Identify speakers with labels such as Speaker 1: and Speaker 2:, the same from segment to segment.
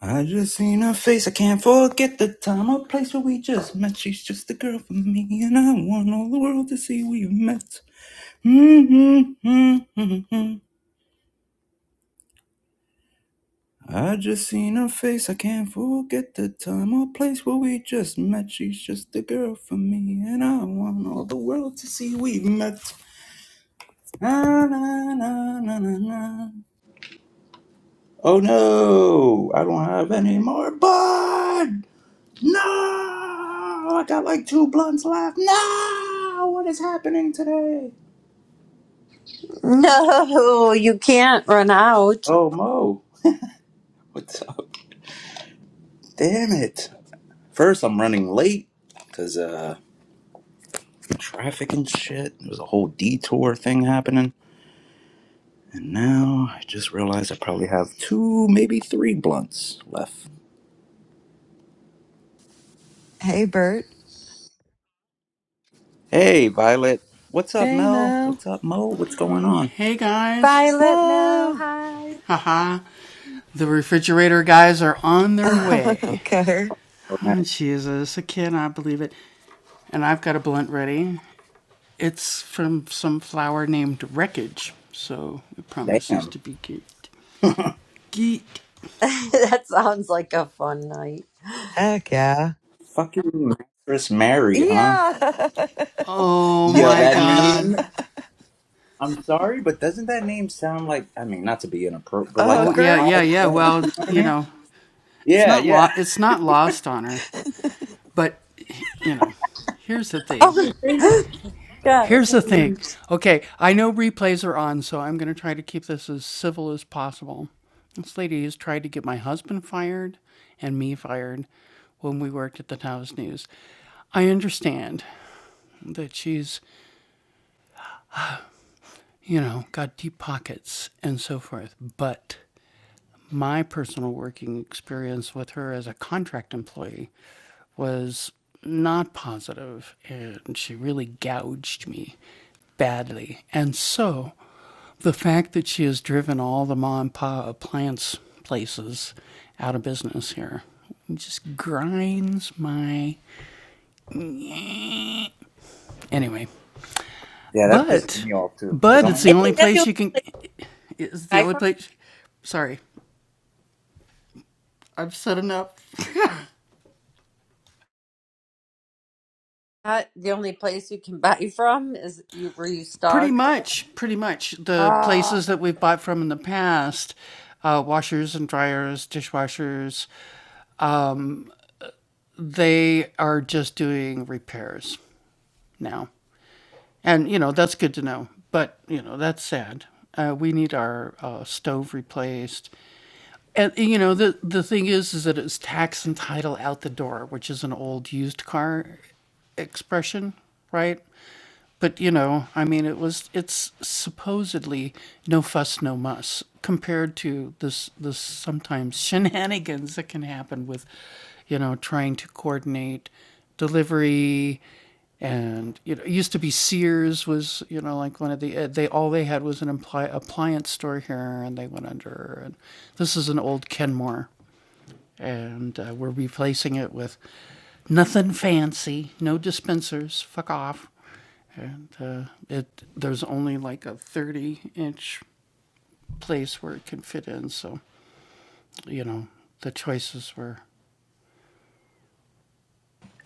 Speaker 1: I just seen her face. I can't forget the time or place where we just met. She's just the girl for me, and I want all the world to see we met. Mm-hmm. mm-hmm, mm-hmm. I just seen her face. I can't forget the time or place where we just met. She's just the girl for me, and I want all the world to see we met. Na, na, na, na, na, na. Oh no, I don't have any more. Bud! No, I got like two blunts left. No, what is happening today?
Speaker 2: No, you can't run out.
Speaker 1: Oh, Mo, what's up? Damn it. First, I'm running late because uh, traffic and shit. There was a whole detour thing happening. And now I just realized I probably have two, maybe three blunts left.
Speaker 3: Hey, Bert.
Speaker 1: Hey, Violet. What's up,
Speaker 3: Hey,
Speaker 1: Mel?
Speaker 3: Mo.
Speaker 1: What's up, Mo? What's going on?
Speaker 2: Violet
Speaker 3: Mo.
Speaker 2: Malhide.
Speaker 3: okay.
Speaker 1: Oh, nice. Damn.
Speaker 2: that sounds like a fun night.
Speaker 3: Heck yeah.
Speaker 1: Fucking Mattress Mary, huh?
Speaker 3: Yeah.
Speaker 1: Yo,
Speaker 3: a
Speaker 1: that meme. I'm sorry, but doesn't that name sound like, I mean, not to be inappropriate, but like a
Speaker 3: hooker.
Speaker 1: high, tech, you know what I mean? Yeah, yeah.
Speaker 2: Oh, gosh.
Speaker 1: Yeah, that pisses me off too, because I'm one
Speaker 2: And
Speaker 1: of
Speaker 2: is
Speaker 1: those.
Speaker 2: that the only place I found? That, the only place you can buy from is you were you stuck? Ah,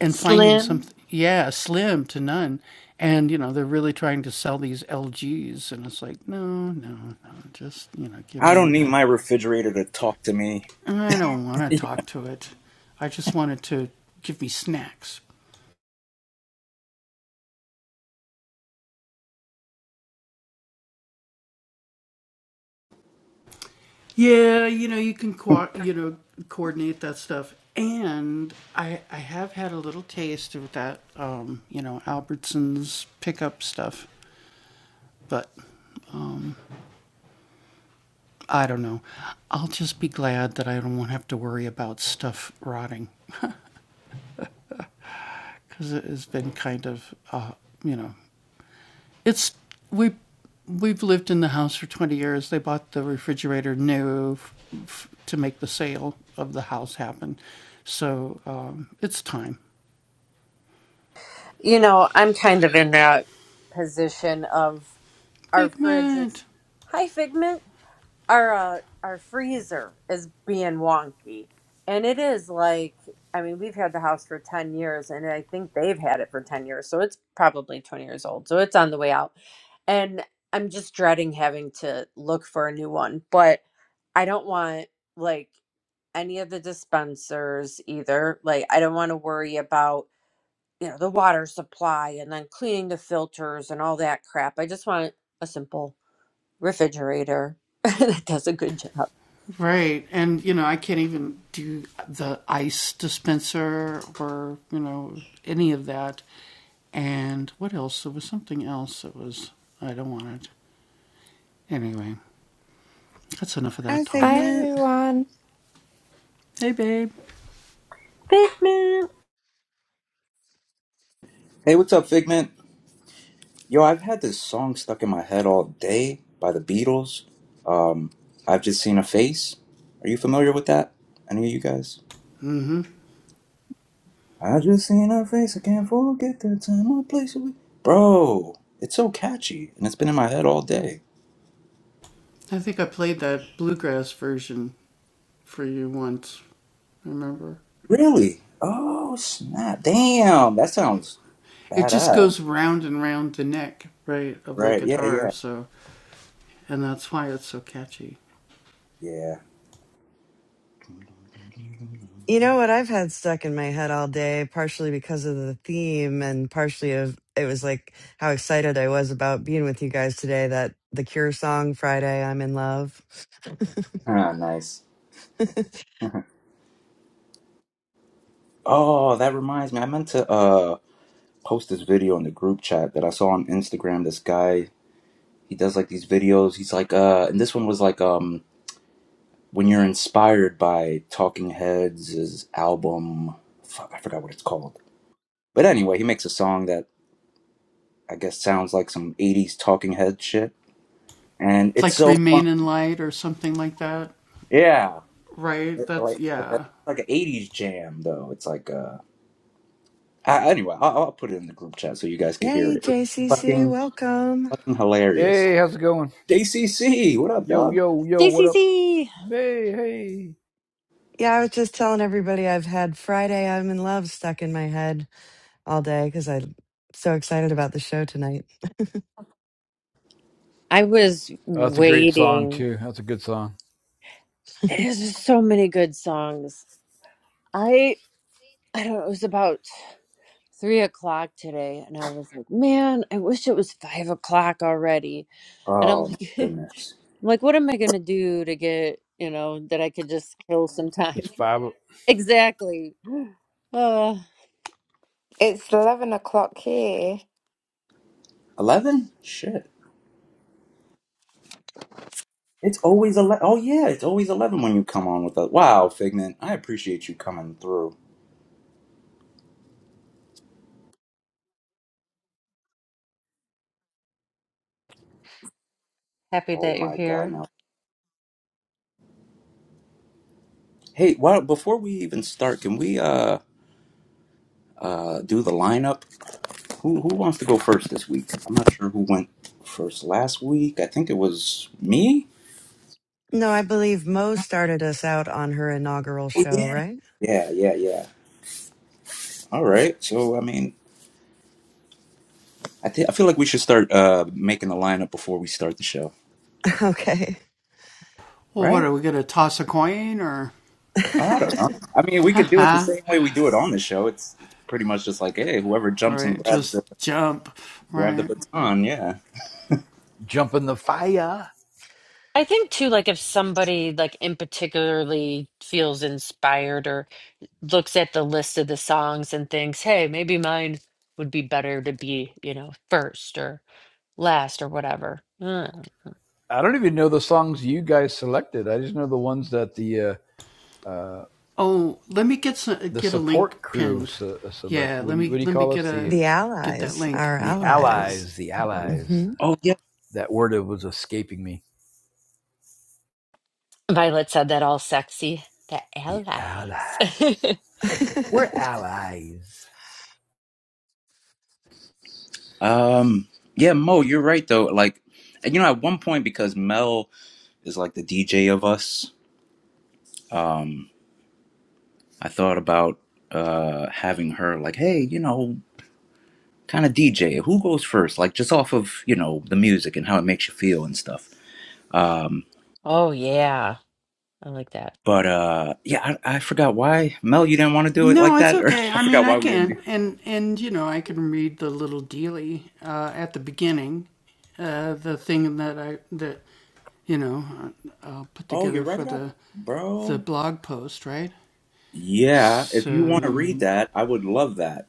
Speaker 2: slim.
Speaker 1: I don't need my refrigerator to talk to me.
Speaker 2: You know, I'm kind of in that position of our fridge is. Hi, Figment. our uh, our freezer is being wonky and it is like i mean we've had the house for 10 years and i think they've had it for 10 years so it's probably 20 years old so it's on the way out and i'm just dreading having to look for a new one but i don't want like any of the dispensers either like i don't want to worry about you know the water supply and then cleaning the filters and all that crap i just want a simple refrigerator that does a good job.
Speaker 3: Hi,
Speaker 4: Hi
Speaker 3: Figment.
Speaker 4: everyone.
Speaker 2: Figment,
Speaker 1: Hey, what's up, Figment? Yo, I've had this song stuck in my head all day by the Beatles. Um, I've just seen a face. Are you familiar with that? Any of you guys? I just seen a face. I can't forget the time or place. we- Bro, it's so catchy, and it's been in my head all day. Really? Oh snap! Damn, that sounds badass. Right? Yeah, yeah, yeah.
Speaker 3: You know what I've had stuck in my head all day, partially because of the theme and partially of it was like how excited I was about being with you guys today that the Cure song Friday, I'm in love.
Speaker 1: Ah, nice. oh, that reminds me. I meant to uh post this video in the group chat that I saw on Instagram. This guy, he does like these videos. He's like, uh, and this one was like, um, when you're inspired by Talking Heads' album. Fuck, I forgot what it's called. But anyway, he makes a song that I guess sounds like some '80s Talking Head shit, and it's so yeah. It's like like a like an '80s jam, though. It's like uh. I, anyway, I'll, I'll put it in the group chat so you guys can hear
Speaker 3: Hey,
Speaker 1: it. It's
Speaker 3: JCC,
Speaker 1: fucking
Speaker 3: welcome.
Speaker 1: fucking hilarious.
Speaker 5: Hey, how's it going?
Speaker 1: JCC, what up,
Speaker 5: Yo,
Speaker 1: dog?
Speaker 5: yo, yo, what up?
Speaker 2: DCC.
Speaker 5: Hey, hey.
Speaker 3: Yeah, I was just telling everybody I've had Friday, I'm in love stuck in my head all day because I'm so excited about the show tonight.
Speaker 2: I was
Speaker 5: Oh, that's a great song
Speaker 2: waiting.
Speaker 5: too. That's a good song.
Speaker 2: There's just so many good songs. I I don't know. It was about three o'clock today, and I was like, man, I wish it was five o'clock already. And I'm
Speaker 1: Oh my
Speaker 2: like, I'm
Speaker 1: goodness,
Speaker 2: like, what am I gonna do to get you know that I could just kill some
Speaker 5: It's
Speaker 2: time?
Speaker 5: five
Speaker 2: exactly. Oh,
Speaker 4: It's 11 o'clock here.
Speaker 1: eleven? Shit, it's always eleven. Oh yeah, it's always eleven when you come on with us. Wow, Figment, I appreciate you coming through.
Speaker 2: happy
Speaker 1: Oh
Speaker 2: that you're
Speaker 1: my
Speaker 2: here.
Speaker 1: god, now. Hey, why, before we even start, can we uh uh do the lineup? Who who wants to go first this week? I'm not sure who went first last week. I think it was me.
Speaker 3: No, I believe Mo started us out on her inaugural
Speaker 1: Oh
Speaker 3: show,
Speaker 1: yeah,
Speaker 3: right?
Speaker 1: yeah, yeah, yeah. All right. So I mean, I think I feel like we should start uh making a lineup before we start the show,
Speaker 3: Okay.
Speaker 1: right? Oh,
Speaker 3: the
Speaker 1: I don't know. I mean, we could do it the same way we do it on the show. It's it's pretty much just like, hey, whoever jumps and grabs the grab the baton, yeah.
Speaker 5: jump in the fire.
Speaker 2: I think too, like if somebody like in particularly feels inspired or looks at the list of the songs and thinks, hey, maybe mine would be better to be, you know, first or last or whatever. Mm.
Speaker 5: I don't even know the songs you guys selected. I just know the ones that the uh, uh, the support crew se- uh, select. What do you what do you call us? The
Speaker 3: allies, our
Speaker 5: the
Speaker 3: allies.
Speaker 5: allies. The allies.
Speaker 3: hmm
Speaker 1: Oh yeah.
Speaker 5: That word was escaping me.
Speaker 2: Violet said that all sexy. The
Speaker 5: The
Speaker 2: allies.
Speaker 5: allies. We're allies.
Speaker 1: Um. Yeah, Mo, you're right though. Like, and you know, at one point because Mel is like the DJ of us, I thought about uh having her like, hey, you know. kind of DJ. Who goes first? Like just off of you know the music and how it makes you feel and stuff. Um,
Speaker 2: Oh yeah. I like that.
Speaker 1: but uh, yeah, I, I forgot why Mel, you didn't want to do it like that, or I forgot why we didn't do. Oh, you're right up, bro. Yeah, if you want to read that, I would love that.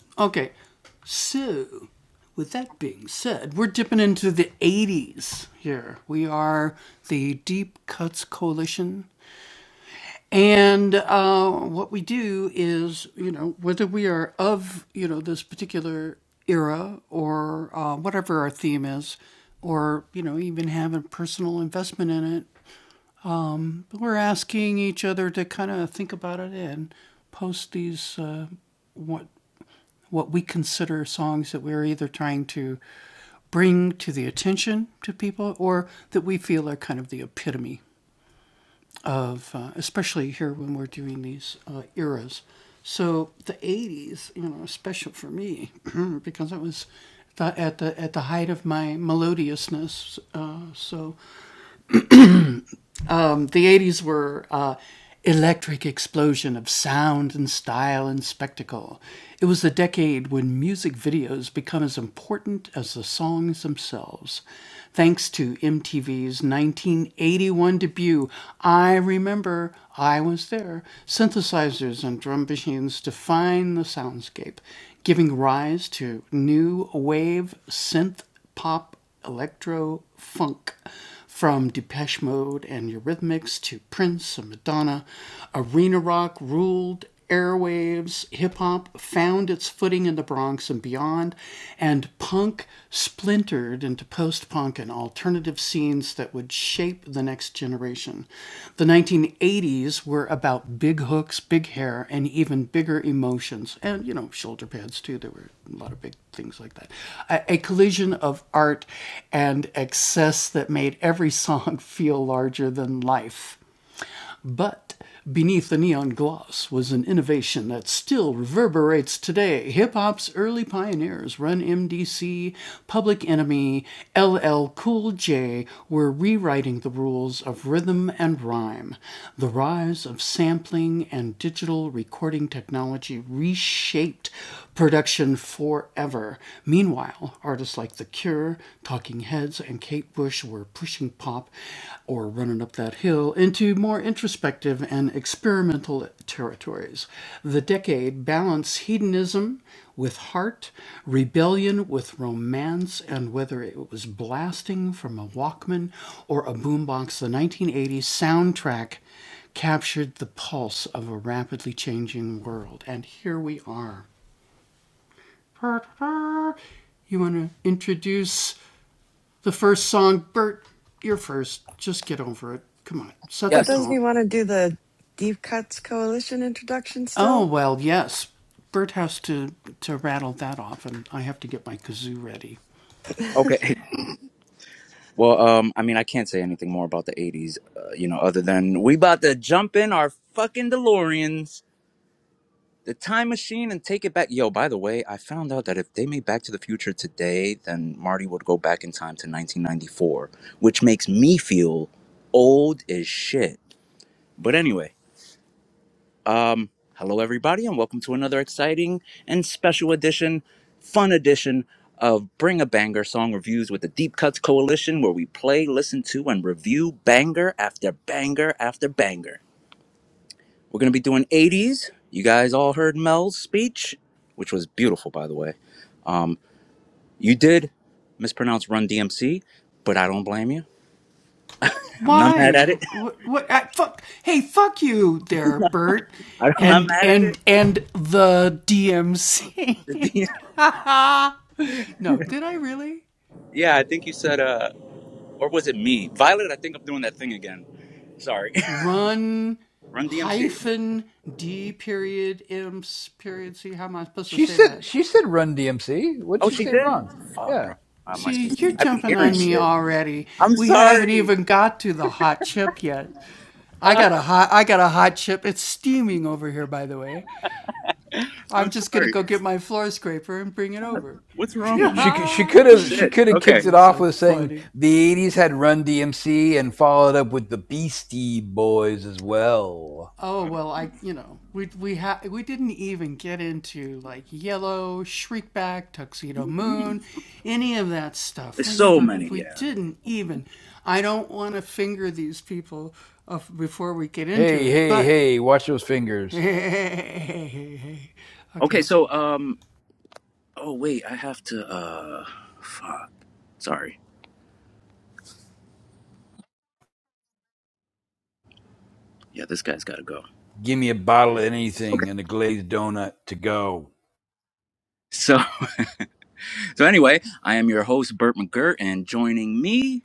Speaker 3: well, doesn't
Speaker 1: Yes.
Speaker 3: he want to do the Deep Cuts Coalition introduction still?
Speaker 1: Okay. Well, um, I mean, I can't say anything more about the '80s, uh, you know, other than we about to jump in our fucking DeLoreans. the time machine and take it back. Yo, by the way, I found out that if they made Back to the Future today, then Marty would go back in time to 1994, which makes me feel old as shit. But anyway, um, hello everybody, and welcome to another exciting and special edition, fun edition of Bring a Banger Song Reviews with the Deep Cuts Coalition, where we play, listen to, and review banger after banger after banger. We're gonna be doing 80s. You guys all heard Mel's speech, which was beautiful, by the way. Um, you did mispronounce Run DMC, but I don't blame you. I'm not mad at it. I'm not mad at it. yeah, I think you said, uh, or was it me, Violet? I think I'm doing that thing again. Sorry, Run DMC.
Speaker 5: She said. She said. Run DMC. What'd
Speaker 1: Oh,
Speaker 5: she
Speaker 1: she
Speaker 5: say
Speaker 1: did.
Speaker 5: wrong?
Speaker 1: Fuck,
Speaker 5: Yeah.
Speaker 1: bro. I must be. I be hearing shit. I'm sorry. I'm sorry. What's wrong with
Speaker 5: She
Speaker 1: me?
Speaker 5: could she could have she
Speaker 1: Shit.
Speaker 5: could have kicked
Speaker 1: Okay.
Speaker 5: it off with saying the '80s had Run DMC and followed up with the Beastie Boys as well.
Speaker 1: There's so many. Yeah.
Speaker 5: Hey hey hey! Watch those fingers.
Speaker 1: Okay. So, um, Oh wait, I have to. Uh, fuck. Sorry. Yeah, this guy's got to go.
Speaker 5: Give me a bottle of
Speaker 1: Okay.
Speaker 5: anything and a glazed donut to go.
Speaker 1: So, so anyway, I am your host Burt McGirt, and joining me,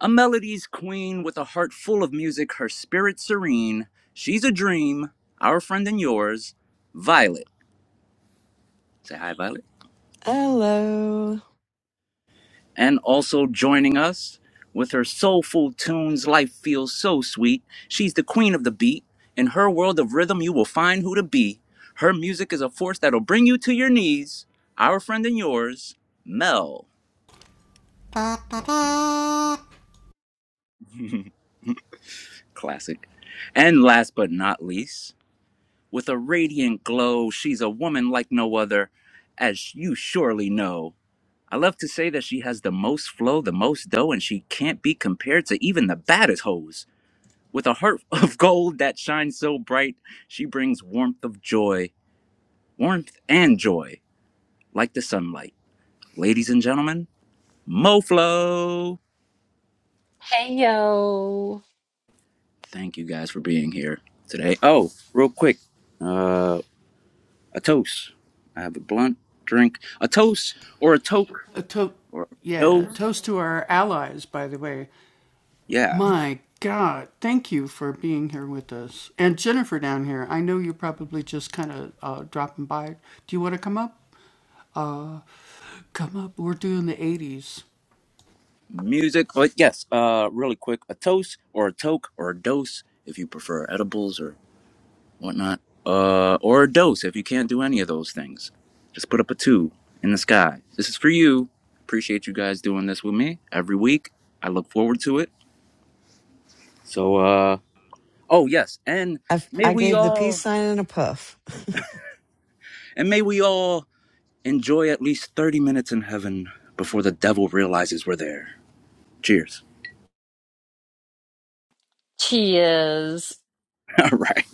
Speaker 1: a melody's queen with a heart full of music, her spirit serene. She's a dream, our friend and yours, Violet. Say hi, Violet.
Speaker 3: Hello.
Speaker 1: and also joining us with her soulful tunes life feels so sweet she's the queen of the beat in her world of rhythm you will find who to be her music is a force that'll bring you to your knees our friend and yours mel classic and last but not least with a radiant glow she's a woman like no other as you surely know I love to say that she has the most flow, the most dough, and she can't be compared to even the baddest hoes. With a heart of gold that shines so bright, she brings warmth of joy, warmth and joy, like the sunlight. Ladies and gentlemen, MoFlo!
Speaker 2: Hey yo.
Speaker 1: Thank you guys for being here today. Oh, real quick, uh, a toast. I have a blunt drink. A toast or a toke or a dose. Yeah. Music. But yes, uh, really quick, a toast or a toke or a dose if you prefer edibles or. whatnot, uh, or a dose if you can't do any of those things. Just put up a two in the sky. This is for you. Appreciate you guys doing this with me every week. I look forward to it. So, uh, oh yes, and
Speaker 3: I,
Speaker 1: may
Speaker 3: I
Speaker 1: we
Speaker 3: gave the peace
Speaker 1: all
Speaker 3: sign and a puff.
Speaker 1: and may we all enjoy at least thirty minutes in heaven before the devil realizes we're there. Cheers.
Speaker 2: Cheers.
Speaker 1: All right.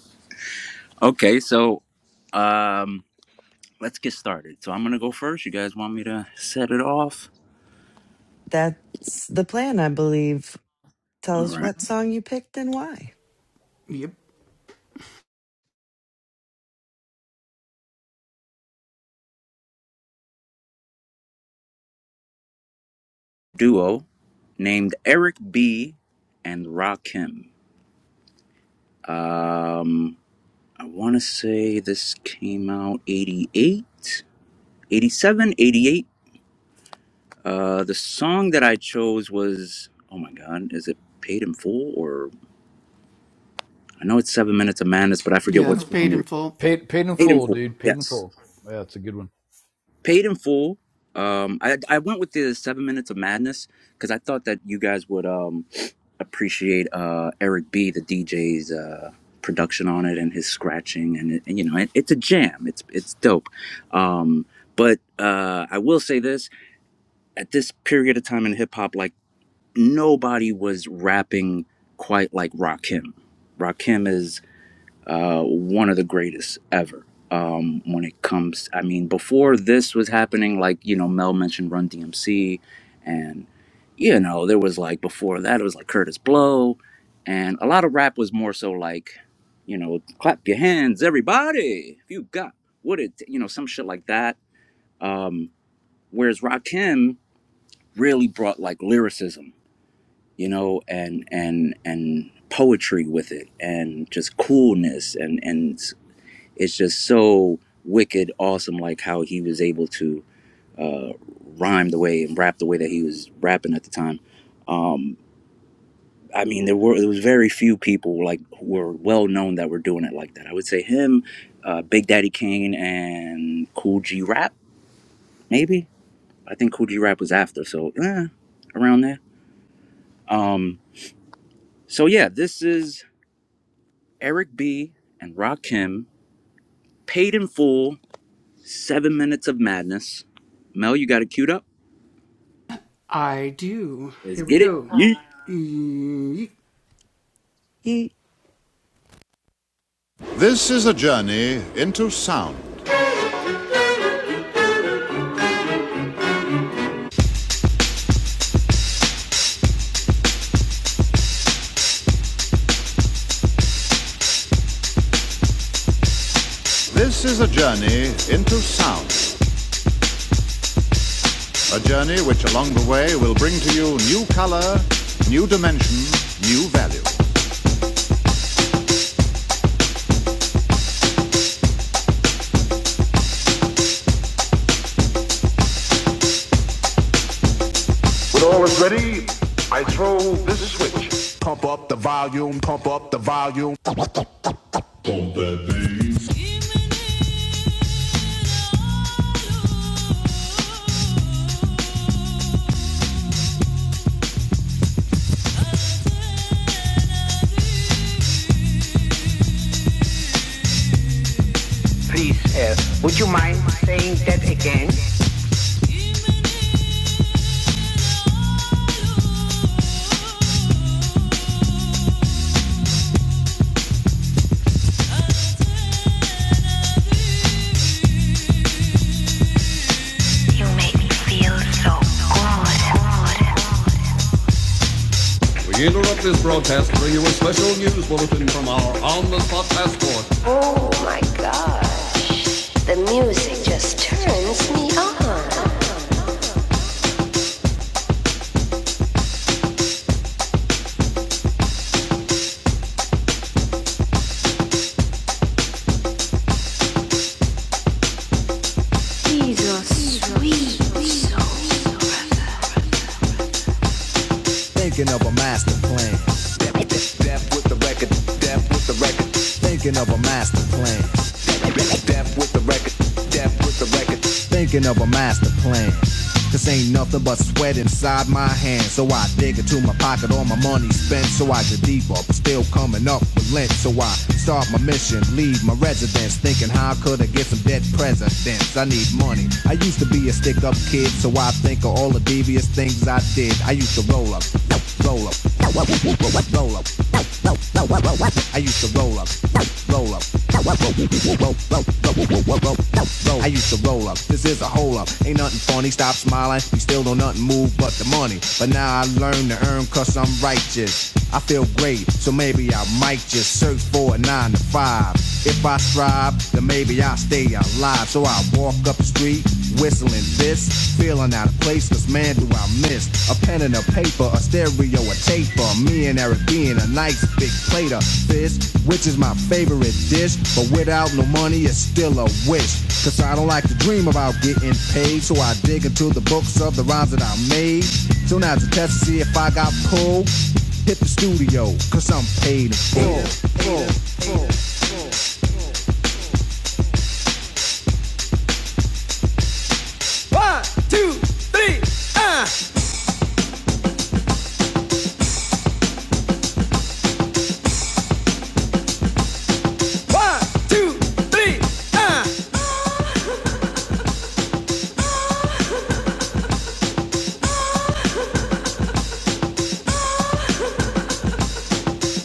Speaker 1: Okay, so um, let's get started. So I'm gonna go first. You guys want me to set it off?
Speaker 3: That's the plan, I believe. Tell
Speaker 1: All
Speaker 3: us
Speaker 1: right.
Speaker 3: what song you picked and why.
Speaker 1: Duo. named Eric B. and Rakim. Um, I want to say this came out 88, 87, 88. Uh, the song that I chose was, oh my God, is it Paid in Full? Or I know it's Seven Minutes of Madness, but I forget what song it is.
Speaker 5: Paid paid in
Speaker 1: Paid in
Speaker 5: full,
Speaker 1: Full,
Speaker 5: dude. Paid in
Speaker 1: yes.
Speaker 5: full. Yeah, that's a good one.
Speaker 1: Paid in Full. Um, I, I went with the Seven Minutes of Madness because I thought that you guys would. um. appreciate uh, Eric B, the DJ's uh, production on it and his scratching, and, it, and you know, it, it's a jam. It's it's dope. Um, but uh, I will say this: at this period of time in hip hop, like nobody was rapping quite like Rakim. Rakim is uh, one of the greatest ever. Um, when it comes, I mean, before this was happening, like you know, Mel mentioned Run DMC, and you know, there was like before that, it was like Curtis Blow, and a lot of rap was more so like, you know, clap your hands, everybody, if you got what it, you know, some shit like that. Um, whereas Rakim really brought like lyricism, you know, and and and poetry with it, and just coolness, and and it's just so wicked awesome like how he was able to uh, rhyme the way and rap the way that he was rapping at the time um, i mean there were there was very few people like who were well known that were doing it like that i would say him uh, big daddy kane and cool g rap maybe i think cool g rap was after so eh, around there um, so yeah this is eric b and rakim paid in full seven minutes of madness mel you got it queued up Let's get it. Yeet.
Speaker 3: Ye-
Speaker 6: This is a journey into sound. This is a journey into sound. A journey which along the way will bring to you new color, new dimension, new value. When all is ready, I throw this. Please, uh, would you mind saying that again? You make me feel so good. We interrupt this broadcast to bring you a special news bulletin from our on-the-spot passport. Oh my god, the music just turns me on. He's a sweet soul. Thinking of a master plan. Thinking of a master plan. records, thinking of a master plan. Cause ain't nothing but sweat inside my hands. So I dig into my pocket, all my money spent. So I get deeper, but still coming up with lint. So I start my mission, leave my residence. Thinking how could I get some dead presidents? I need money. I used to be a stick up kid, so I think of all the devious things I did. I used to roll up, roll up, roll up, roll up. I used to roll up, roll up. I used to roll up, this is a hole up. Ain't nothing funny, stop smiling. We still don't nothing move but the money. But now I learn to earn cause I'm righteous. I feel great, so maybe I might just search for a nine to five. If I strive, then maybe I'll stay alive. So I walk up the street Whistling this, feeling out of place, cause man do I miss a pen and a paper, a stereo, a taper. Me and Eric being a nice big plate of fish, which is my favorite dish. But without no money, it's still a wish. Cause I don't like to dream about getting paid, so I dig into the books of the rhymes that I made. So now it's a test to see if I got pulled. Hit the studio, cause I'm paid in full.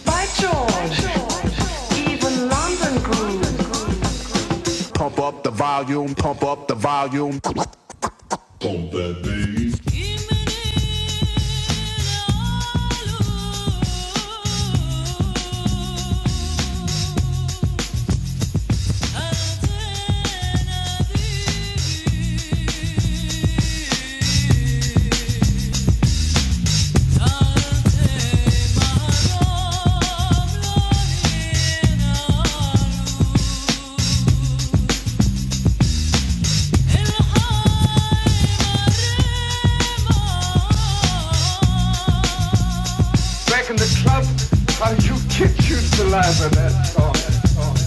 Speaker 6: By George, even London grew. Pump that bass. Back in the club, how you kick you saliva that song. That song.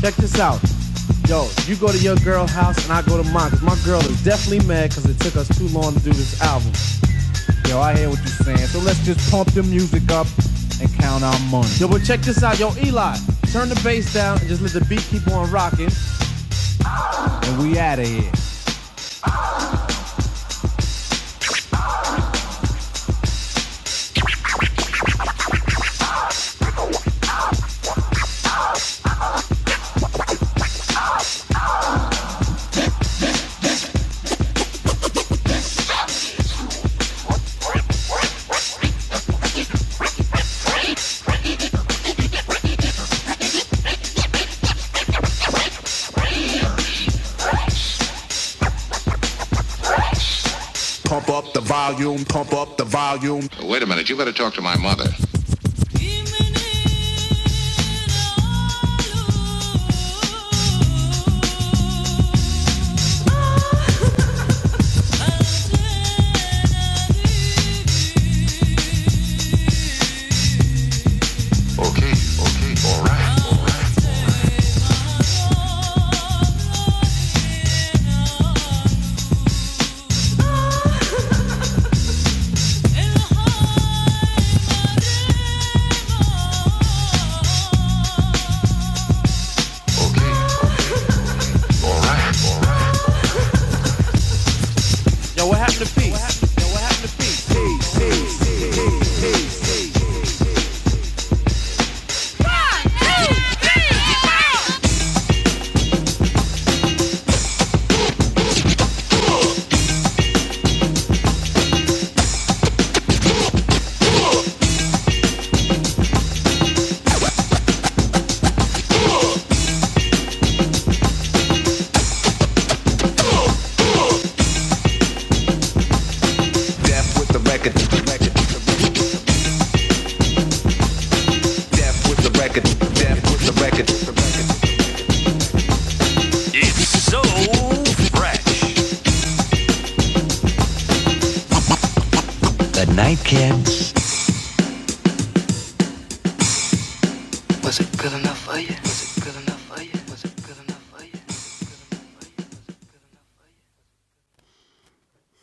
Speaker 6: Check this out. Yo, you go to your girl house and I go to mine. Cause my girl is definitely mad because it took us too long to do this album. Yo, I hear what you're saying. So let's just pump the music up and count our money. Yo, but check this out. Yo, Eli, turn the bass down and just let the beat keep on rocking. And we out of here. Pump up the volume, pump up the volume. Wait a minute, you better talk to my mother. Okay, okay, all right, all right, all right.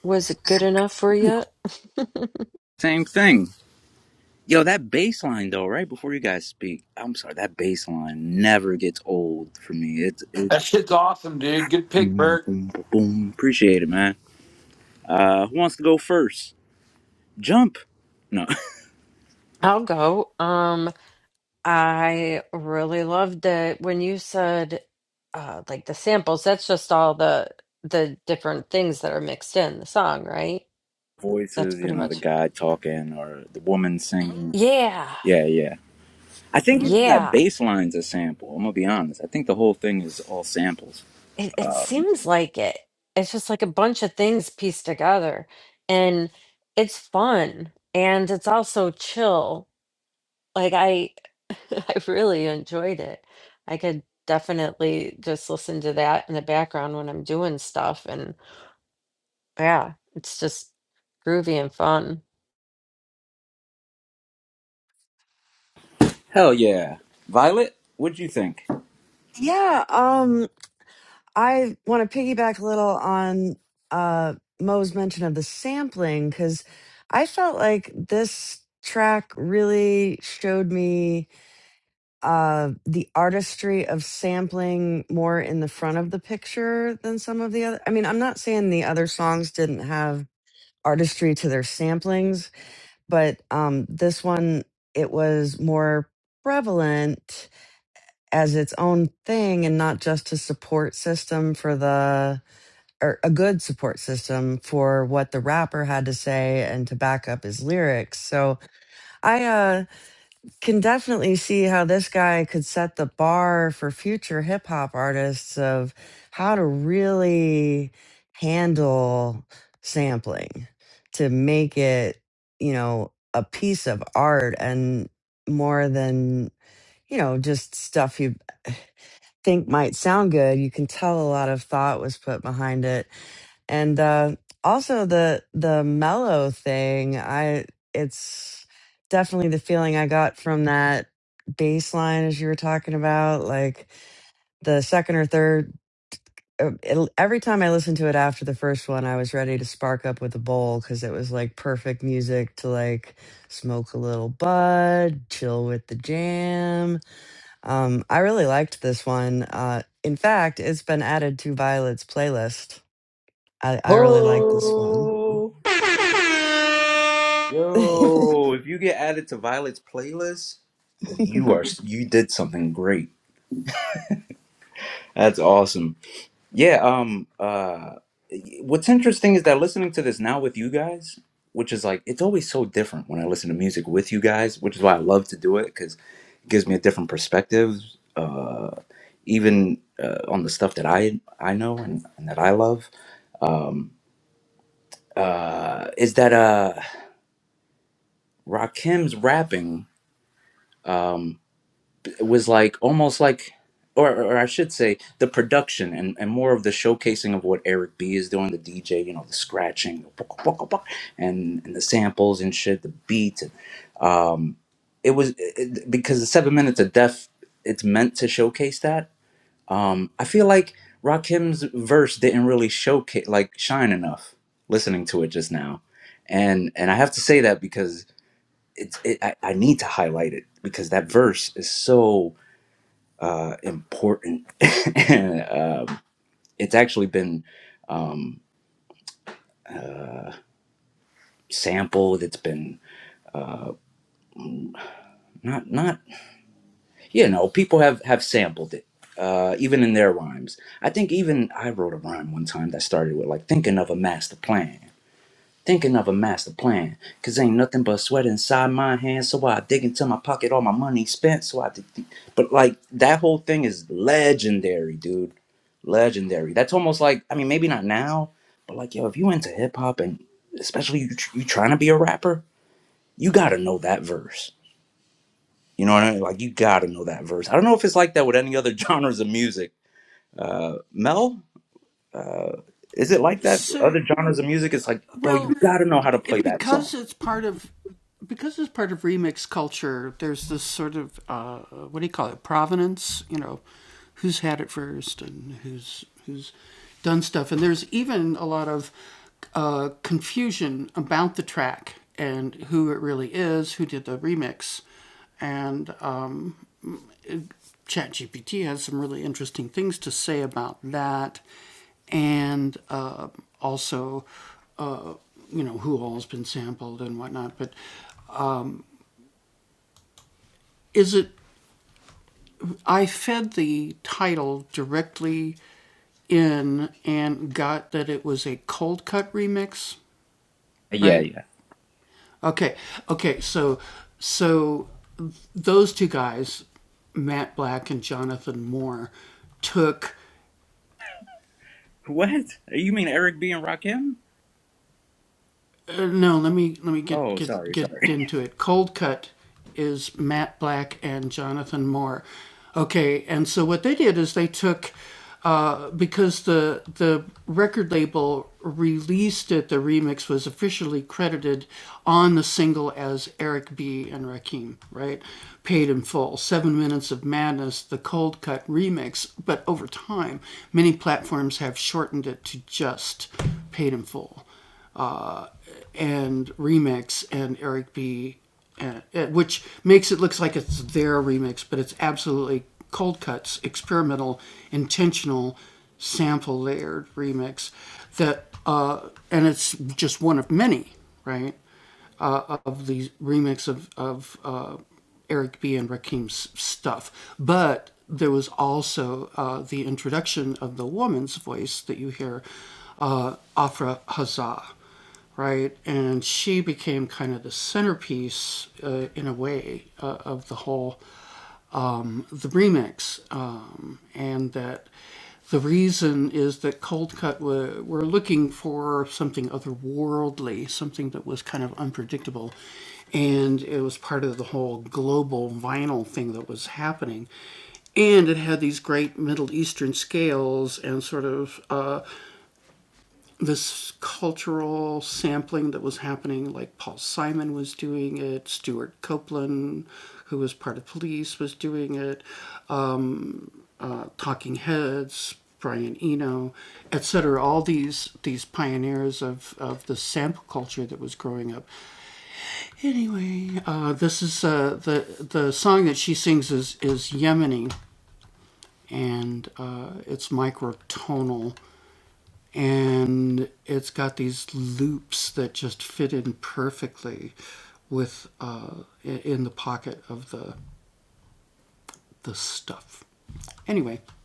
Speaker 2: Was it good enough for you?
Speaker 1: Same thing. Yo, that bass line though, right before you guys speak, I'm sorry, that bass line never gets old for me. It's it's
Speaker 5: That shit's awesome, dude. Good pick,
Speaker 1: boom,
Speaker 5: Bert.
Speaker 1: boom, boom. boom. Appreciate it, man. Uh, who wants to go first? Jump. No
Speaker 2: I'll go. Um I really loved it when you said uh like the samples, that's just all the the different things that are mixed in the song, right? That's
Speaker 1: voices. You
Speaker 2: pretty
Speaker 1: know, the
Speaker 2: much
Speaker 1: guy talking or the woman singing.
Speaker 2: Yeah.
Speaker 1: Yeah, yeah. I think even that
Speaker 2: Yeah.
Speaker 1: bass line's a sample. I'm gonna be honest. I think the whole thing is all samples.
Speaker 2: It it seems like it. It's just like a bunch of things pieced together and it's fun and it's also chill. Like I I really enjoyed it. I could definitely just listen to that in the background when I'm doing stuff and. Yeah, it's just groovy and fun.
Speaker 1: Hell yeah. Violet, what'd you think?
Speaker 3: Yeah, um. I want to piggyback a little on uh, Mo's mention of the sampling because I felt like this track really showed me uh, the artistry of sampling more in the front of the picture than some of the other. I mean, I'm not saying the other songs didn't have artistry to their samplings, but um, this one, it was more prevalent as its own thing and not just a support system for the or a good support system for what the rapper had to say and to back up his lyrics. So I uh, can definitely see how this guy could set the bar for future hip hop artists of how to really handle sampling to make it, you know, a piece of art and more than, you know, just stuff you think might sound good. You can tell a lot of thought was put behind it. And uh, also the the mellow thing, I it's definitely the feeling I got from that bass line as you were talking about, like the second or third uh, it, every time I listened to it after the first one, I was ready to spark up with a bowl because it was like perfect music to like smoke a little bud, chill with the jam, um, I really liked this one. Uh, in fact, it's been added to Violet's playlist. I, I really like this one.
Speaker 1: Ho! Yo, if you get added to Violet's playlist, you are you did something great. That's awesome. Yeah, um uh what's interesting is that listening to this now with you guys, which is like it's always so different when I listen to music with you guys, which is why I love to do it cuz it gives me a different perspective uh even uh, on the stuff that I I know and, and that I love. Um uh is that uh Rakim's rapping um was like almost like or, or I should say the production and, and more of the showcasing of what Eric B is doing, the DJ, you know, the scratching the buk- buk- buk, and and the samples and shit, the beats. um, it was it, because the seven minutes of death, it's meant to showcase that. Um, I feel like Rakim's verse didn't really showcase like shine enough listening to it just now. And and I have to say that because it's it, I, I need to highlight it because that verse is so uh, important. and um it's actually been um, uh, sampled. It's been mm, not not you know people have have sampled it. Uh, even in their rhymes, I think even I wrote a rhyme one time that started with like thinking of a master plan. Thinking of a master plan, cause ain't nothing but sweat inside my hands. So I dig into my pocket, all my money spent. So I, did the- but like that whole thing is legendary, dude. Legendary. That's almost like I mean, maybe not now, but like yo, if you into hip hop and especially you tr- you trying to be a rapper, you gotta know that verse. You know what I mean? Like you gotta know that verse. I don't know if it's like that with any other genres of music. Uh, Mel, uh, is it like that? Other genres of music, it's like, bro, you gotta know how to play that song. Yeah, What? You mean Eric B and Rakim? Oh, sorry, sorry.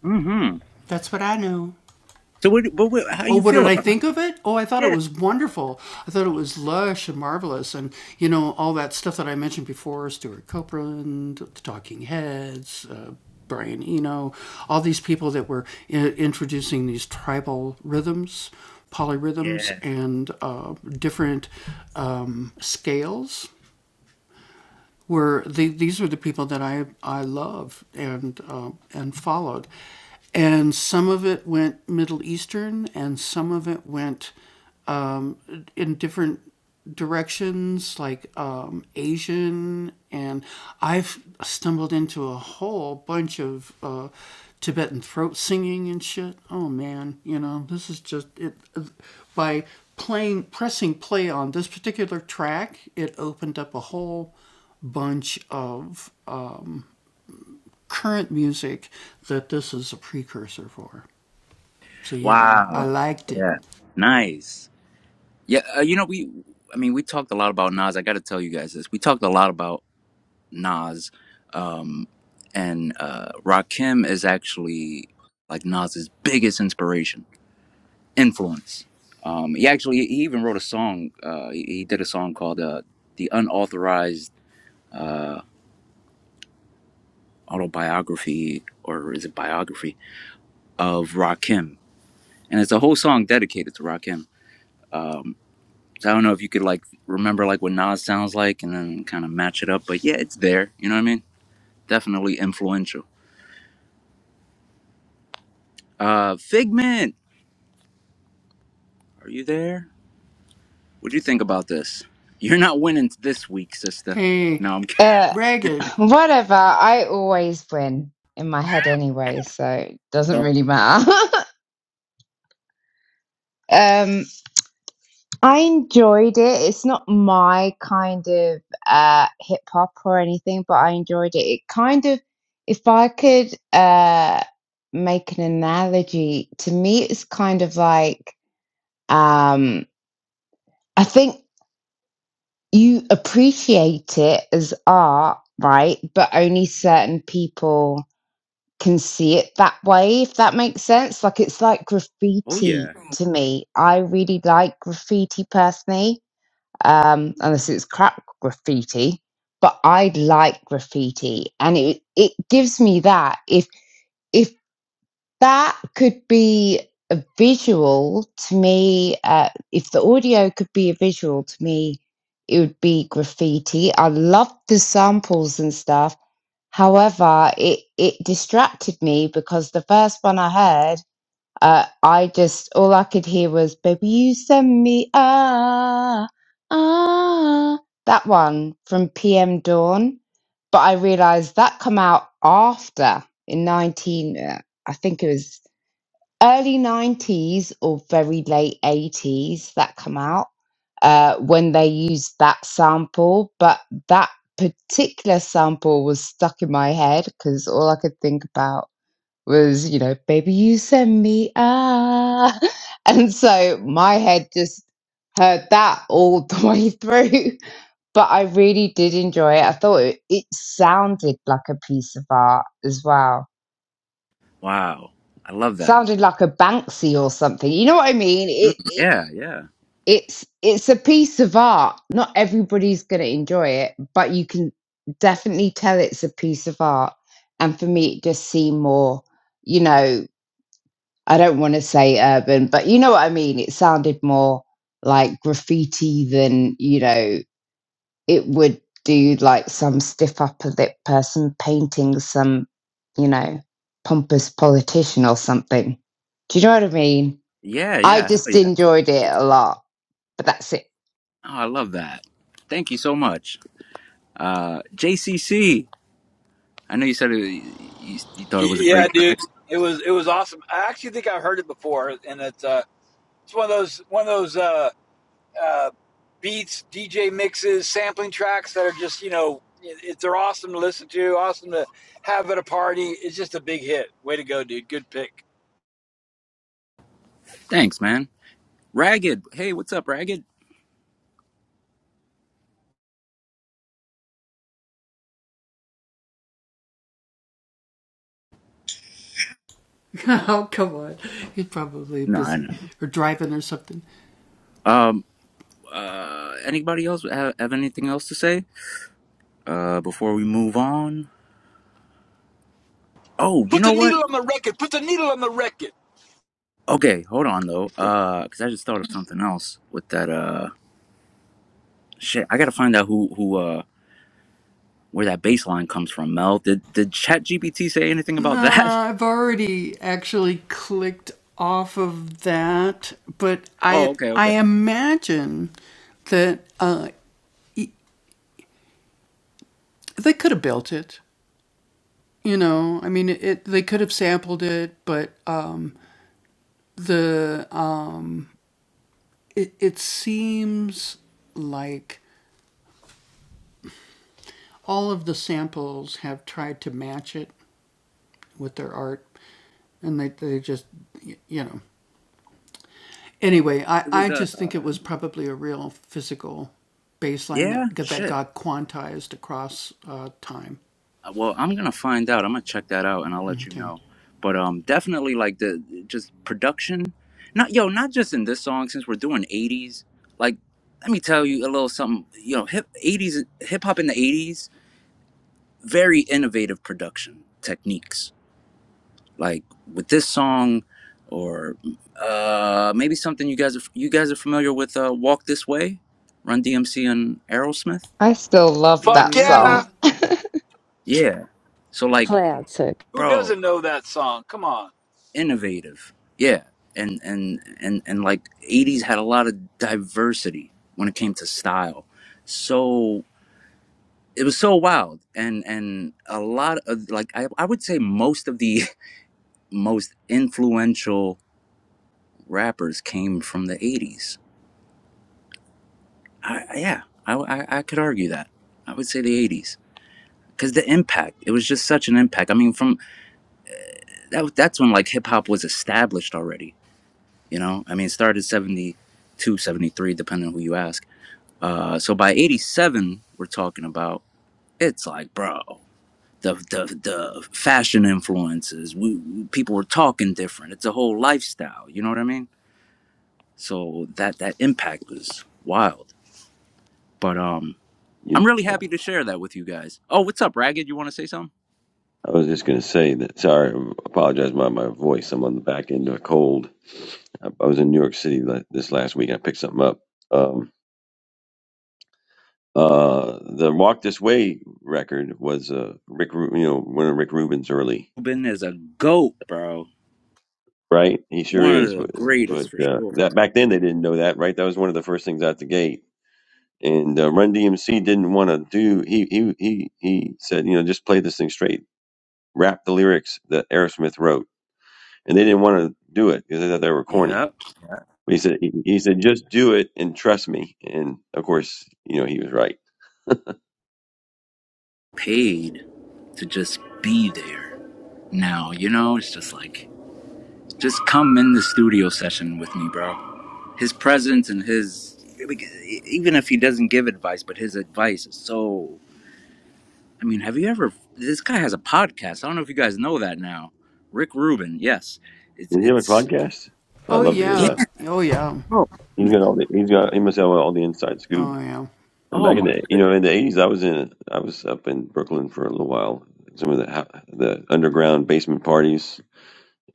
Speaker 1: Mm-hmm. So, what, but what, how you feel about it? Yeah. Yeah. Wow. Yeah. Nice. Yeah. Uh, you know, we. I mean, we talked a lot about Nas. I got to tell you guys this. We talked a lot about Nas, um, and uh, Rakim is actually like Nas's biggest inspiration, influence. Um, he actually he even wrote a song. Uh, he, he did a song called uh, "The Unauthorized." uh, autobiography or is it biography of Rakim, and it's a whole song dedicated to Rakim. Um, so I don't know if you could like remember like what Nas sounds like and then kind of match it up, but yeah, it's there. You know what I mean? Definitely influential. Uh, Figment, are you there? What do you think about this? You're not winning this week, sister. No, I'm.
Speaker 4: Uh, whatever. I always win in my head anyway, so it doesn't
Speaker 1: Kidding.
Speaker 4: really matter. um, I enjoyed it. It's not my kind of uh hip hop or anything, but I enjoyed it. It kind of, if I could uh make an analogy, to me, it's kind of like um. I think. you appreciate it as art, right? But only certain people can see it that way, if that makes sense. Like it's like
Speaker 1: Oh
Speaker 4: graffiti
Speaker 1: yeah!
Speaker 4: to me. I really like graffiti personally, um, unless it's crap graffiti. But I like graffiti, and it it gives me that if. if that could be a visual to me. Uh, if the audio could be a visual to me, it would be graffiti. I loved the samples and stuff. However, it, it distracted me because the first one I heard, uh, I just, all I could hear was, Baby, you send me, ah, ah, that one from PM Dawn. But I realized that come out after in 19, uh, I think it was early 90s or very late 80s that come out uh, when they used that sample but that particular sample was stuck in my head because all i could think about was you know baby you send me ah and so my head just heard that all the way through but i really did enjoy it i thought it, it sounded like a piece of art as well
Speaker 1: Wow, I love that.
Speaker 4: sounded like a Banksy or something. You know what I mean?
Speaker 1: Mm,
Speaker 4: It, it
Speaker 1: Yeah, yeah,
Speaker 4: it's it's a piece of art. Not everybody's going to enjoy it, but you can definitely tell it's a piece of art. And for me, it just seemed more, you know, I don't want to say urban, but you know what I mean. It sounded more like graffiti than you know it would do like some stiff upper lip person painting some, you know, pompous politician or something. Do you know what I mean?
Speaker 1: yeah,
Speaker 4: I
Speaker 1: yeah. Oh
Speaker 4: just
Speaker 1: yeah!
Speaker 4: enjoyed it a lot, but that's it.
Speaker 1: Oh, I love that. Thank you so much, uh, JCC. I know you said it, you, you thought it was a
Speaker 5: Yeah,
Speaker 1: great
Speaker 5: dude,
Speaker 1: track.
Speaker 5: it was it was awesome. I actually think I've heard it before, and it's uh, it's one of those one of those. uh. uh, beats, DJ mixes, sampling tracks that are just you know it, it- they're awesome to listen to, awesome to have at a party. It's just a big hit. Way to go, dude. Good pick.
Speaker 1: Thanks, man. Ragged. Hey, what's up, Ragged? No, I know. Um, uh, anybody else have, have anything else to say? Uh, before we move on. Oh, you
Speaker 5: Put the
Speaker 1: know what?
Speaker 5: needle on the record. Put the needle on the record.
Speaker 1: Okay, hold on though. Uh, cause I just thought of something else with that. Uh, shit. I gotta find out who who uh where that bass line comes from. Mel, did did Chat GPT say anything about that? Oh, okay, okay. It was uh, yeah, shit. Uh, Well, I'm gonna find out. I'm gonna check that out, and I'll let you know. But um, definitely like the just production. Not yo, not just in this song. Since we're doing '80s, like let me tell you a little something. You know, hip '80s hip hop in the '80s, very innovative production techniques. Like with this song, or uh, maybe something you guys are you guys are familiar with. Uh, Walk This Way, Run DMC and Aerosmith.
Speaker 4: I still love
Speaker 5: Fuck
Speaker 4: that song.
Speaker 5: yeah.
Speaker 1: Yeah. So like,
Speaker 2: Classic.
Speaker 5: Who
Speaker 1: bro,
Speaker 5: doesn't know that song? Come on.
Speaker 1: innovative. Yeah, and and and and like '80s had a lot of diversity when it came to style. So it was so wild, and and a lot of like I I would say most of the most influential rappers came from the '80s. I, yeah, I, I I could argue that. I would say the '80s. Because the impact, it was just such an impact. I mean, from that, that's when like hip hop was established already. You know, I mean, it started seventy two, seventy three, depending on who you ask Uh, so by 87, we're talking about it's like, bro, the the, the fashion influences, we, people were talking different. It's a whole lifestyle, you know what I mean? So that that impact was wild. But um
Speaker 7: You
Speaker 1: I'm really
Speaker 7: know,
Speaker 1: happy to share that with you guys. Oh, what's up, Ragged? You want to say something?
Speaker 7: I was just going to say that. Sorry, I apologize about my voice. I'm on the back end of a cold. I I was in New York City la- this last week. I picked something up. Um, uh, the Walk This Way record was uh, Rick, Ru- you know, one of Rick Rubin's early,
Speaker 1: Ruben is a goat, bro.
Speaker 7: right? He sure
Speaker 1: One of
Speaker 7: is.
Speaker 1: the
Speaker 7: But, but
Speaker 1: greatest for
Speaker 7: uh,
Speaker 1: sure.
Speaker 7: that back then they didn't know that, right? That was one of the first things out the gate. And uh, Run DMC didn't want to do. He he he he said, you know, just play this thing straight. Rap the lyrics that Aerosmith wrote and they didn't want to do it because they thought they were corny.
Speaker 1: Yep.
Speaker 7: But he said, he, he said, just do it and trust me. And of course, you know, he was right.
Speaker 1: Paid to just be there. Now, you know, it's just like Just come in the studio session with me, bro. His presence and his even if he doesn't give advice, but his advice is so. I mean, have you ever? This guy has a podcast. I don't know if you guys know that now. Rick Rubin. Yes, it's
Speaker 7: Does he have a
Speaker 1: it's
Speaker 7: podcast? I'd love to hear
Speaker 1: yeah.
Speaker 7: that.
Speaker 1: Oh,
Speaker 7: He's
Speaker 1: goodness.
Speaker 7: got all the, he's got, he must have all the inside scoop. And
Speaker 1: oh
Speaker 7: back in
Speaker 1: my
Speaker 7: the, you
Speaker 1: goodness!
Speaker 7: know, in the eighties, I was in, I was up in Brooklyn for a little while. Some of the, ha- the underground basement parties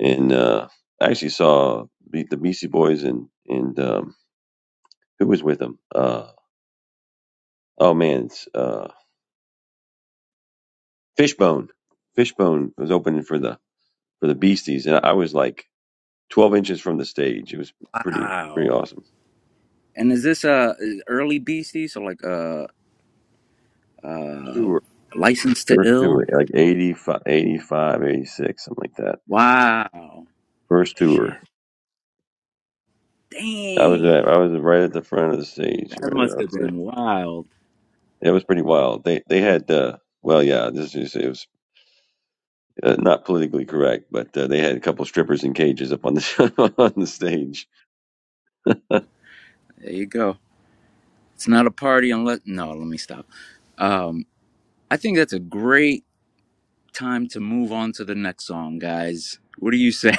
Speaker 7: and, uh, I actually saw the, the Beastie Boys and, and, um, who was with them? Uh, oh man, it's, uh, Fishbone. Fishbone was opening for the for the Beasties, and I was like 12 inches from the stage. It was pretty pretty
Speaker 1: Wow.
Speaker 7: awesome.
Speaker 1: And is this uh early BC? So like uh uh
Speaker 7: Tour,
Speaker 1: licensed to
Speaker 7: first tour,
Speaker 1: ill.
Speaker 7: like 85, 85, 86, something like that.
Speaker 1: Wow.
Speaker 7: First
Speaker 1: Shit.
Speaker 7: tour, I was
Speaker 1: Dang.
Speaker 7: at, I was right at the front of the stage.
Speaker 1: That
Speaker 7: Right, I
Speaker 1: must have
Speaker 7: would say
Speaker 1: been wild.
Speaker 7: it was pretty wild. They they had uh, well, yeah, this is it was uh, not politically correct, but uh, they had a couple strippers in cages up on the on the stage.
Speaker 1: There you go. It's not a party unless. No, let me stop. Um, I think that's a great time to move on to the next song, guys. What do you say?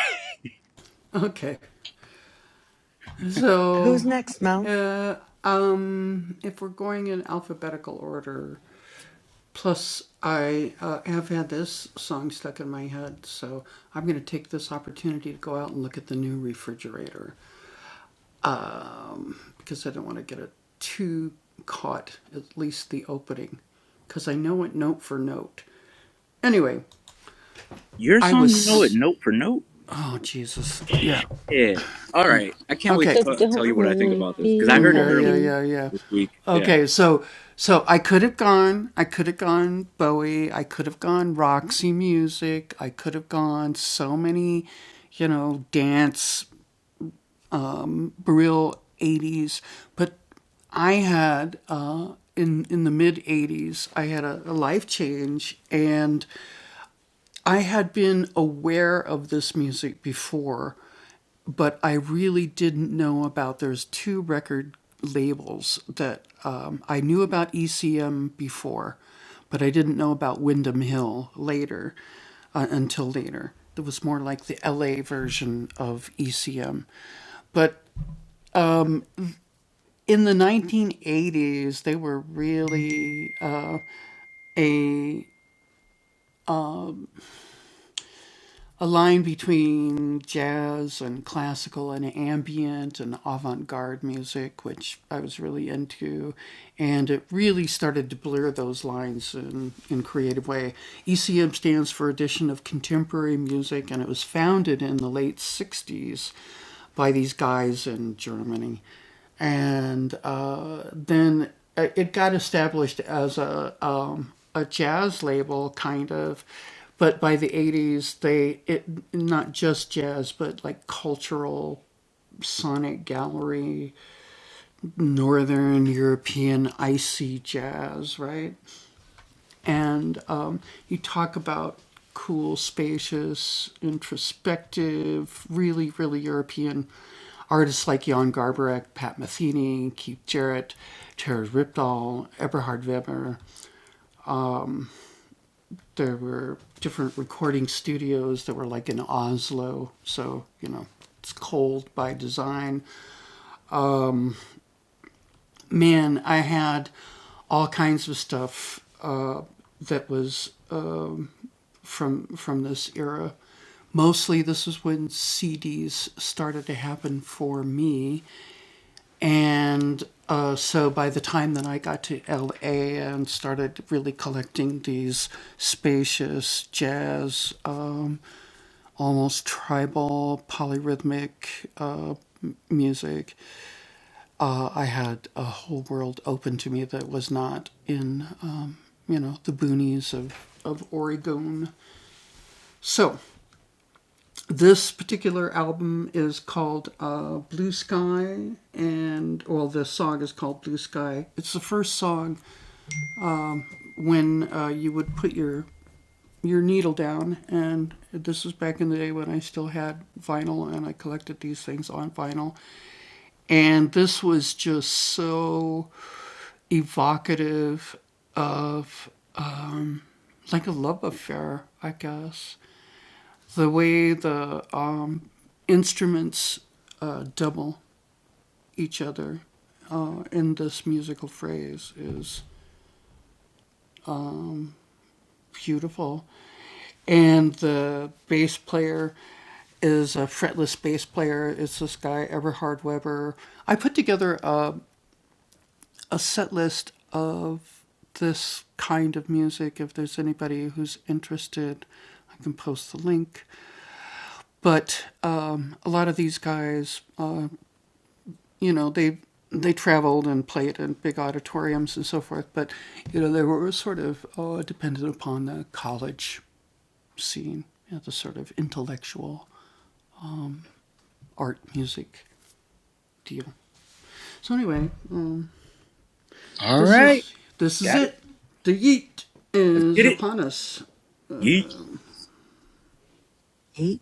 Speaker 3: Who's next, Mel?
Speaker 1: Your song, you know it note for note. Yeah. All right. I can't wait to
Speaker 2: So
Speaker 1: t- tell
Speaker 2: don't
Speaker 1: you what I think
Speaker 2: worry,
Speaker 1: about this because I
Speaker 2: be
Speaker 1: heard it earlier
Speaker 2: happy.
Speaker 1: this week. Yeah. All right. Got it. Let's get it. Yeet.
Speaker 3: Eight.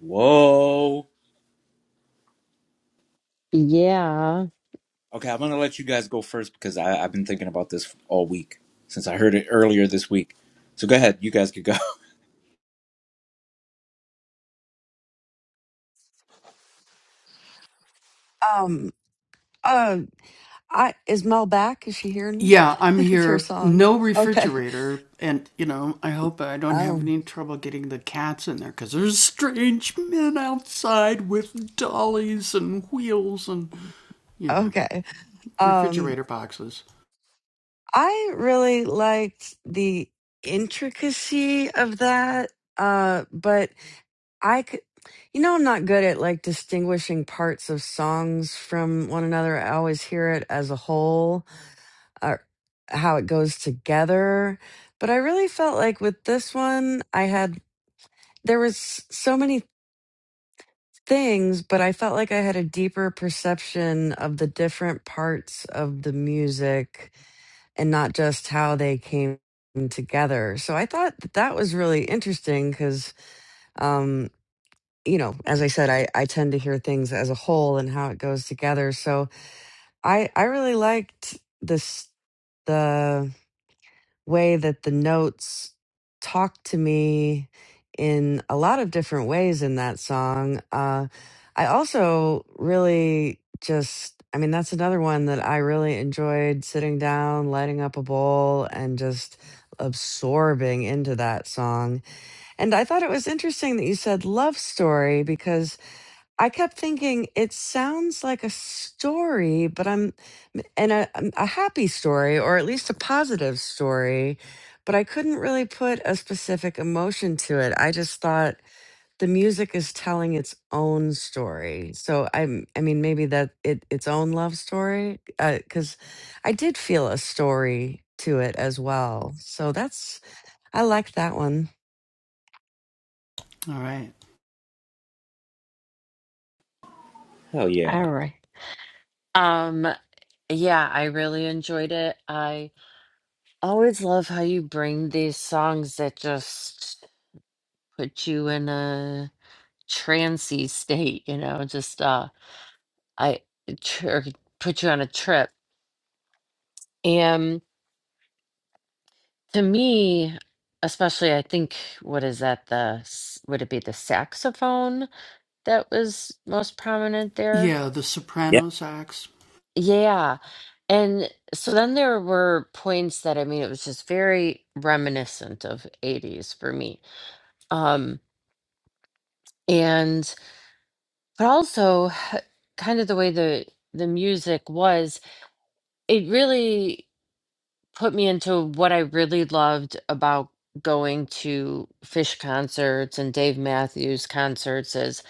Speaker 1: Whoa.
Speaker 2: Yeah.
Speaker 1: Okay, I'm gonna let you guys go first because I, I've been thinking about this all week since I heard it earlier this week. So go ahead. You guys could go.
Speaker 3: Um. Uh. I is Mel back? Is she hearing me? it's her song. Okay. Oh. Okay. Um. I really liked the intricacy of that. Uh. But I could, you know, I'm not good at like distinguishing parts of songs from one another. I always hear it as a whole, or how it goes together. But I really felt like with this one, I had, there was s- so many things, but I felt like I had a deeper perception of the different parts of the music and not just how they came together. So I thought that, that was really interesting because you know, as I said, I, I tend to hear things as a whole and how it goes together. So I, I really liked this, the way that the notes talk to me in a lot of different ways in that song. Uh, I also really just, I mean, that's another one that I really enjoyed sitting down, lighting up a bowl, and just absorbing into that song. And I thought it was interesting that you said love story because I kept thinking it sounds like a story, but I'm and a um, a happy story or at least a positive story, but I couldn't really put a specific emotion to it. I just thought the music is telling its own story. So I'm I mean maybe that it its own love story uh, cuz I did feel a story to it as well. So that's I like that one.
Speaker 1: Hell
Speaker 2: All
Speaker 1: yeah.
Speaker 2: right. Um, yeah, I really enjoyed it. I always love how you bring these songs that just put you in a trancy state, you know, just uh I tr- or put you on a trip. And to me, especially I think what is that the s- would it be the saxophone? that was most prominent there. Yeah. And so then there were points that I mean it was just very reminiscent of 80s for me. Um and but also kind of the way the the music was, it really put me into what I really loved about going to Fish concerts and Dave Matthews concerts is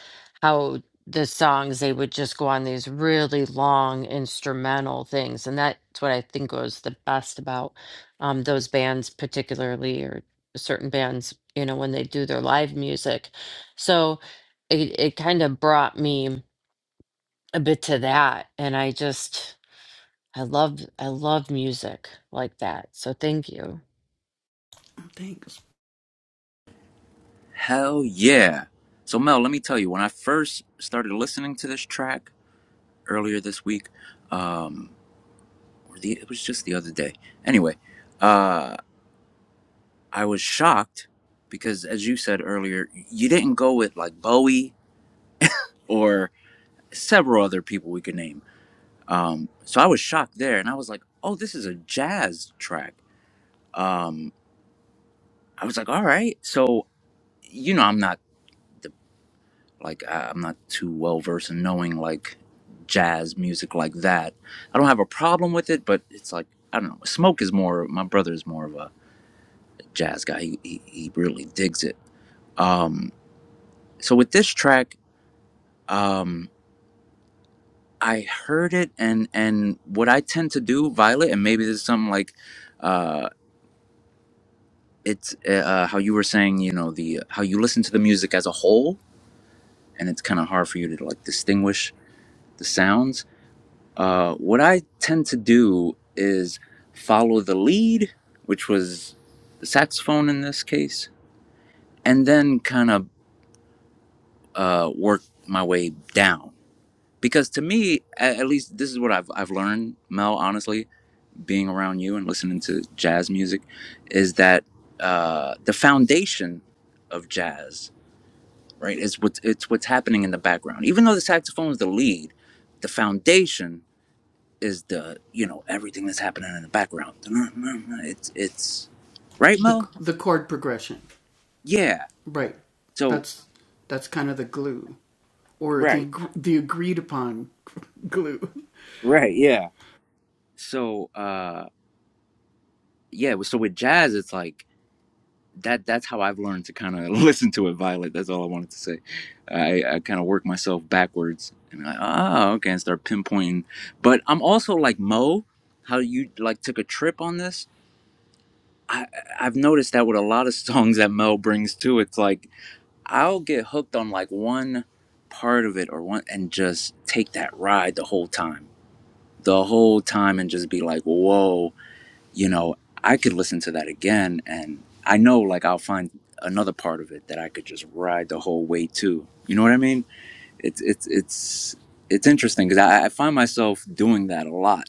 Speaker 2: how the songs they would just go on these really long instrumental things, and that's what I think was the best about um, those bands, particularly or certain bands, you know, when they do their live music. So it it kind of brought me a bit to that, and I just I love I love music like that. So thank you.
Speaker 1: Hell yeah. So Mel, let me tell you, when I first started listening to this track earlier this week, um, or the, it was just the other day. Anyway, uh, I was shocked because, as you said earlier, you didn't go with like Bowie or several other people we could name. Um, so I was shocked there, and I was like, "Oh, this is a jazz track." Um, I was like, "All right." So you know, I'm not. Like I, am not too well versed in knowing like jazz music like that. I don't have a problem with it, but it's like I don't know. Smoke is more. My brother is more of a jazz guy. He he, he really digs it. Um, so with this track, um, I heard it and and what I tend to do, Violet, and maybe this is something like. Uh, it's uh, uh, how you were saying, you know, the how you listen to the music as a whole, and it's kind of hard for you to like distinguish the sounds Uh, what I tend to do is follow the lead, which was the saxophone in this case, and then kind of uh, work my way down. Because to me, at, at least this is what I've, I've learned, Mel, honestly, being around you and listening to jazz music, is that uh, the foundation of jazz, right, is what's, it's what's happening in the background. Even though the saxophone is the lead, the foundation is the you know everything that's happening in the background. It's it's right, Mo. Yeah. So right, right, yeah. So uh, yeah. So with jazz, it's like that. That's how I've learned to kind of listen to it. Violet. That's all I wanted to say. I, I kind of work myself backwards, and I ah okay, and start pinpointing. But I'm also like Mo, how you like took a trip on this. I I've noticed that with a lot of songs that Mo brings too. It's like I'll get hooked on like one part of it or one and just take that ride the whole time. The whole time and just be like, whoa, you know, I could listen to that again and I know like I'll find another part of it that I could just ride the whole way too. You know what I mean? It's it's it's it's interesting because I, I find myself doing that a lot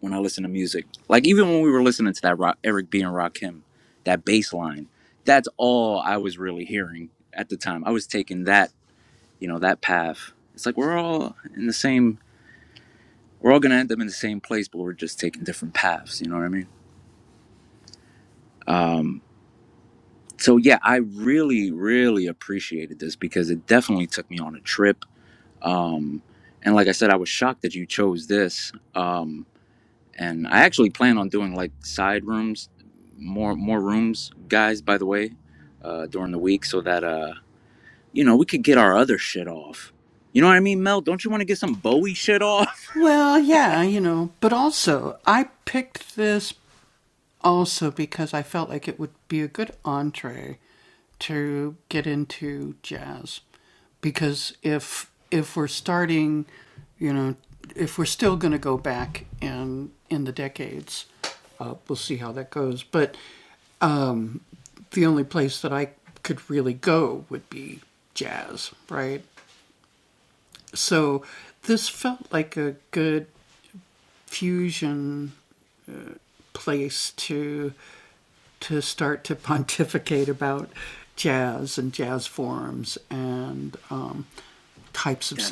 Speaker 1: when I listen to music. Like even when we were listening to that rock, Eric B and Rakim, that bass line, that's all I was really hearing at the time. I was taking that you know that path it's like we're all in the same we're all going to end up in the same place but we're just taking different paths you know what i mean um, so yeah i really really appreciated this because it definitely took me on a trip um, and like i said i was shocked that you chose this um, and i actually plan on doing like side rooms more more rooms guys by the way uh, during the week so that uh you know we could get our other shit off you know what i mean mel don't you want to get some bowie shit off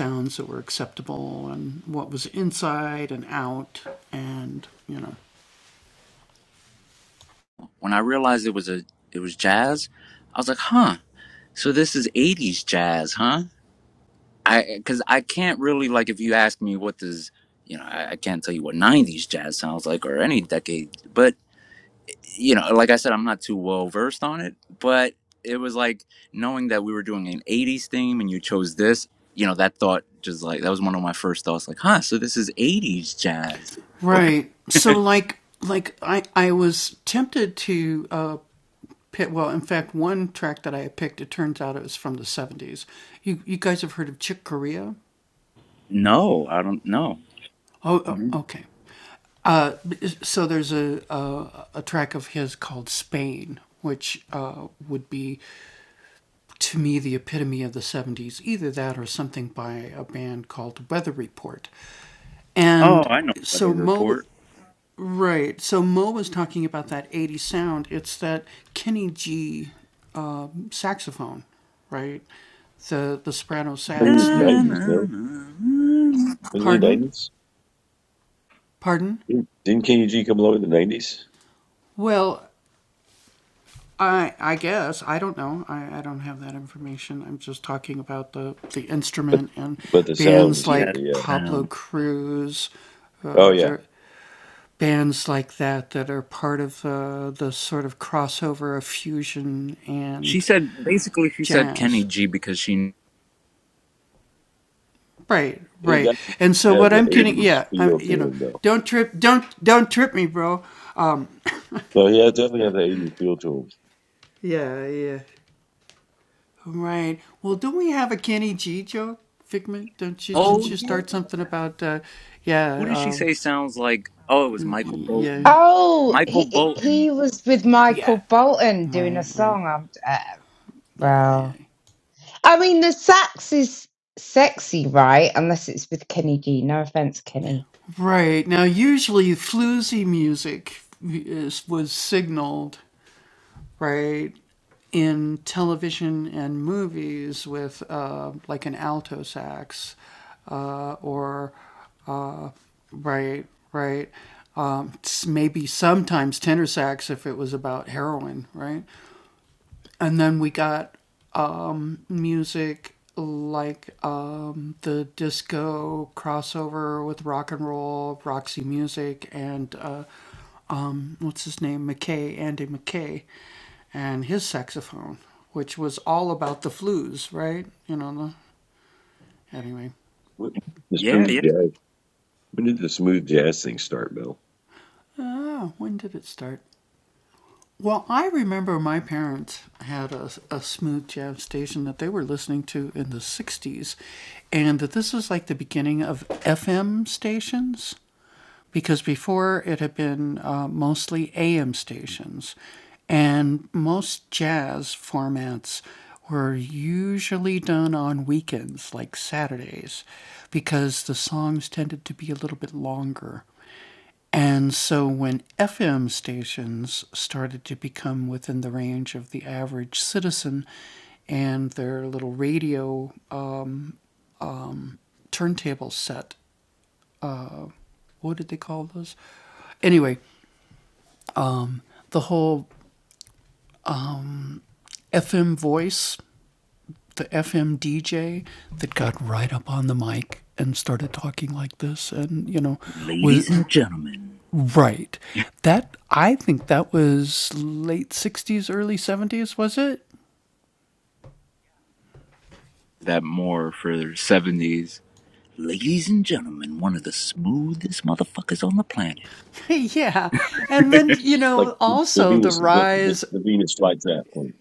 Speaker 1: When I realized it was a it was jazz, I was like, huh. So this is '80s jazz, huh? I because I can't really like if you ask me what does you know I, I can't tell you what '90s jazz sounds like or any decade, but you know, like I said, I'm not too well versed on it, but it was like knowing that we were doing an 80s theme and you chose this you know that thought just like that was one of my first thoughts like huh so this is 80s jazz okay no i don't know Mhm. oh i know weather report
Speaker 7: But he was
Speaker 1: Yeah,
Speaker 7: 90s, no? Wasn't he 90s? Didn't did KG come along in the 90s? But the sound is certainly, yeah.
Speaker 1: down.
Speaker 7: Oh, yeah.
Speaker 1: She said basically she said Kenny G because she.
Speaker 7: he has an eighties feel to him though. So he has, definitely has an eighties feel to him.
Speaker 1: Oh yeah. Who did she say sounds like? Oh, it was Michael Bolton.
Speaker 4: Oh,
Speaker 1: Michael
Speaker 4: he
Speaker 1: Bolton.
Speaker 4: he was with Michael Bolton doing a song. I'm, uh, well, I mean the sax is sexy, right? Unless it's with Kenny G. No offense, Kenny.
Speaker 7: When did The
Speaker 1: Yeah,
Speaker 7: smooth
Speaker 1: yeah.
Speaker 7: jazz. When did the smooth jazz thing start, Bill?
Speaker 1: Ladies and gentlemen, that more for the seventies. Ladies and gentlemen, one of the smoothest motherfuckers on the planet.
Speaker 7: Like the Venus, the, the, the Venus flytrap. thing.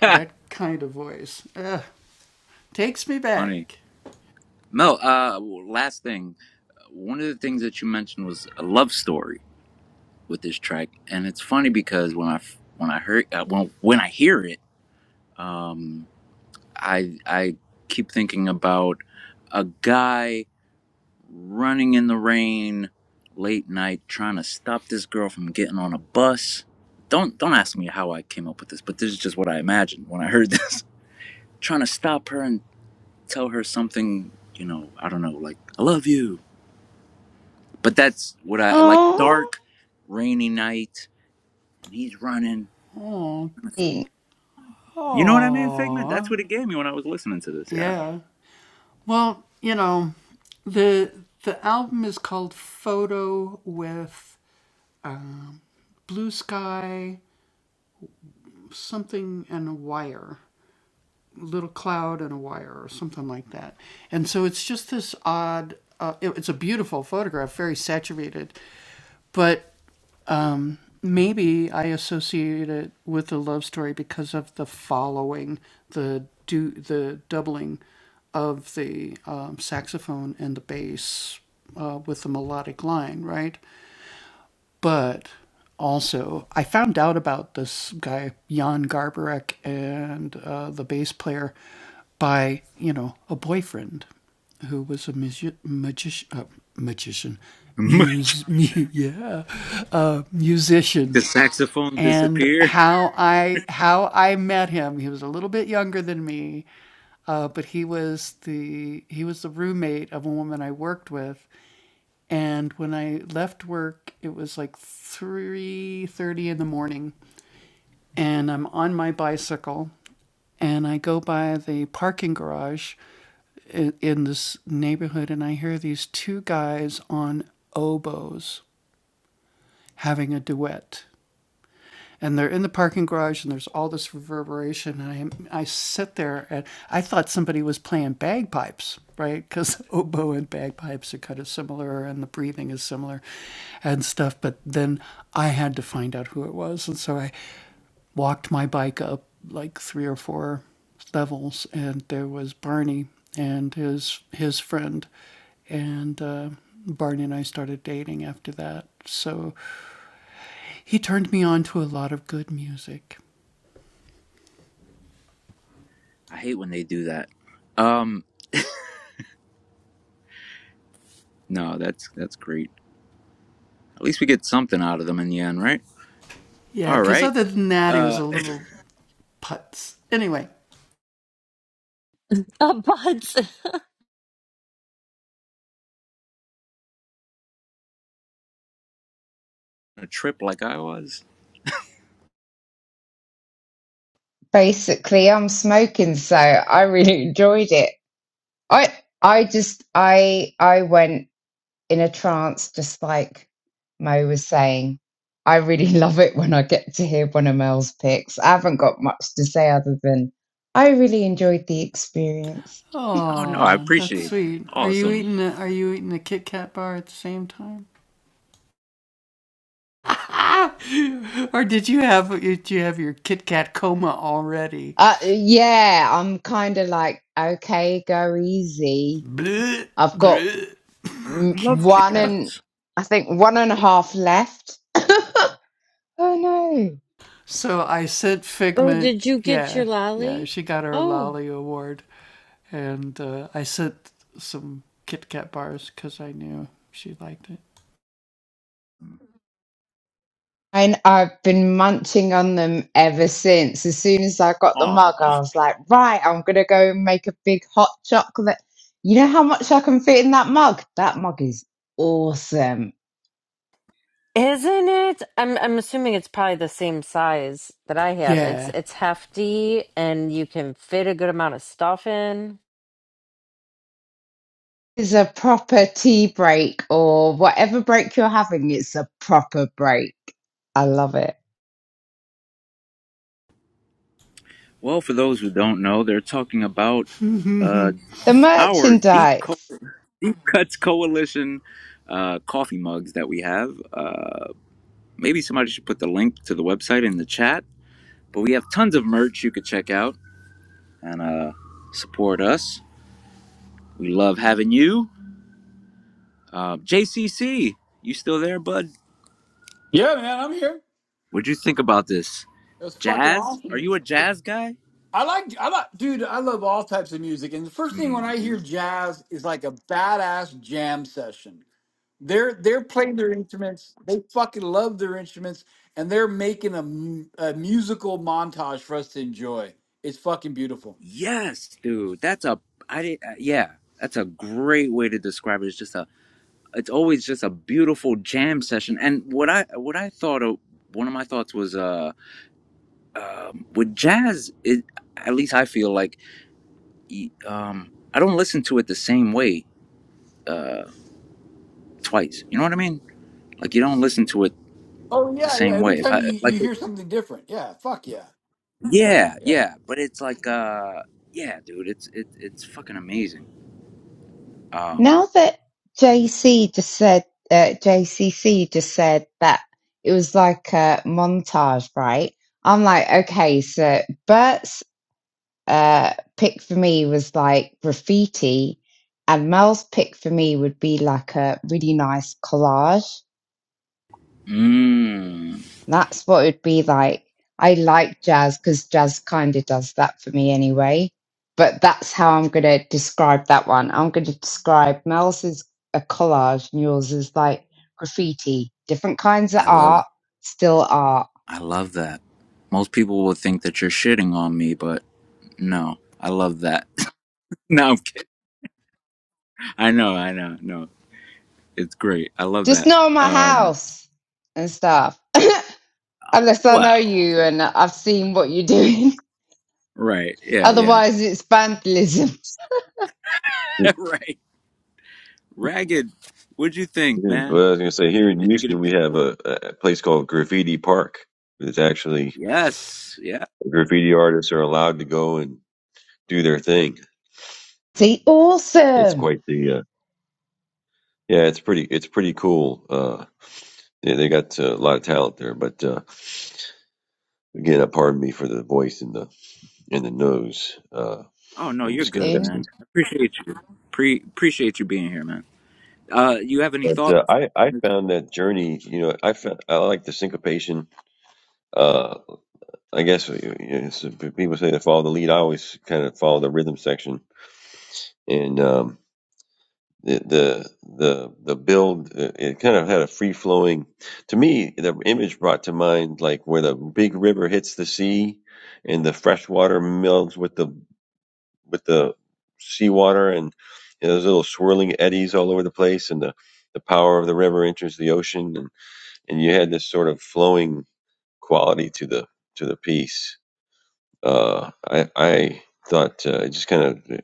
Speaker 1: Funny, Mel. Uh, last thing. One of the things that you mentioned was a love story. with this track, and it's funny because when I when I heard uh, when when I hear it, um, I I keep thinking about a guy running in the rain late night trying to stop this girl from getting on a bus. Don't don't ask me how I came up with this, but this is just what I imagined when I heard this. trying to stop her and tell her something, you know, I don't know, like I love you. But that's what I like
Speaker 4: Oh,
Speaker 1: dark rainy night and he's running You know what I mean, Figment? That's what it gave me when I was listening to this. Yeah, yeah. the saxophone disappear. I hate when they do that. Um, no, that's that's great. At least we get something out of them in the end, right? All right. Uh,
Speaker 2: A buds.
Speaker 1: a trip like I was.
Speaker 4: basically, I'm smoking, so I really enjoyed it. I I just I I went. in a trance, just like Mo was saying. I really love it when I get to hear one of Mel's picks. I haven't got much to say other than I really enjoyed the experience.
Speaker 1: Oh no, I appreciate. It. Awesome.
Speaker 4: Uh, yeah, I'm kind of like, okay, go easy. I've got mm,
Speaker 1: I Love Kit
Speaker 4: one and
Speaker 1: Kats.
Speaker 4: I think one and a half left. Oh no.
Speaker 2: Oh, did you get your lolly? Oh,
Speaker 4: And I've been munching on them ever since. As soon as I got the mug, I
Speaker 1: Aw.
Speaker 4: was like, right, I'm going to go and make a big hot chocolate. You know how much I can fit in that mug? That mug is awesome.
Speaker 2: Isn't it? I'm I'm assuming it's probably the same size that I have. It's it's hefty and you can fit a good amount of stuff in.
Speaker 4: It's a proper tea break or whatever break you're having, it's a proper break. I love it.
Speaker 1: Well, for those who don't know, they're talking about uh,
Speaker 4: The
Speaker 1: our deep co-
Speaker 4: merchandise.
Speaker 1: deep cuts coalition uh, coffee mugs that we have. Uh, Maybe somebody should put the link to the website in the chat. But we have tons of merch you could check out and uh, support us. We love having you. Uh, JCC, you still there, bud?
Speaker 5: Yeah, man, I'm here.
Speaker 1: What'd you think about this?
Speaker 5: It was fucking
Speaker 1: Jazz? Are
Speaker 5: awesome.
Speaker 1: you
Speaker 5: It's,
Speaker 1: a jazz guy?
Speaker 5: I like, I like, dude, I love all types of music. And the first thing when I hear
Speaker 1: hmm
Speaker 5: jazz is like a badass jam session. They're they're playing their instruments. They fucking love their instruments, and they're making a, mu- a musical montage for us to enjoy. It's fucking beautiful.
Speaker 1: Yes, dude. That's a I did uh, yeah. That's a great way to describe it. It's just a it's always just a beautiful jam session. And what I what I thought of one of my thoughts was uh um, with jazz it at least I feel like um, I don't listen to it the same way uh, twice. You know what I mean? Like you don't listen to it
Speaker 5: Oh
Speaker 1: the
Speaker 5: yeah, yeah.
Speaker 1: same
Speaker 5: Every
Speaker 1: way. If
Speaker 5: time
Speaker 1: I
Speaker 5: you,
Speaker 1: like,
Speaker 5: you hear something different, yeah. Fuck yeah, yeah,
Speaker 1: yeah,
Speaker 5: yeah.
Speaker 1: yeah, but it's like, uh, yeah, dude, it's it, it's fucking amazing. Um,
Speaker 4: Now that JC just said, uh, JCC just said that it was like a montage, right? I'm like, okay, so Bert's uh, pick for me was like graffiti, and Mel's pick for me would be like a really nice collage.
Speaker 1: mm,
Speaker 4: That's what it'd be like. I like jazz because jazz kind of does that for me anyway. But that's how I'm going to describe that one. I'm going to describe Mel's is a collage and yours is like graffiti. Different kinds of
Speaker 1: I love
Speaker 4: art, still art.
Speaker 1: I love that. Most people will think that you're shitting on me, but no, I love that. no, i I know, I know, no, it's great. I love
Speaker 4: Just
Speaker 1: that.
Speaker 4: know my
Speaker 1: Um,
Speaker 4: house and stuff. Unless I know
Speaker 1: well,
Speaker 4: you and I've seen what you're doing.
Speaker 1: right, yeah, yeah,
Speaker 4: Otherwise, it's vandalism.
Speaker 7: It
Speaker 1: right. Ragged, what'd you think,
Speaker 7: is.
Speaker 1: man?
Speaker 7: Well, I was gonna say here in
Speaker 1: Did you get a
Speaker 7: Houston we
Speaker 1: chance?
Speaker 7: have a, a place called Graffiti Park. It's actually
Speaker 1: Yes. Yeah.
Speaker 7: graffiti artists are allowed to go and do their thing.
Speaker 4: The
Speaker 7: It's
Speaker 4: awesome
Speaker 7: quite the uh, yeah. It's pretty. It's pretty cool. Uh, yeah, they got uh, a lot of talent there. But uh, again, uh, pardon me for the voice and the and the nose. Uh,
Speaker 1: Oh no,
Speaker 7: I'm
Speaker 1: you're
Speaker 7: just
Speaker 1: good,
Speaker 4: thing.
Speaker 7: congested.
Speaker 1: man. I appreciate you. Pre appreciate you being here, man. Uh, you have any
Speaker 7: But
Speaker 1: thoughts?
Speaker 7: uh, I I found that journey. You know, I found, I like the syncopation. Uh, I guess uh, you know, it's- people say to follow the lead. I always kind of follow the rhythm section, and um, the the the the build. uh, It kind of had a free flowing. To me, the image brought to mind like where the big river hits the sea, and the fresh water melds with the with the seawater, and you know, those little swirling eddies all over the place, and the the power of the river enters the ocean and you had this sort of flowing quality to the to the piece. Uh, I I thought uh, it just kind of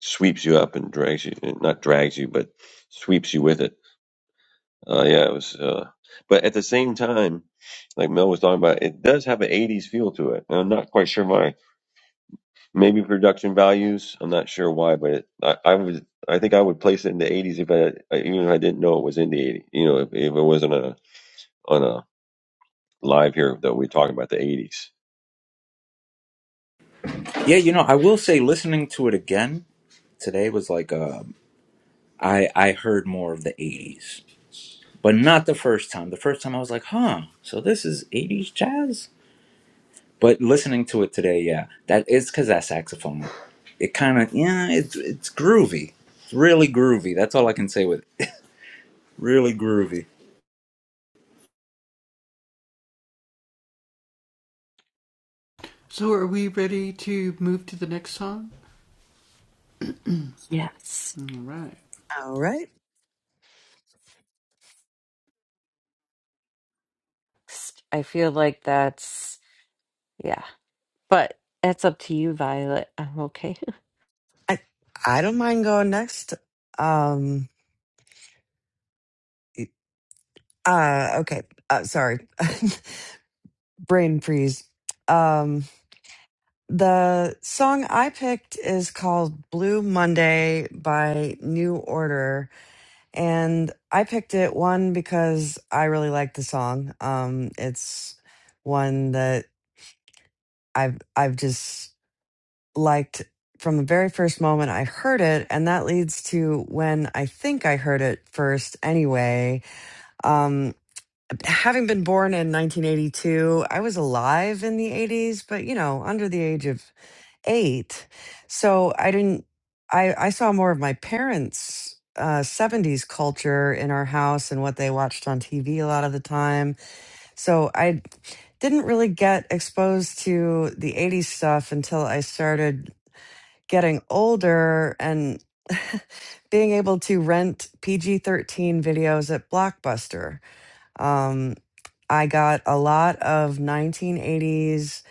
Speaker 7: sweeps you up and drags you, not drags you, but sweeps you with it. Uh, yeah, it was. Uh, but at the same time, like Mel was talking about, it does have an '80s feel to it. And I'm not quite sure why. Maybe production values. I'm not sure why, but it, I, I was. I think I would place it in the '80s if I even if I didn't know it was in the '80s. You know, if, if it wasn't a on a live here that we are talking about the '80s.
Speaker 1: Yeah, you know, I will say listening to it again today was like uh, I I heard more of the '80s, but not the first time. The first time I was like, huh, so this is '80s jazz. But listening to it today, yeah, that is because that saxophone. It kind of yeah, it's it's groovy, it's really groovy. That's all I can say with it. really groovy.
Speaker 2: Yes.
Speaker 3: All right.
Speaker 2: I feel like that's yeah. But that's up to you, Violet. I'm okay.
Speaker 3: I I don't mind going next. Um Uh, okay. Uh, sorry. Brain freeze. Um, the song I picked is called Blue Monday by New Order. And I picked it one because I really like the song. Um, it's one that I've, I've just liked from the very first moment I heard it. And that leads to when I think I heard it first anyway. Um. having been born in 1982, I was alive in the 80s, but you know, under the age of eight. So I didn't, I, I saw more of my parents' uh, 70s culture in our house and what they watched on TV a lot of the time. So I didn't really get exposed to the 80s stuff until I started getting older and being able to rent PG 13 videos at Blockbuster. Um, I got a lot of 1980s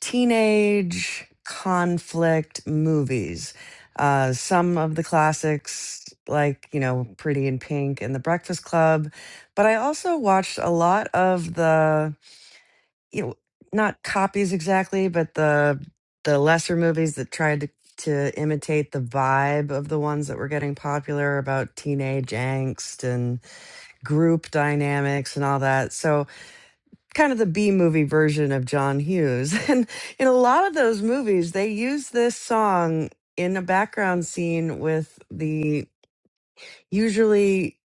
Speaker 3: teenage conflict movies. Uh, some of the classics, like, you know, Pretty in Pink and The Breakfast Club. But I also watched a lot of the, you know, not copies exactly, but the the lesser movies that tried to to imitate the vibe of the ones that were getting popular about teenage angst and group dynamics and all that. So kind of the B movie version of John Hughes. And in a lot of those movies, they use this song in a background scene with the usually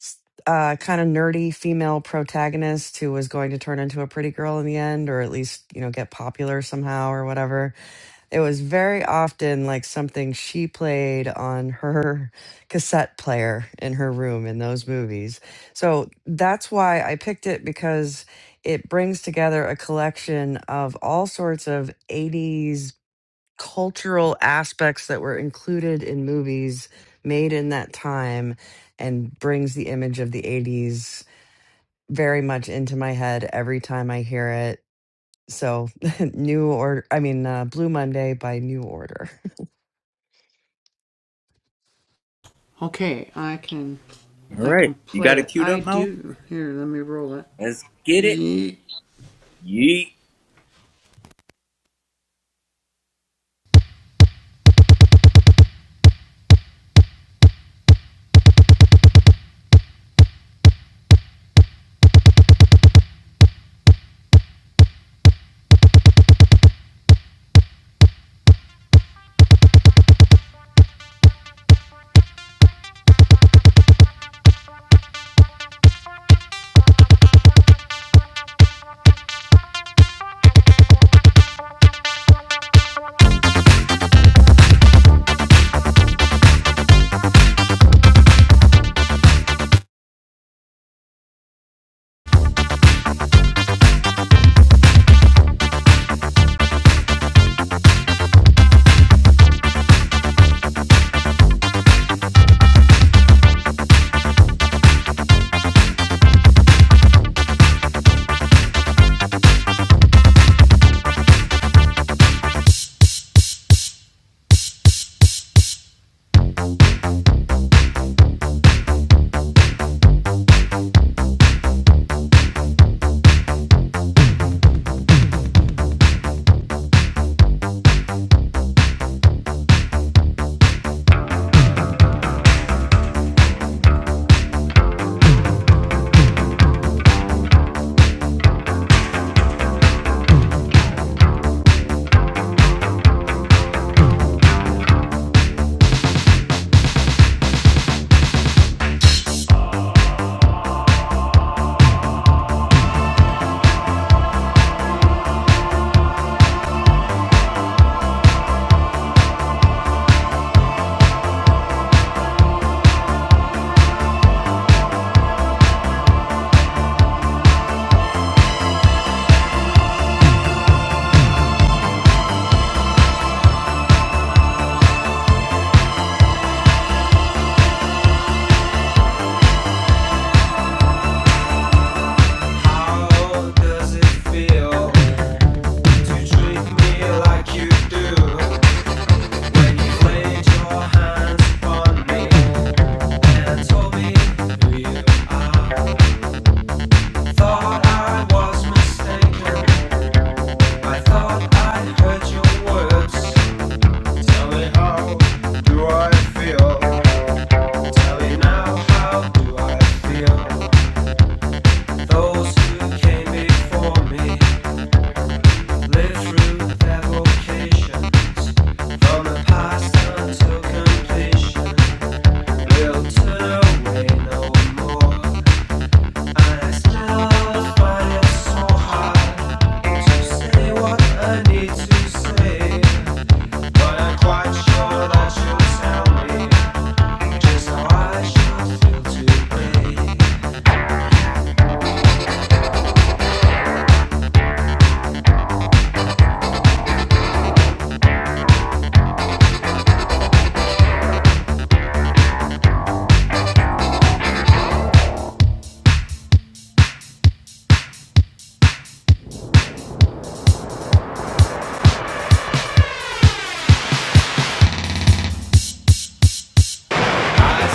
Speaker 3: s- uh, kind of nerdy female protagonist who was going to turn into a pretty girl in the end, or at least, you know, get popular somehow or whatever it was very often like something she played on her cassette player in her room in those movies. So that's why I picked it because it brings together a collection of all sorts of 80s cultural aspects that were included in movies made in that time and brings the image of the 80s very much into my head every time I hear it. So, New Order, I mean, uh, Blue Monday by New Order.
Speaker 1: All right. You got it queued up, Mel? Let's get it. Yeet.
Speaker 6: Do I feel? Tell me now, how do I feel? Those who came before me lived through their vocations. From the pink to see what, but I'm sure that you'll tell me just how I should feel today.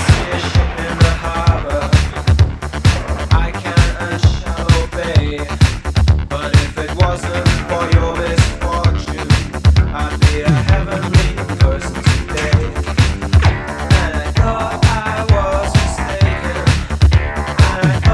Speaker 6: See a ship in the harbor, I can and shall obey. But if it wasn't for your misfortune, I'd be a heavenly person today. And I thought I was mistaken. I make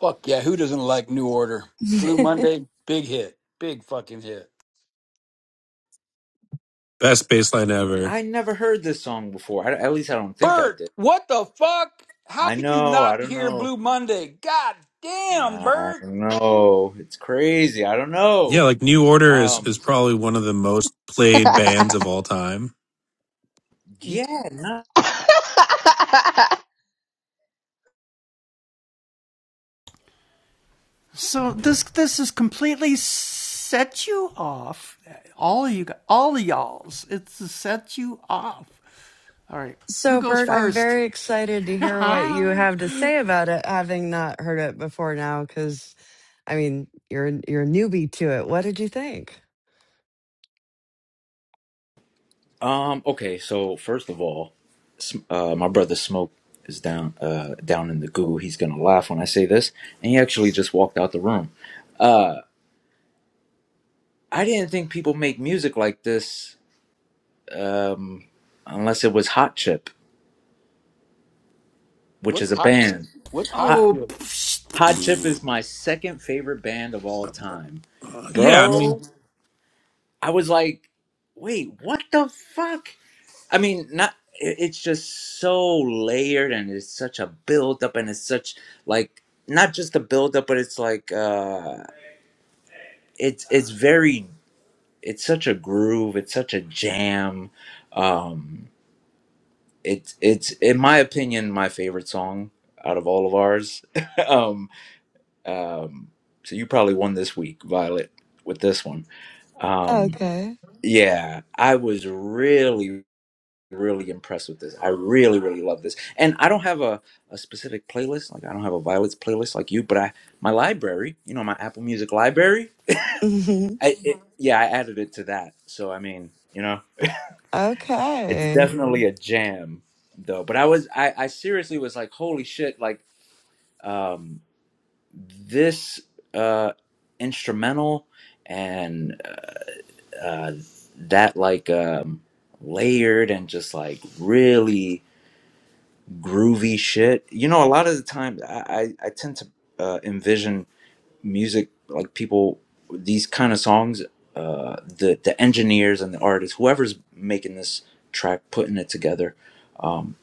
Speaker 5: Fuck yeah. Who doesn't like New Order? Blue Monday, big hit, big fucking hit.
Speaker 8: Best baseline ever.
Speaker 1: I never heard this song before. I, at least I don't think I
Speaker 5: Bert,
Speaker 1: did.
Speaker 5: what the fuck? How
Speaker 1: I
Speaker 5: could you
Speaker 1: know. I
Speaker 5: not
Speaker 1: don't
Speaker 5: hear
Speaker 1: know.
Speaker 5: Blue Monday? God damn,
Speaker 1: I
Speaker 5: Bert.
Speaker 1: don't know. It's crazy. I don't
Speaker 8: Yeah,
Speaker 1: know.
Speaker 8: like New Order is is
Speaker 1: Um.
Speaker 8: probably one of the most played bands
Speaker 4: I
Speaker 8: of all time.
Speaker 1: Yeah. Not.
Speaker 3: So, Bert, I'm very excited to hear what you have to say about it, having not heard it before now. Because I mean, you're you're a newbie to it. What did you think?
Speaker 1: Um. Okay. So first of all, S- uh, my brother Smoke is down. Uh, down in the goo. He's gonna laugh when I say this, and he actually just walked out the room. I didn't think people make music like this. Um. Unless it was Hot Chip, which
Speaker 5: What's
Speaker 1: is a
Speaker 5: hot shit?
Speaker 1: band.
Speaker 5: What's hot shit?
Speaker 1: Hot Chip is my second favorite band of all time.
Speaker 8: Uh, yeah, I mean,
Speaker 1: Bro, I was like, wait, what the fuck? I mean, not it- it's just so layered and it's such a build up and it's such like not just a build up but it's like uh it's it's very it's such a groove, it's such a jam. Um it's it's in my opinion my favorite song out of all of ours. um Um, so you probably won this week, Violet, with this one. Um,
Speaker 3: Okay.
Speaker 1: yeah, I was really, really impressed with this. I really, really love this. And I don't have a, a specific playlist. Like I don't have a Violet's playlist like you, but I my library, you know, my Apple Music library.
Speaker 3: Mhm.
Speaker 1: I it, yeah, I added it to that. So I mean, you know, it's
Speaker 3: okay.
Speaker 1: definitely a jam though. But I was I, I seriously was like, holy shit, like um this uh instrumental and uh, that like um, layered and just like really groovy shit. You know, a lot of the time I, I, I tend to uh, envision music like people these kind of songs. Uh, the the engineers and the artists, whoever's making this track, putting it together, um,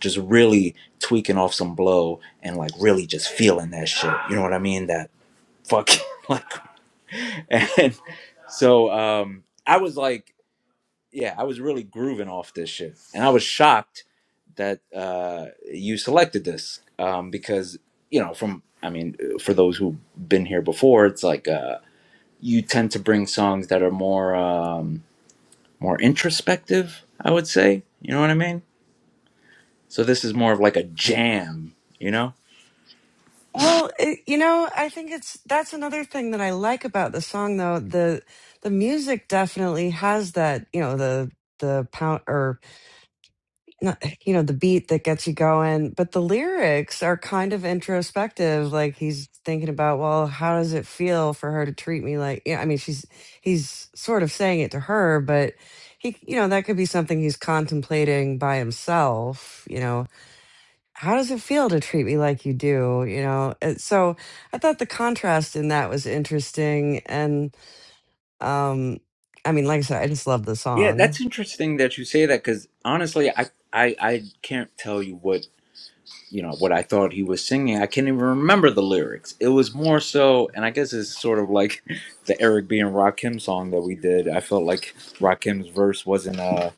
Speaker 1: just really tweaking off some blow and like really just feeling that shit. You know what I mean? That fucking like, and so um, I was like. yeah, I was really grooving off this shit, and I was shocked that uh, you selected this um, because you know, from I mean, for those who've been here before, it's like uh, you tend to bring songs that are more um, more introspective. I would say, you know what I mean. So this is more of like a jam, you know.
Speaker 3: Well, it, you know, I think it's that's another thing that I like about the song, though the the music definitely has that. You know, the the pound or not- you know the beat that gets you going but the lyrics are kind of introspective like he's thinking about well how does it feel for her to treat me like yeah i mean she's he's sort of saying it to her but he you know that could be something he's contemplating by himself you know how does it feel to treat me like you do you know And so i thought the contrast in that was interesting and um i mean like i said i just love the
Speaker 1: Yeah, that's
Speaker 3: song
Speaker 1: interesting that you say that because honestly, I, I I can't tell you what. you know what I thought he was singing. I can't even remember the lyrics. It was more so, and I guess it's sort of like the Eric B and Rakim song that we did. I felt like Rakim's verse wasn't uh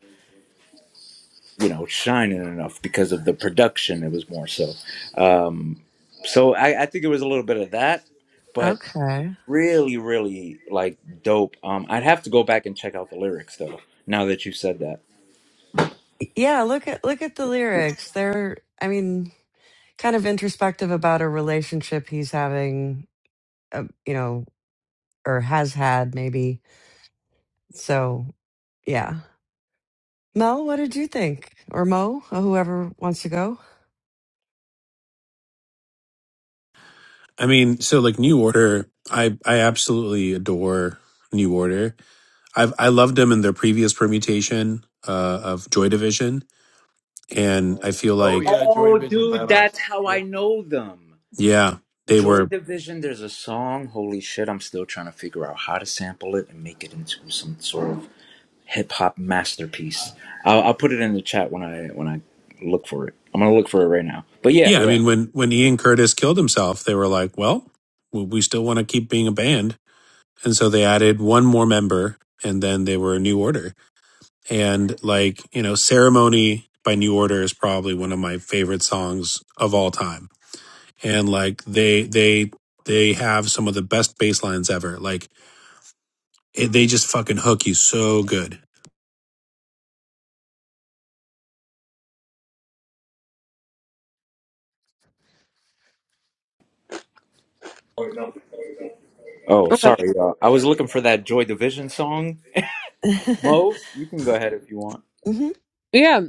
Speaker 1: you know shining enough because of the production. It was more so. Um, so I, I think it was a little bit of that, but
Speaker 3: okay
Speaker 1: really, really like dope. Um, I'd have to go back and check out the lyrics though. Now that you said that.
Speaker 3: Yeah, look at look at the lyrics. They're, I mean, kind of introspective about a relationship he's having, uh, you know, or has had maybe. So, yeah. Mel, what did you think? Or Mo, or whoever wants to go.
Speaker 8: I mean, so like New Order, I I absolutely adore New Order. I've I loved them in their previous permutation uh, of Joy Division, and I feel
Speaker 5: Oh
Speaker 8: like
Speaker 5: yeah, Joy
Speaker 1: Oh,
Speaker 5: Division's
Speaker 1: dude,
Speaker 5: badass.
Speaker 1: that's how I know them.
Speaker 8: yeah, they
Speaker 1: Joy
Speaker 8: were
Speaker 1: Division, there's a song, holy shit, I'm still trying to figure out how to sample it and make it into some sort of hip hop masterpiece. I'll, I'll put it in the chat when I when I look for it. I'm gonna look for it right now. But yeah,
Speaker 8: yeah. I
Speaker 1: yeah.
Speaker 8: mean, when when Ian Curtis killed himself, they were like, well, we we still want to keep being a band, and so they added one more member, and then they were a New Order and like you know ceremony by new order is probably one of my favorite songs of all time and like they they they have some of the best bass lines ever like it, they just fucking hook you so good
Speaker 1: Oh,
Speaker 2: okay.
Speaker 1: sorry, y'all. I was looking for that Joy Division song. Mo, you can go ahead if you want.
Speaker 3: hmm
Speaker 2: yeah.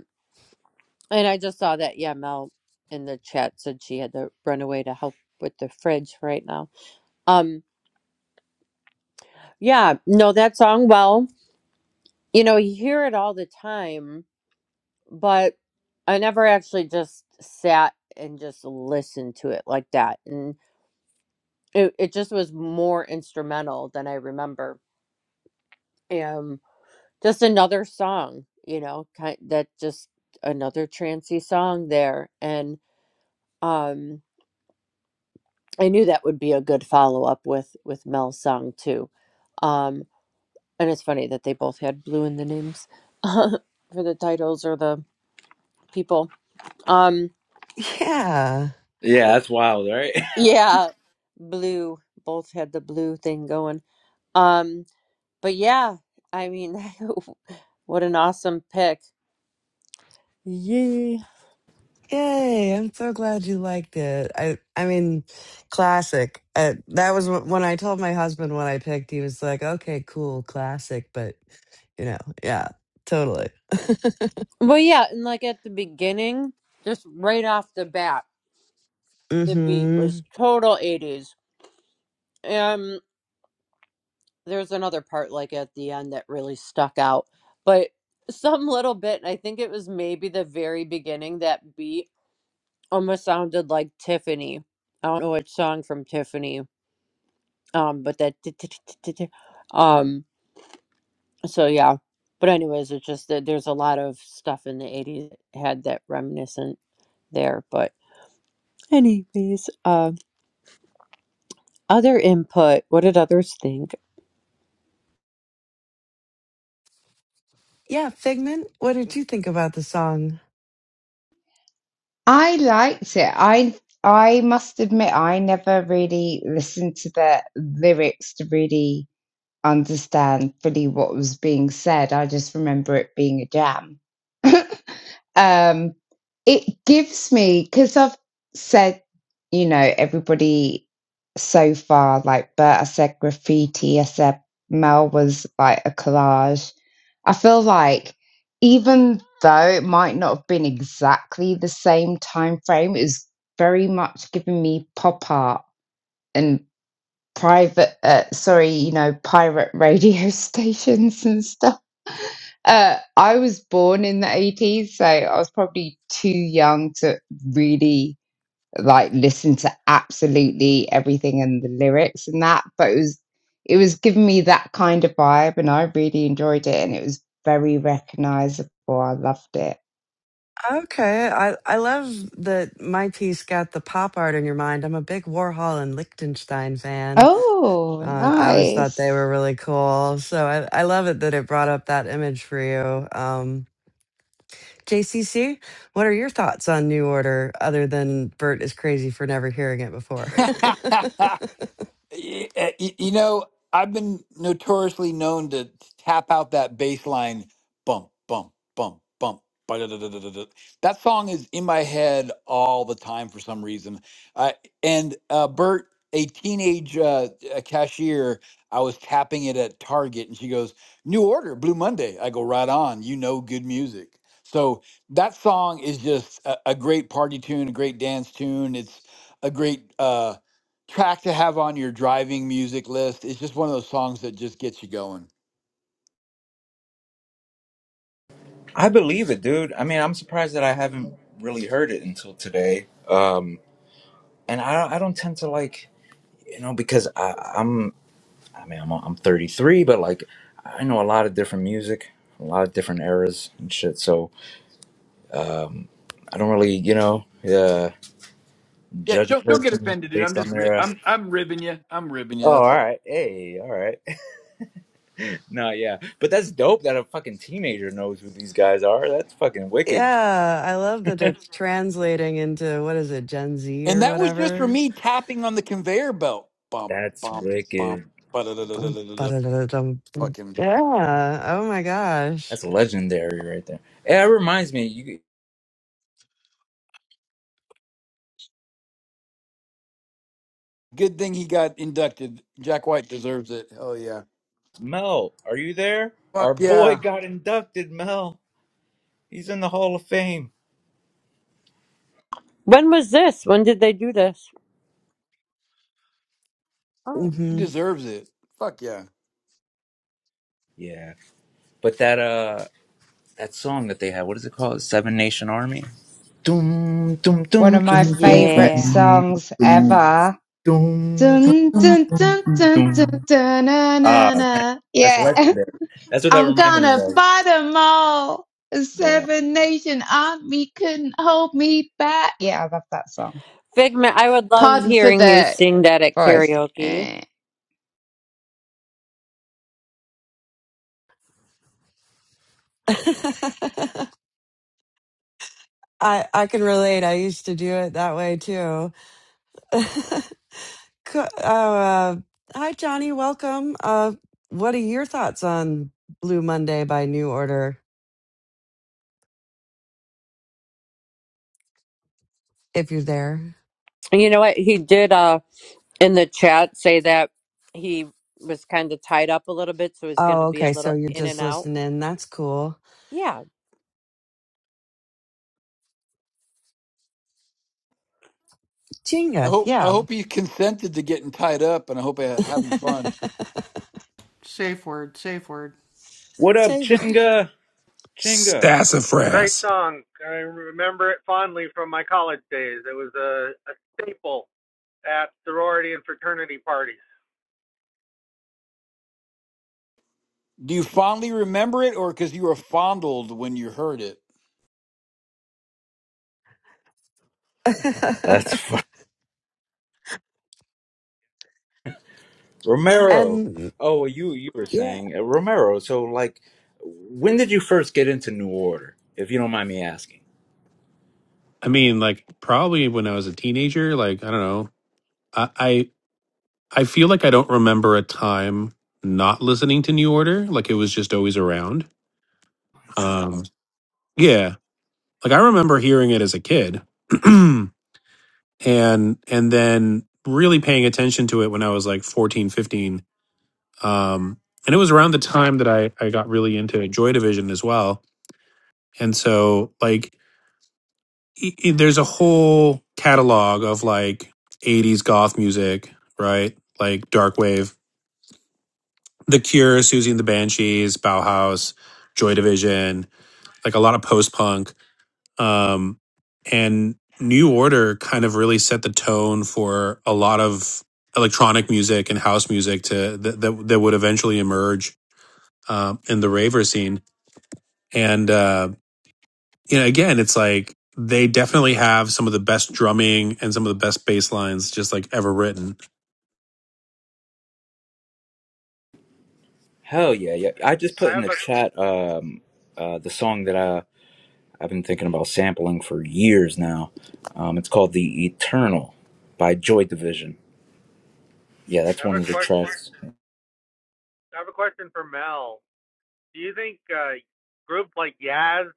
Speaker 2: And I just saw that. Yeah, Mel in the chat said she had to run away to help with the fridge right now. Um, yeah. know that song well. You know, you hear it all the time, but I never actually just sat and just listened to it like that. And it, it just was more instrumental than I remember. Um, just another song, you know, kind that just another trancy song there. And um, I knew that would be a good follow up with with Mel's song too. Um, and it's funny that they both had blue in the names for the titles or the people. Um,
Speaker 3: Yeah.
Speaker 1: Yeah, that's wild, right?
Speaker 2: Yeah, blue. Both had the blue thing going. Um, but yeah, I mean, what an awesome pick. Yay.
Speaker 3: Yay, I'm so glad you liked it. I I mean, classic. Uh, that was wh- when I told my husband what I picked, he was like, "Okay, cool, classic, but you know, yeah, totally."
Speaker 2: Well, yeah, and like at the beginning, just right off the bat, the beat
Speaker 3: Mm-hmm.
Speaker 2: was total 80s. Um, there's another part like at the end that really stuck out, but some little bit, I think it was maybe the very beginning, that beat almost sounded like Tiffany. I don't know which song from Tiffany um but that t- t- t- t- t- um so yeah but anyways it's just that there's a lot of stuff in the 80s that had that reminiscent there but anyways um other input what did others think
Speaker 3: Yeah, Figment, what did you think about the song?
Speaker 4: liked it. I I must admit I never really listened to the lyrics to really understand fully what was being said. I just remember it being a jam. um it gives me because i've said you know everybody so far like bert i said graffiti i said mel was like a collage i feel like even though it might not have been exactly the same time frame it was very much giving me pop art and private uh, sorry you know pirate radio stations and stuff uh i was born in the 80s so i was probably too young to really like listen to absolutely everything and the lyrics and that but it was it was giving me that kind of vibe and i really enjoyed it and it was very recognizable i loved it
Speaker 3: Okay, I, I love that my piece got the pop art in your mind. I'm a big Warhol and Lichtenstein fan.
Speaker 4: oh
Speaker 3: Um, I always thought
Speaker 4: nice
Speaker 3: they were really cool. So I, I love it that it brought up that image for you. Um, JCC, what are your thoughts on New Order other than Bert is crazy for never hearing it before?
Speaker 5: Yep. Y- uh, y- You know, I've been notoriously known to tap out that bass line bump, bump, bump, bump. ba-da-da-da-da-da-da. That song is in my head all the time for some reason. Uh, and uh, Bert, a teenage uh, a cashier, I was tapping it at Target, and she goes, "New order, Blue Monday." I go, "Right on, you know good music." So that song is just a, a great party tune, a great dance tune. It's a great. uh, track to have on your driving music list. It's just one of those songs that just gets you going.
Speaker 1: I believe it, dude. I mean, I'm surprised that I haven't really heard it until today. Um, and I I don't tend to like you know because I, I'm I mean, I'm I'm 33, but like I know a lot of different music, a lot of different eras and shit. So I don't really, you know, uh,
Speaker 5: Yeah,
Speaker 1: judge a
Speaker 5: don't don't get
Speaker 1: person
Speaker 5: offended, dude. I'm
Speaker 1: based on
Speaker 5: just ri-
Speaker 1: their. Uh,
Speaker 5: I'm I'm ribbing you. I'm ribbing you.
Speaker 1: oh, all
Speaker 5: That's all.
Speaker 1: right. Hey, all right. no, yeah, but that's dope that a fucking teenager knows who these guys are. That's fucking wicked.
Speaker 3: yeah, I love that it's translating into what is it, Gen Z
Speaker 5: And
Speaker 3: or
Speaker 5: that was just for
Speaker 3: whatever?
Speaker 5: me tapping on the conveyor belt. Bump
Speaker 1: That's
Speaker 5: bump bump.
Speaker 1: wicked.
Speaker 5: ba da da da da
Speaker 3: Dun,
Speaker 5: da da
Speaker 3: ba-da-da-da-dum.
Speaker 5: Fucking
Speaker 3: Yeah. Oh my gosh.
Speaker 1: That's legendary right there. Hey, that reminds me, you
Speaker 5: good thing he got inducted. Jack White deserves it. Hell yeah.
Speaker 1: Mel, are you there? Our
Speaker 5: Fuck
Speaker 1: boy
Speaker 5: yeah.
Speaker 1: got inducted, Mel. He's in the Hall of Fame.
Speaker 2: when was this when did they do this oh
Speaker 5: He
Speaker 3: hmm
Speaker 5: deserves it. Fuck yeah.
Speaker 1: Yeah. But that uh that song that they had. What is it called? Seven Nation Army. Doom, doom,
Speaker 4: one
Speaker 1: doom,
Speaker 4: of my
Speaker 1: doom, doom, doom,
Speaker 4: favorite
Speaker 2: yeah
Speaker 4: songs
Speaker 1: doom,
Speaker 4: ever
Speaker 1: doom,
Speaker 4: Dun, dun,
Speaker 1: doom,
Speaker 4: dun,
Speaker 1: doom,
Speaker 4: dun, dun,
Speaker 1: doom.
Speaker 4: dun, na,
Speaker 1: Ah,
Speaker 4: na,
Speaker 1: man,
Speaker 4: na.
Speaker 1: that's
Speaker 4: Yeah,
Speaker 1: legendary. That's what that
Speaker 4: I'm
Speaker 1: reminded me
Speaker 4: gonna
Speaker 1: of.
Speaker 4: fight 'em all.
Speaker 1: Yeah.
Speaker 4: Seven Nation Army couldn't hold me back. Yeah, I love that song.
Speaker 2: figment i would love
Speaker 4: Pardon for
Speaker 2: hearing you
Speaker 4: the
Speaker 2: sing that at
Speaker 4: voice.
Speaker 2: karaoke
Speaker 4: Eh.
Speaker 3: I I can relate. I used to do it that way too. Co- Oh, uh, hi Johnny, welcome. Uh, what are your thoughts on Blue Monday by New Order? If you're there.
Speaker 2: you know what he did uh in the chat say that he was kind of tied up a little bit so he's going to
Speaker 3: Oh,
Speaker 2: be a
Speaker 3: okay. So
Speaker 2: little
Speaker 3: you're
Speaker 2: in
Speaker 3: just
Speaker 2: and out
Speaker 3: listening. That's cool.
Speaker 2: yeah
Speaker 5: I
Speaker 3: Chinga.
Speaker 5: hope I
Speaker 3: Yeah.
Speaker 5: hope he consented to getting tied up, and I hope I having fun.
Speaker 1: What up,
Speaker 3: Savor.
Speaker 1: Chinga? Chinga.
Speaker 9: It's a great
Speaker 8: sassafras
Speaker 9: song. I remember it fondly from my college days. It was a, a staple at sorority and fraternity parties.
Speaker 5: Do you fondly remember it, or because you were fondled when you heard it?
Speaker 1: That's fu- Romero.
Speaker 3: and
Speaker 1: Oh, you you were
Speaker 3: yeah.
Speaker 1: saying uh, Romero. So, like, when did you first get into New Order? If you don't mind me asking.
Speaker 8: i mean like probably when i was a teenager like i don't know i i, I feel like i don't remember a time not listening to new order like it was just always around um yeah like i remember hearing it as a kid and and then really paying attention to it when I was like 14, 15, Um, and it was around the time that I, I got really into Joy Division as well. And so, like, i i- there's a whole catalog of like 80s goth music, right? Like Darkwave, The Cure, Susie and the Banshees, Bauhaus, Joy Division, like a lot of post punk Um, and New Order kind of really set the tone for a lot of electronic music and house music to that that, that would eventually emerge um, in the raver scene. And uh, you know, again, it's like they definitely have some of the best drumming and some of the best bass lines just like ever written
Speaker 1: Hell yeah, yeah. I just put
Speaker 9: I
Speaker 1: in
Speaker 9: have
Speaker 1: the
Speaker 9: a
Speaker 1: chat um uh the song that I've been thinking about sampling for years now. Um, it's called The Eternal by Joy Division. Yeah,
Speaker 9: I
Speaker 1: that's
Speaker 9: have
Speaker 1: one
Speaker 9: a
Speaker 1: of the
Speaker 9: question.
Speaker 1: tracks.
Speaker 9: I have a question for Mel. Do you think uh, groups like Yaz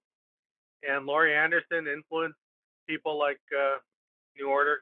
Speaker 9: and Laurie Anderson influenced people like uh, New Order?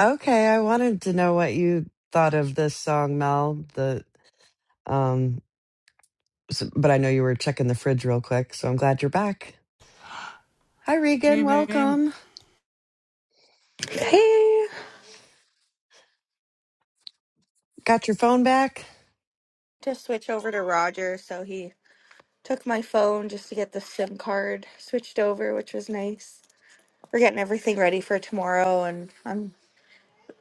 Speaker 3: Okay. I wanted to know what you thought of this song, Mel. The Um, so, but I know you were checking the fridge real quick, so I'm glad you're back. Hi, Regan. Welcome.
Speaker 10: Hey,
Speaker 3: Got your phone back?
Speaker 10: just switch over to Roger. So he took my phone just to get the SIM card switched over, which was nice. We're getting everything ready for tomorrow, and I'm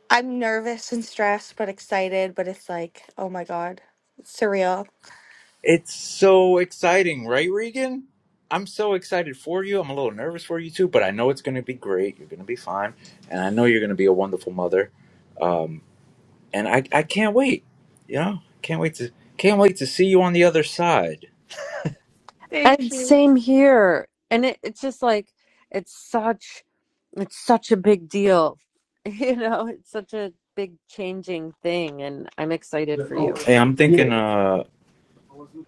Speaker 10: I'm nervous and stressed, but excited. But it's like, oh my god, it's surreal.
Speaker 1: It's so exciting, right, Regan? I'm so excited for you. I'm a little nervous for you too, but I know it's going to be great. You're going to be fine, and I know you're going to be a wonderful mother. Um, and I, I can't wait. You know, can't wait to can't wait to see you on the other side.
Speaker 10: Thank
Speaker 2: And
Speaker 10: you.
Speaker 2: same here. And it, it's just like it's such it's such a big deal. You know, it's such a big changing thing and I'm excited for you.
Speaker 1: Hey, I'm Yeah. thinking Yeah. uh,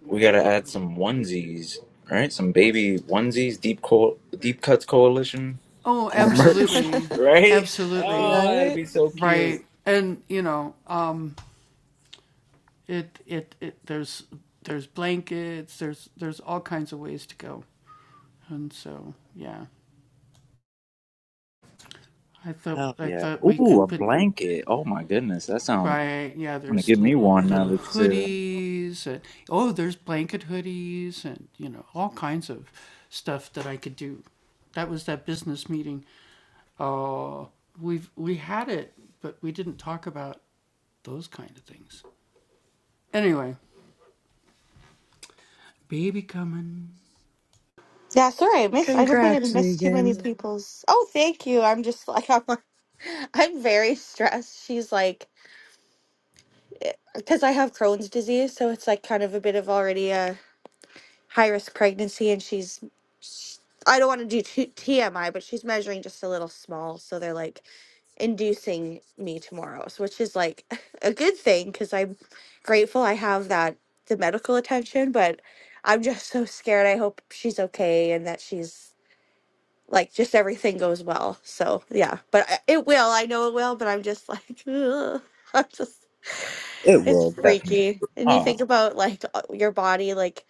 Speaker 1: we got to add some onesies, all right? Some baby onesies, deep co- deep cuts coalition and the merch, right? Oh, that'd
Speaker 3: right?
Speaker 1: be so cute. Hell yeah. Ooh, a blanket. Oh my goodness. That sounds wanna give me one now that you say that.
Speaker 10: Yeah, sorry, I missed. I hope I didn't
Speaker 3: Congrats,
Speaker 10: miss too many
Speaker 3: Regan.
Speaker 10: people's. Oh, thank you. I'm just like I'm. like- I'm very stressed. She's like, because I have Crohn's disease, so it's like kind of a bit of already high risk pregnancy, and she's. sh I don't want to do t- TMI, but she's measuring just a little small, so they're like inducing me tomorrow, so which is like a good thing because I'm grateful I have that the medical attention, but I'm just so scared. I hope she's okay and that she's like just everything goes well. So yeah, but I- it will. I know it will, but I'm just like, ugh. I'm just
Speaker 1: It
Speaker 10: it's
Speaker 1: will, definitely.
Speaker 10: freaky. And you think
Speaker 1: Oh,
Speaker 10: about like uh, your body, like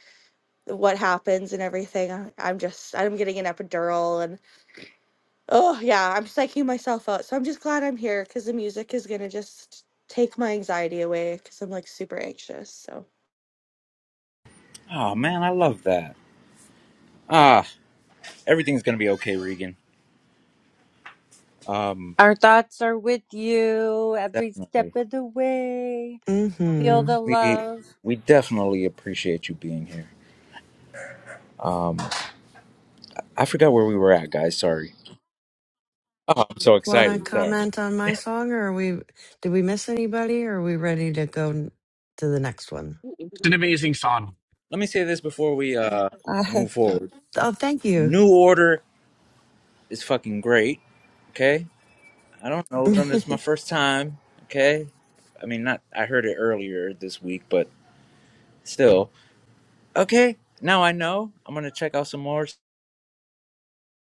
Speaker 10: what happens and everything. I- I'm just I'm getting an epidural and oh yeah, I'm psyching myself out. So I'm just glad I'm here because the music is gonna just take my anxiety away because I'm like super anxious. So.
Speaker 1: oh man, I love that. Ah, everything's gonna be okay, Regan. Um,
Speaker 2: Our thoughts are with you every step
Speaker 1: definitely.
Speaker 2: of the way. Feel
Speaker 3: Mm-hmm.
Speaker 2: the
Speaker 1: We
Speaker 2: love.
Speaker 1: we definitely appreciate you being here. Um I forgot where we were at, guys, sorry. Oh, I'm so
Speaker 3: Want to
Speaker 1: excited, sorry.
Speaker 3: comment on my song, or are we? Did we miss anybody? Or are we ready to go n- to the next one?
Speaker 11: It's an amazing song.
Speaker 1: Let me say this before we uh
Speaker 3: Uh,
Speaker 1: move forward.
Speaker 3: oh, thank you.
Speaker 1: New order is fucking great, okay? I don't know them. It's my first time. Okay. I mean, not, I heard it earlier this week, but still. Okay. Now I know. I'm going to check out some more.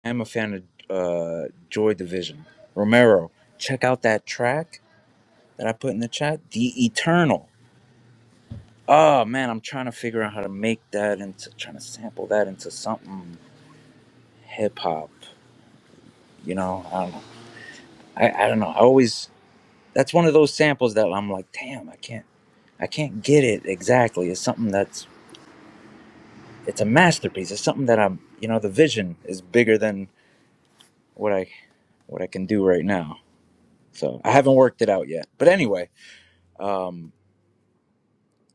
Speaker 1: I'm a fan of uh, Joy Division. Romero, check out that track that I put in the chat The Eternal. Oh, man. I'm trying to figure out how to make that into, trying to sample that into something hip hop. You know, I don't know. I, I don't know. I always, that's one of those samples that I'm like, damn, I can't. I can't get it exactly. It's something that's it's a masterpiece. It's something that I'm, you know, the vision is bigger than what I what I can do right now. So I haven't worked it out yet. But anyway, um,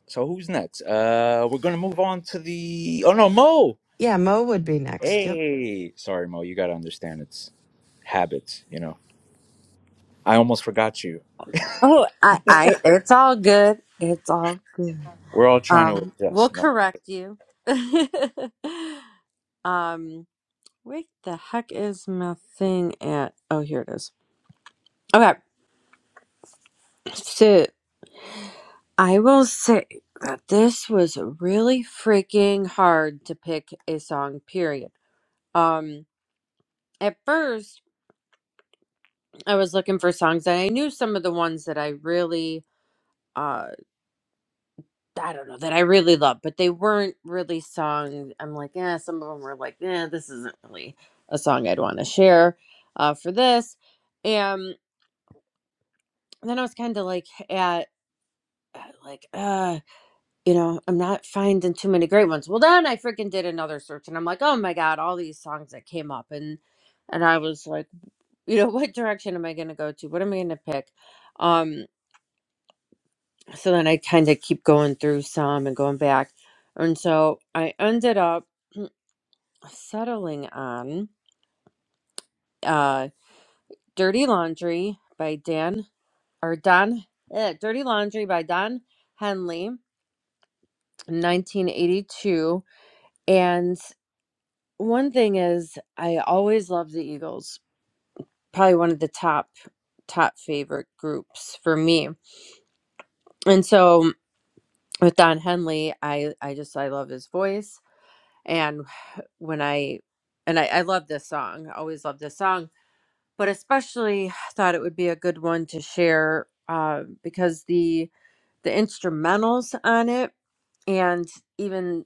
Speaker 1: so who's next? Uh, we're gonna move on to the. Oh no, Mo.
Speaker 3: Yeah, Mo would be next. Yep.
Speaker 1: Hey, sorry, Mo. You gotta understand it's habits. You know, I almost forgot you.
Speaker 2: Oh, I I it's all good. It's all good.
Speaker 1: We're all trying to
Speaker 2: Um we'll
Speaker 1: adjust. No,
Speaker 2: correct you. um where the heck is my thing at? Oh, here it is. Okay. so. I will say that this was really freaking hard to pick a song, period. Um, at first, I was looking for songs and I knew some of the ones that I really, uh, I don't know, that I really love, but they weren't really song. I'm like, yeah, some of them were like, yeah, this isn't really a song I'd want to share, uh, for this. And then I was kind of like at, like, uh, you know, I'm not finding too many great ones. Well, then I freaking did another search and I'm like, oh my God, all these songs that came up. And, and I was like, you know, what direction am I going to go to? What am I going to pick? Um, so then I kind of keep going through some and going back. And so I ended up settling on, uh, Dirty Laundry by Dan or Don, eh, Dirty Laundry by Don Henley, 1982. and. One thing is, I always loved the Eagles. Probably one of the top top favorite groups for me. And so with Don Henley, I I just I love his voice. And when I and I, I love this song. I always love this song, but especially thought it would be a good one to share uh, because the the instrumentals on it and even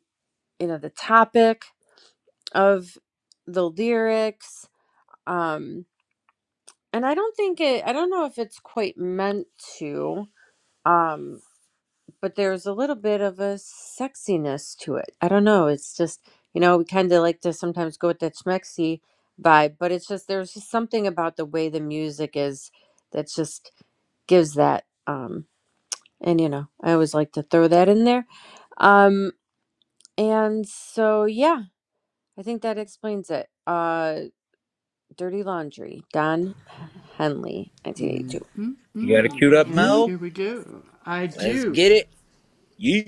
Speaker 2: you know the topic of the lyrics. Um, and I don't think it I don't know if it's quite meant to um but there's a little bit of a sexiness to it. I don't know, it's just you know, we kind of like to sometimes go with that schmexy vibe, but it's just there's just something about the way the music is that just gives that um and you know, I always like to throw that in there. Um and so yeah, I think that explains it. Uh Dirty Laundry, Don Henley, 1982.
Speaker 1: you got it queued up,
Speaker 3: Yeet.
Speaker 1: Mo. Let's get it. You.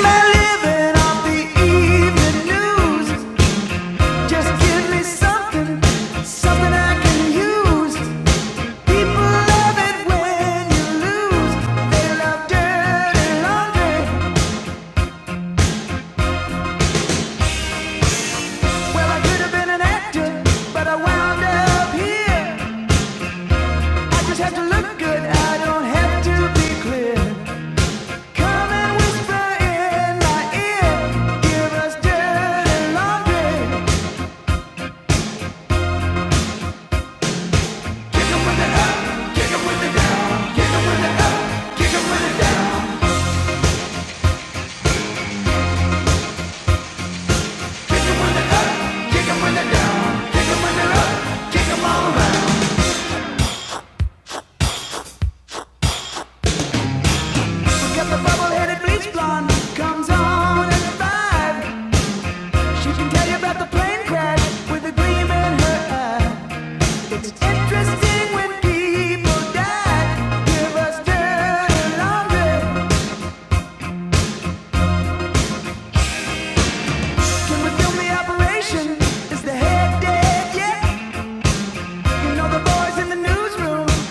Speaker 6: my living off the evening news. Just give me something, something I can use. People love it when you lose. They love dirty laundry. Well, I could have been an actor, but I wound up here. I just have to look good. I don't have to be clear. Come and whisper in my ear. Give us dirty laundry. Kick 'em with it up, with it up. Kick 'em with it down.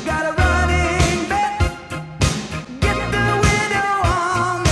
Speaker 6: Got a running bet. Kick 'em when they're down,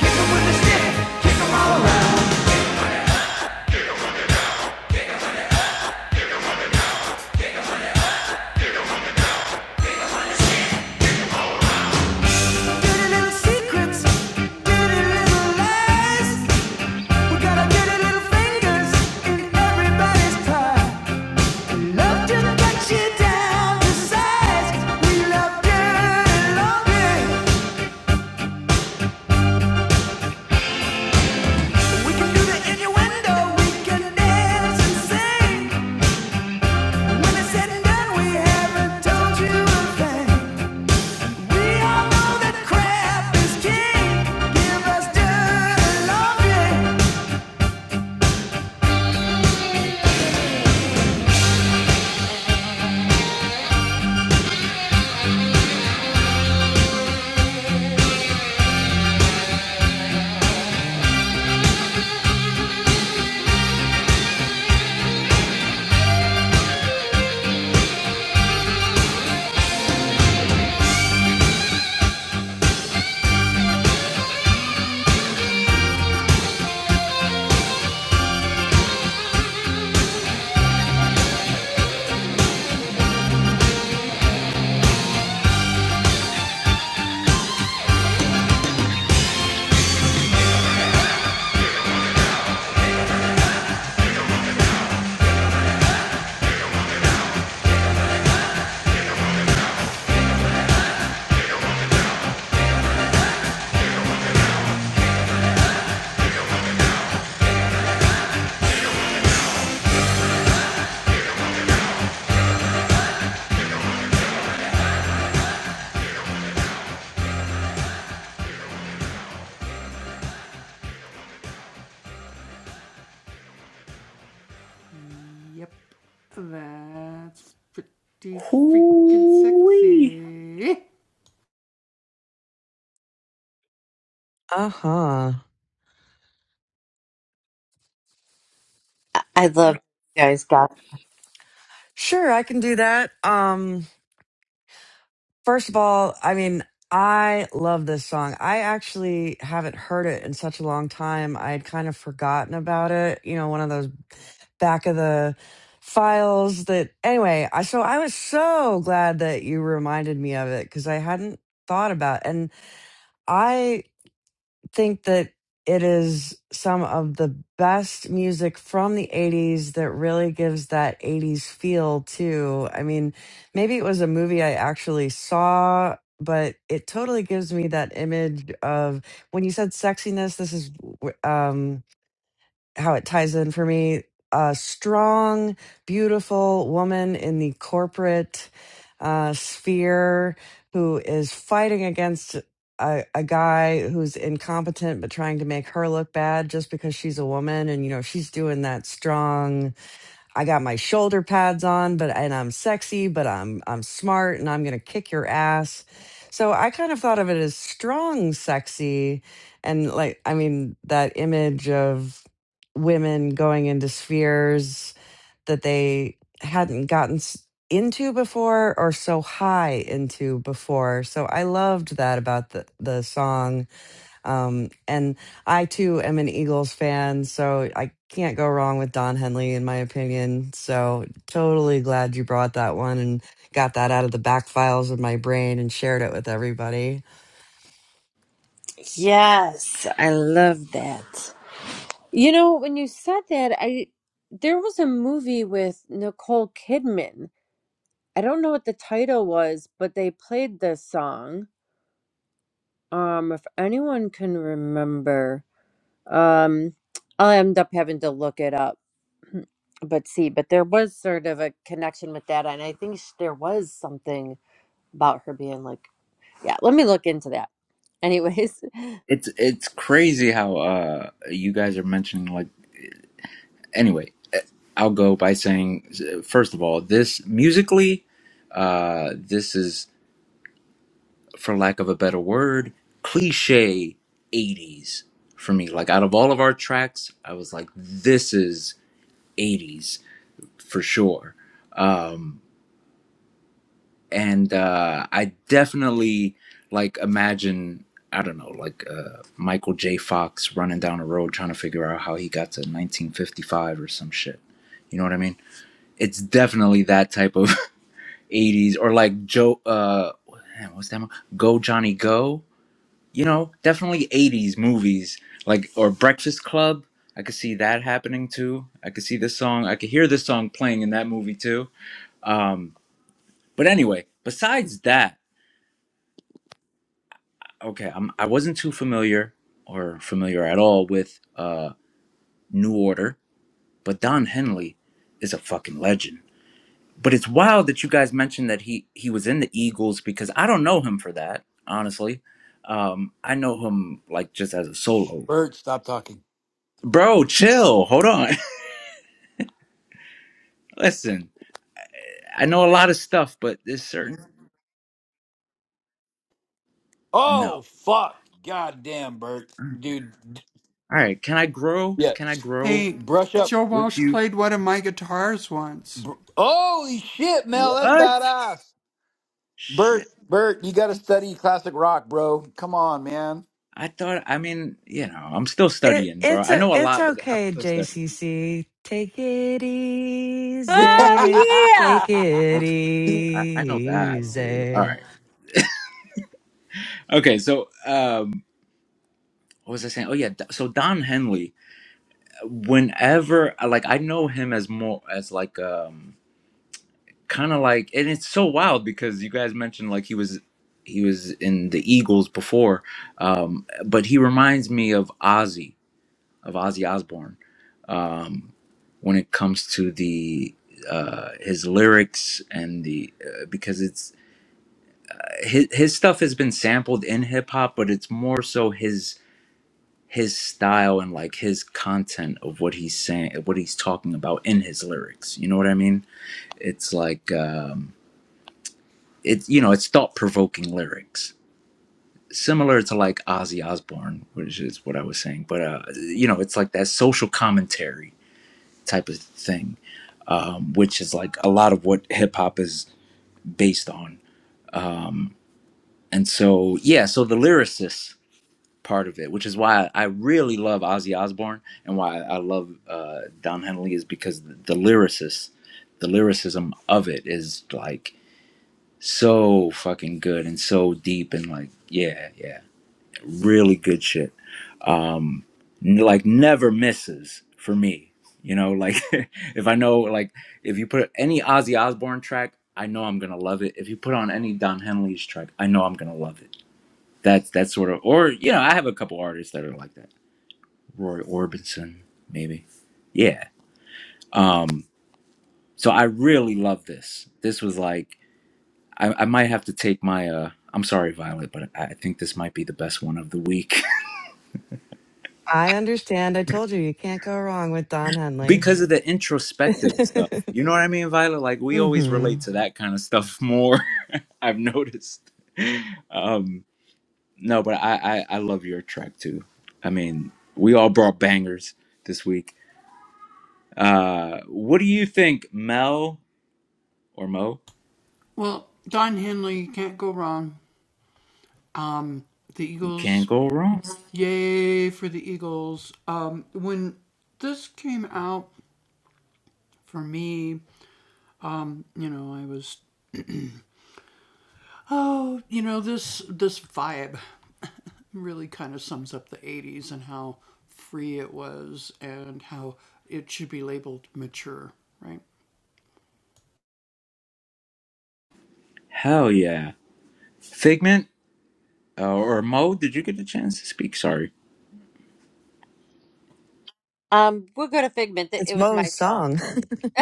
Speaker 6: kick 'em when they're stiff, kick 'em all around. Give us the love, yeah.
Speaker 3: Uh huh.
Speaker 2: I love you guys got
Speaker 3: Sure, I can do that. Um. First of all, I mean, I love this song. I actually haven't heard it in such a long time. I had kind of forgotten about it. You know, one of those back of the files that anyway, I so I was so glad that you reminded me of it cuz I hadn't thought about and I think that it is some of the best music from the 80s that really gives that 80s feel too. I mean, maybe it was a movie I actually saw, but it totally gives me that image of when you said sexiness, this is w- um how it ties in for me. A strong, beautiful woman in the corporate uh, sphere who is fighting against a, a guy who's incompetent but trying to make her look bad just because she's a woman. And, you know, she's doing that strong I got my shoulder pads on, but and I'm sexy, but I'm I'm smart and I'm gonna kick your ass. So I kind of thought of it as strong sexy and like I mean that image of women going into spheres that they hadn't gotten s- into before or so high into before. So I loved that about the the song um, and I too am an Eagles fan, so I can't go wrong with Don Henley, in my opinion. So totally glad you brought that one and got that out of the back files of my brain and shared it with everybody.
Speaker 2: yes, I love that. You know, when you said that, I there was a movie with Nicole Kidman. I don't know what the title was, but they played this song. Um, if anyone can remember, um, I'll end up having to look it up. But see, but there was sort of a connection with that, and I think sh- there was something about her being like. Yeah, let me look into that. Anyways,
Speaker 1: It's it's crazy how uh you guys are mentioning like anyway, eh, I'll go by saying eh, first of all, this musically, uh, this is for lack of a better word, cliche '80s for me. Like out of all of our tracks, I was like, this is '80s for sure. Um, and uh, I definitely like imagine. I don't know, like uh, Michael J. Fox running down a road trying to figure out how he got to 1955 or some shit. You know what I mean? it's definitely that type of 80s or like joe uh man, what's that go johnny go you know definitely 80s movies like or breakfast club i could see that happening too i could see this song i could hear this song playing in that movie too um but anyway besides that okay I'm, i wasn't too familiar or familiar at all with uh new order but don henley is a fucking legend But it's wild that you guys mentioned that he he was in the Eagles because I don't know him for that, honestly. Um, I know him like just as a solo.
Speaker 5: Bert, stop talking.
Speaker 1: Bro, chill. Hold on. Listen, I know a lot of stuff, but this certain no.
Speaker 5: Oh fuck! God damn, Bert, dude. d-
Speaker 1: All right, can I grow?
Speaker 5: Yeah,
Speaker 1: Can I grow
Speaker 5: brush up.
Speaker 1: with you?
Speaker 5: Br- Holy shit, Mel, that's
Speaker 1: What?
Speaker 5: badass. Bert,
Speaker 1: Shit.
Speaker 5: Bert, you got to study classic rock, bro. Come on, man.
Speaker 1: I thought. I mean, you know, I'm still
Speaker 3: It,
Speaker 1: studying, bro.
Speaker 3: it's
Speaker 1: I
Speaker 3: a,
Speaker 1: know a
Speaker 3: it's
Speaker 1: lot, but I'm
Speaker 3: okay,
Speaker 1: still studying.
Speaker 3: JCC. Take it
Speaker 2: oh
Speaker 3: easy.
Speaker 2: yeah.
Speaker 3: Take it
Speaker 1: Okay. yeah, I, I know that. See. All
Speaker 3: easy.
Speaker 1: right. Okay. So, um, what was I saying? Oh yeah. So Don Henley. whenever uh, like I know him as more as like um kind of like and it's so wild because you guys mentioned like he was he was in the Eagles before um but he reminds me of Ozzy of Ozzy Osbourne um when it comes to the uh his lyrics and the uh, because it's his, his stuff has been sampled in hip hop but it's more so his. his style and like his content of what he's saying what he's talking about in his lyrics you know what i mean it's like um it's you know it's thought-provoking lyrics similar to like ozzy osbourne which is what i was saying but uh you know it's like that social commentary type of thing um which is like a lot of what hip-hop is based on um and so yeah so the lyricist part of it, which is why I really love Ozzy Osbourne and why I love uh, Don Henley is because the lyricist, the lyricism of it is like so fucking good and so deep and like yeah, yeah, really good shit. Um, n- like never misses for me. You know, like if I know, like if you put any Ozzy Osbourne track, I know I'm gonna love it. If you put on any Don Henley's track, I know I'm gonna love it. That's that's sort of, or you know, I have a couple artists that are like that Roy Orbison, maybe. Yeah. Um, so I really love this. This was like I, I might have to take my uh I'm sorry, Violet, but I I think this might be the best one of the week
Speaker 3: I understand. I told you you can't go wrong with Don Henley.
Speaker 1: because of the introspective stuff. You
Speaker 3: mm-hmm.
Speaker 1: know what I mean, Violet? Like we always relate to that kind of stuff more. I've noticed. Um, no, but I, I I love your track too. I mean, we all brought bangers this week. Uh, what do you think, Mel or Mo? You can't go wrong. Hell yeah. Figment uh, or Mo, did you get a chance to speak? Sorry.
Speaker 2: Um, we'll go to Figment. It
Speaker 3: It's
Speaker 2: it was my
Speaker 3: Moe's
Speaker 2: song.
Speaker 3: song.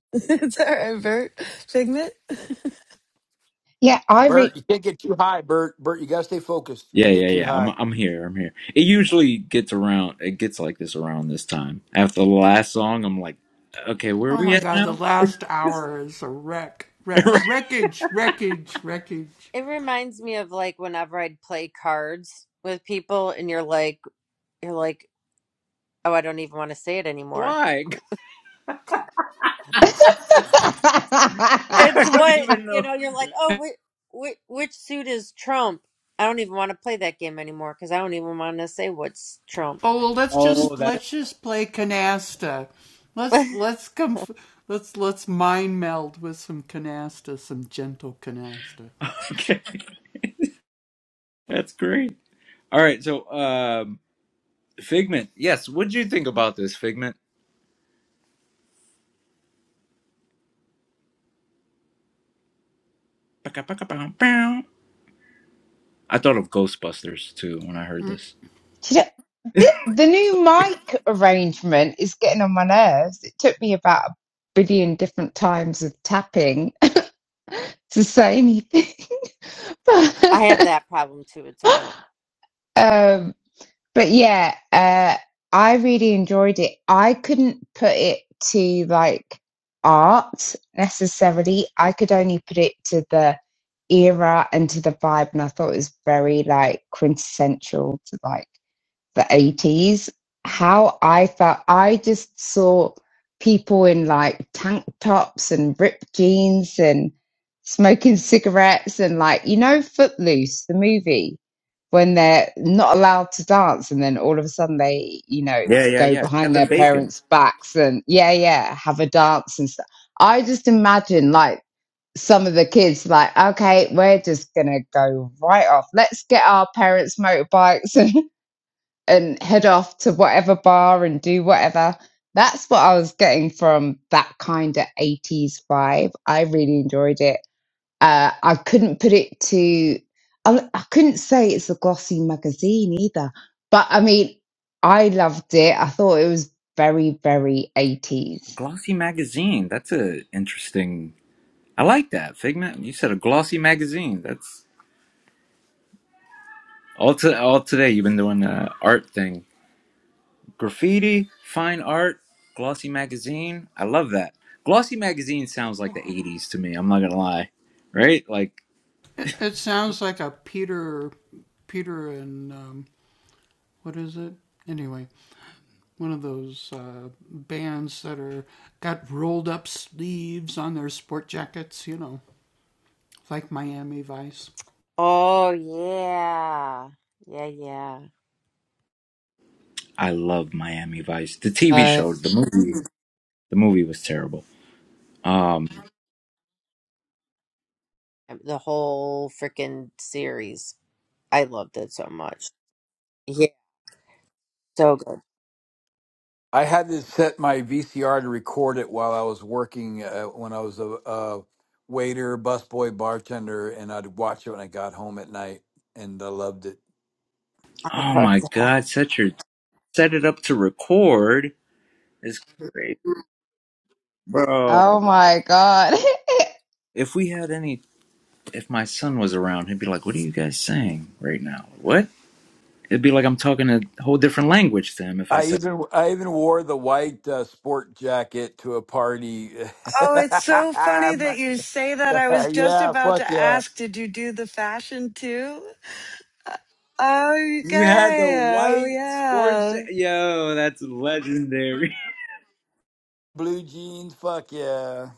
Speaker 3: it's all right, Bert. Figment.
Speaker 4: Yeah, I read.
Speaker 5: Bert, you can't get too high, Bert. Bert, you got to stay focused.
Speaker 1: Yeah,
Speaker 5: Can't
Speaker 1: yeah,
Speaker 5: get too
Speaker 1: yeah. I'm
Speaker 5: high.
Speaker 1: I'm here. I'm here. It usually gets around it gets like this around this time. After the last song, I'm like, okay, where are we at now?
Speaker 2: it reminds me of like whenever I'd play cards with people, and you're like, you're like, oh, I don't even want to say it anymore.
Speaker 1: Why?
Speaker 2: it's
Speaker 1: I don't
Speaker 2: what
Speaker 1: even
Speaker 2: you
Speaker 1: know.
Speaker 2: know. You're like, oh, which which, which suit is Trump? I don't even want to play that game anymore because I don't even want to say what's Trump.
Speaker 1: Oh, that
Speaker 2: I
Speaker 1: Okay. That's great. All right, so um Figment. Yes, what did you think about this Figment? I thought of Ghostbusters too when I heard this.
Speaker 4: You know, the, the new mic arrangement is getting on my nerves. It took me about a billion different times of tapping to say anything.
Speaker 2: have that problem too. It's annoying.
Speaker 4: Um, but yeah, uh, I really enjoyed it. I couldn't put it to like art necessarily. I could only put it to the era and to the vibe, and I thought it was very like quintessential to like the 80s, how I felt. I just saw people in like tank tops and ripped jeans and smoking cigarettes and like, you know, Footloose, the movie, when they're not allowed to dance and then all of a sudden they, you know,
Speaker 1: Yeah, yeah,
Speaker 4: go
Speaker 1: yeah.
Speaker 4: behind
Speaker 1: Kevin
Speaker 4: their
Speaker 1: Bacon.
Speaker 4: parents' backs and yeah, yeah, have a dance and stuff. I just imagine like, some of the kids like okay we're just gonna go right off let's get our parents motorbikes and head off to whatever bar and do whatever. That's what I was getting from that kind of 80s vibe. I really enjoyed it. Uh, I couldn't put it to, I, I couldn't say it's a glossy magazine either, but I mean, I loved it. I thought it was very, very 80s.
Speaker 1: Glossy magazine. That's a interesting. I like that Figment. You said a glossy magazine. That's all. To, all today you've been doing the art thing. Graffiti, fine art, glossy magazine. I love that. Glossy magazine sounds like the
Speaker 2: Yeah.
Speaker 1: '80s to me. I'm not gonna lie, right? Like
Speaker 2: Oh yeah, yeah, yeah.
Speaker 1: I love Miami Vice. The TV
Speaker 4: Uh,
Speaker 1: show, the movie, the movie was terrible. Um.
Speaker 2: The whole freaking series. I loved it so much. Yeah, so good.
Speaker 5: I had to set my VCR to record it while I was working uh, when I was a, a waiter, busboy, bartender, and I'd watch it when I got home at night, and I loved it.
Speaker 2: I
Speaker 1: Oh
Speaker 2: love
Speaker 1: my
Speaker 2: that.
Speaker 1: God, set your set it up to record is great, bro.
Speaker 4: oh my God.
Speaker 1: If we had any if my son was around, he'd be like, "What are you guys saying right now? What?" It'd be like I'm talking a whole different language to him if I
Speaker 5: I
Speaker 1: said,
Speaker 5: even I even wore the white uh, sport jacket to a party.
Speaker 3: Oh, it's so funny that you say that. I was just
Speaker 5: yeah,
Speaker 3: about
Speaker 5: fuck
Speaker 3: to
Speaker 5: yeah.
Speaker 3: ask, did you do the fashion too? Uh, Oh,
Speaker 1: "You had the
Speaker 3: okay. Oh,
Speaker 1: white sports."
Speaker 3: yeah.
Speaker 1: cha-" Yo, that's legendary.
Speaker 5: Blue jeans, fuck yeah.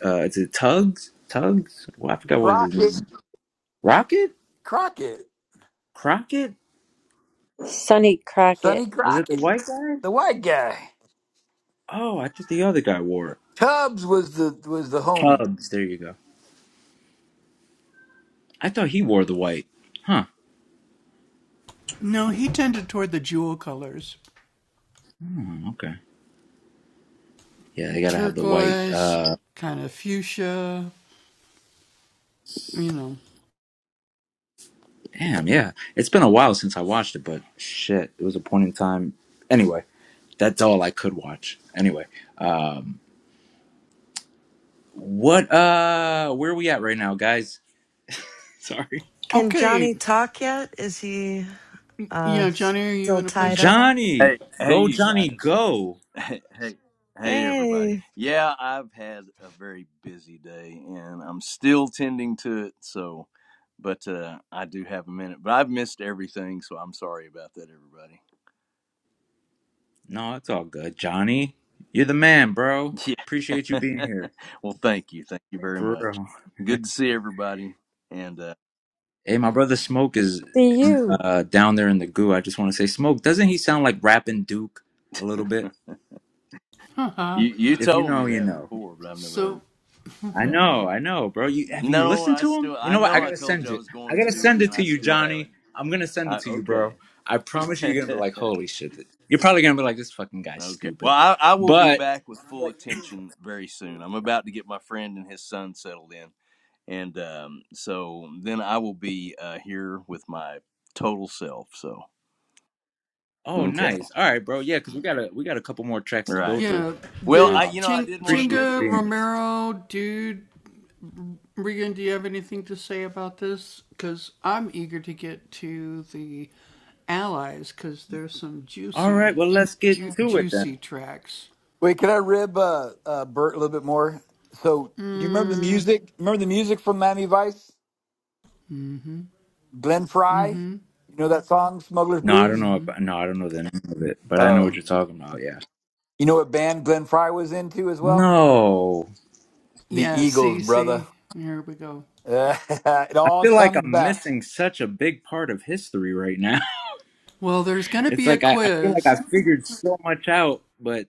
Speaker 1: Uh, is it Tugs? Tugs? Well, I forgot what his name.
Speaker 5: Crockett,
Speaker 1: was. Rocket?
Speaker 5: Crockett,
Speaker 1: Crockett?
Speaker 2: Sonny Crockett.
Speaker 5: Sonny
Speaker 1: Was it the
Speaker 5: Crockett,
Speaker 1: white guy?
Speaker 5: the white guy.
Speaker 1: Oh, I thought the other guy wore it.
Speaker 5: Tubbs was the was the homie.
Speaker 1: Tubbs. There you go. I thought he wore the white. Huh. Hmm, okay. Yeah, they gotta have the white. Uh, Damn, yeah. It's been a while since I watched it, but shit, it was a point in time. Anyway, that's all I could watch. Anyway, um, what, uh, where are we at right now, guys? Sorry.
Speaker 3: Can Johnny talk yet? Is he uh still tied up?
Speaker 1: Johnny!
Speaker 12: Hey, hey,
Speaker 1: Go,
Speaker 12: you
Speaker 1: Johnny,
Speaker 12: guys.
Speaker 1: go!
Speaker 12: Hey, hey, hey, everybody.
Speaker 3: Hey,
Speaker 12: Yeah, I've had a very busy day, and I'm still tending to it. So, but uh, I do have a minute. But I've missed everything, so I'm sorry about that,
Speaker 1: No, it's all good. Johnny, you're the man, bro.
Speaker 12: everybody.
Speaker 1: Appreciate you being
Speaker 12: Yeah.
Speaker 1: here.
Speaker 12: well, thank you, thank you very
Speaker 1: For
Speaker 12: much.
Speaker 1: real.
Speaker 12: Good to see everybody. And uh,
Speaker 1: Hey, my brother Smoke is
Speaker 2: See you.
Speaker 1: uh, down there in the goo. I just want to say, Smoke, doesn't he sound like rapping Duke a little bit?
Speaker 12: you you
Speaker 1: If you
Speaker 12: told
Speaker 1: know,
Speaker 12: me
Speaker 1: you
Speaker 12: that
Speaker 1: know.
Speaker 12: before, but I've never heard.
Speaker 1: I
Speaker 12: Yeah.
Speaker 1: know, I know, bro. You have you
Speaker 12: No,
Speaker 1: listened
Speaker 12: I
Speaker 1: to him?
Speaker 12: still
Speaker 1: You
Speaker 12: I
Speaker 1: know what? I
Speaker 12: know I
Speaker 1: gotta
Speaker 12: told
Speaker 1: send
Speaker 12: you I
Speaker 1: it.
Speaker 12: was
Speaker 1: I
Speaker 12: going
Speaker 1: gotta
Speaker 12: to,
Speaker 1: send it
Speaker 12: and
Speaker 1: to
Speaker 12: I
Speaker 1: you,
Speaker 12: still haven't.
Speaker 1: Johnny. I'm gonna send it
Speaker 12: I,
Speaker 1: to you, bro.
Speaker 12: okay.
Speaker 1: I promise you, you're gonna be like, holy shit. You're probably gonna be like, this fucking guy's
Speaker 12: Okay. Well,
Speaker 1: stupid.
Speaker 12: I, I will be
Speaker 1: But
Speaker 12: back with full
Speaker 1: like,
Speaker 12: attention very soon. I'm about to get my friend and his son settled in. And um, so then I will be uh, here with my total self. So,
Speaker 1: oh,
Speaker 12: okay.
Speaker 1: nice. All right, bro. Yeah, because we got a we got a couple more tracks to go
Speaker 12: Right. right.
Speaker 1: through.
Speaker 12: Well, I, you
Speaker 1: Um,
Speaker 12: know, I didn't want to
Speaker 1: appreciate you
Speaker 12: miss
Speaker 1: being
Speaker 12: this
Speaker 1: here.
Speaker 12: one.
Speaker 1: All right, well, let's get to it then.
Speaker 5: Wait, can I rib uh, uh, Bert a little bit more? So, do you remember the music? Remember the music from Miami Vice? Glenn Fry. You know that song, Smuggler's
Speaker 1: No, I don't
Speaker 5: Blues.
Speaker 1: know. About, no, I don't know the name of it, but I know what
Speaker 5: Oh,
Speaker 1: you're talking about. Yeah.
Speaker 5: you know what band Glenn Fry was into as well?
Speaker 1: No,
Speaker 5: The Eagles, brother. it
Speaker 1: I
Speaker 5: all
Speaker 1: feel like
Speaker 5: comes
Speaker 1: I'm
Speaker 5: back.
Speaker 1: missing such a big part of history right now. It's like I, I feel like I figured so much out, but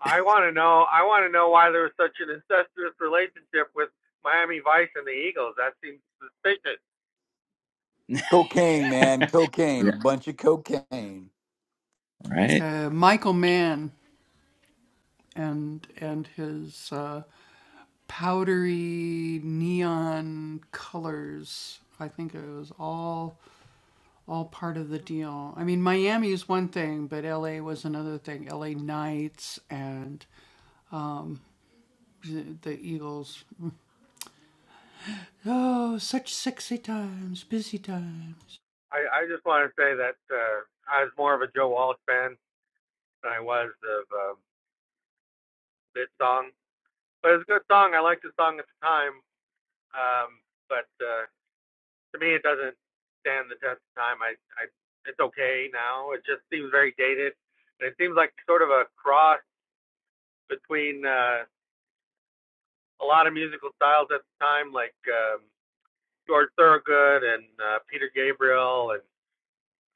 Speaker 9: I want to know. I want to know why there was such an incestuous relationship with Miami Vice and the Eagles. That seems suspicious.
Speaker 5: Cocaine, man. Cocaine. A
Speaker 1: yeah,
Speaker 5: bunch of cocaine.
Speaker 1: right?
Speaker 9: I, I just want to say that uh, I was more of a Joe Walsh fan than I was of um, this song. But it's a good song. I liked the song at the time. Um, but uh, to me, it doesn't stand the test of time. I, I, it's okay now. It just seems very dated, and it seems like sort of a cross between uh, a lot of musical styles at the time, like um, George Thorogood and uh, Peter Gabriel and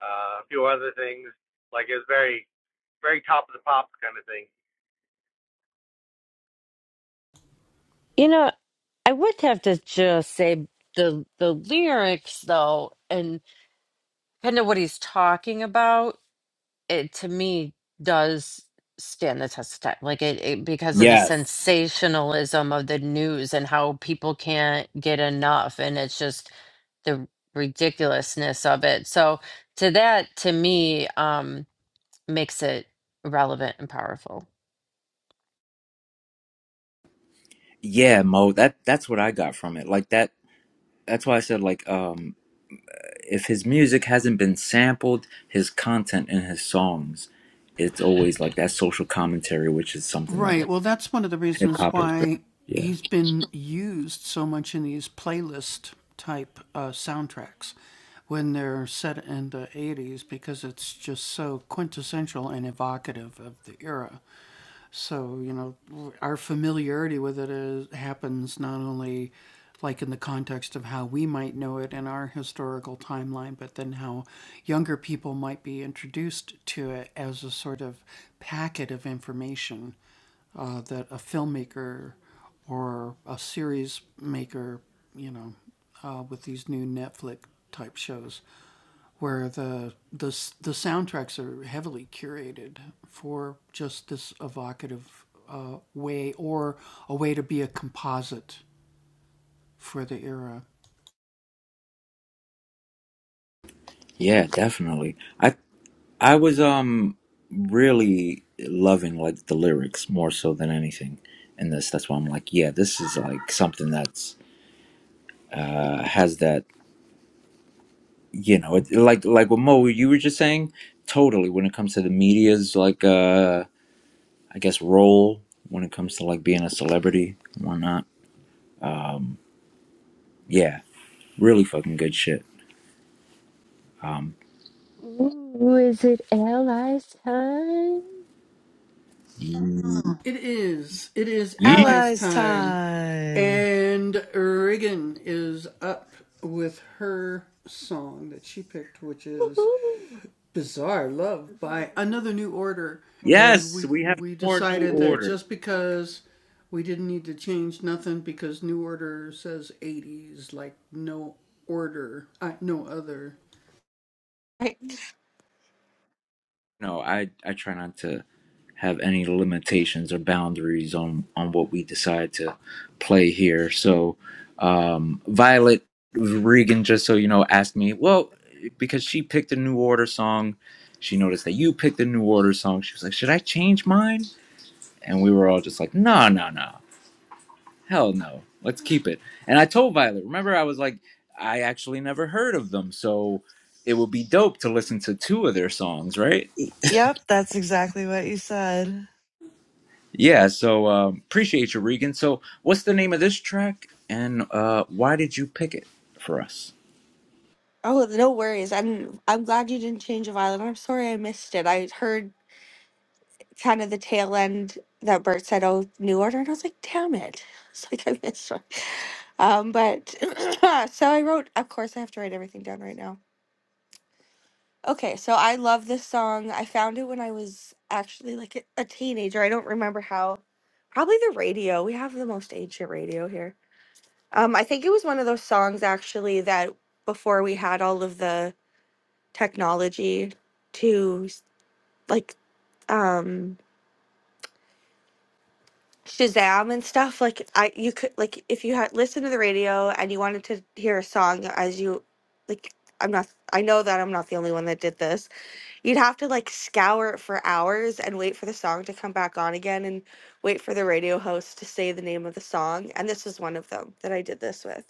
Speaker 9: uh, a few other things. Like it was very, very top of the pops kind of thing.
Speaker 2: You know, I would have to just say the the lyrics though, and. kind of what he's talking about, it to me does stand the test of time. Like it, it because of the
Speaker 1: Yes,
Speaker 2: sensationalism of the news and how people can't get enough, and it's just the ridiculousness of it. So to that, to me, um, makes it relevant and powerful.
Speaker 1: yeah, Mo. That that's what I got from it. Like that. That's why I said like, um, if his music hasn't been sampled, his content in his songs, it's always like that social commentary, which is something that like, hip hop has been. Yeah, yeah, definitely. I I was um really loving like the lyrics more so than anything in this. That's why I'm like, yeah, this is like something that's uh has that you know it, like like what mo you were just saying totally when it comes to the media's like uh i guess role when it comes to like being a celebrity and whatnot um yeah really fucking good shit um
Speaker 2: Ooh, is it allies time?
Speaker 1: ye-
Speaker 3: allies time.
Speaker 10: Woohoo.
Speaker 1: yes we have more new order
Speaker 10: I,
Speaker 1: No, I I try not to have any limitations or boundaries on on what we decide to play here. So, um, Violet Regan, just so you know, asked me, well, because she picked a New Order song, she noticed that you picked a New Order song. She was like, should I change mine? And we were all just like, no, no, no, hell no, let's keep it. And I told Violet, remember, I was like, I actually never heard of them, so it would be dope to listen to two of their songs, right?
Speaker 3: Y- yep, that's exactly what you said.
Speaker 1: Yeah, so um, appreciate you, Regan. So, what's the name of this track, and uh, why did you pick it for us?
Speaker 10: oh no worries. I'm I'm glad you didn't change a violin. I'm sorry I missed it. I heard kind of the tail end that Bert said, "Oh, new order," and I was like, "Damn it!" It's like I missed one. Um, but so I wrote. Of course, I have to write everything down right now. Okay, so I love this song. I found it when I was actually like a a teenager. I don't remember how. Probably the radio. We have the most ancient radio here. Um, I think it was one of those songs actually that before we had all of the technology to s- like um Shazam and stuff like I you could like if you had listened to the radio and you wanted to hear a song as you like I'm not I know that I'm not the only one that did this You'd have to like scour it for hours and wait for the song to come back on again and wait for the radio host to say the name of the song. And this was one of them that I did this with.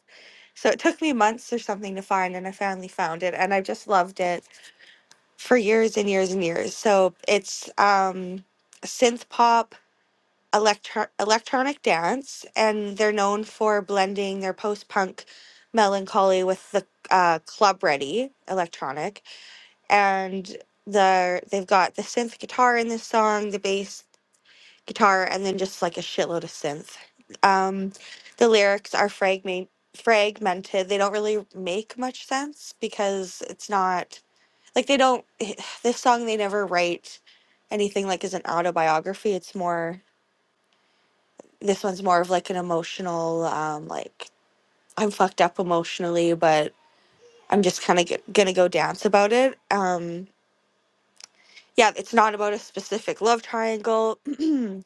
Speaker 10: So it took me months or something to find, and I finally found it. And I just loved it for years and years and years. So it's um, synth pop, electro- electronic dance, and they're known for blending their post punk melancholy with the uh, club ready electronic and the they've got the synth guitar in this song, the bass guitar, and then just like a shitload of synth. Um, the lyrics are fragment fragmented. They don't really make much sense because it's not like they don't. This song they never write anything like as an autobiography. It's more this one's more of like an emotional um, like I'm fucked up emotionally, but I'm just kind of g- gonna go dance about it. Um, yeah, it's not about a specific love triangle,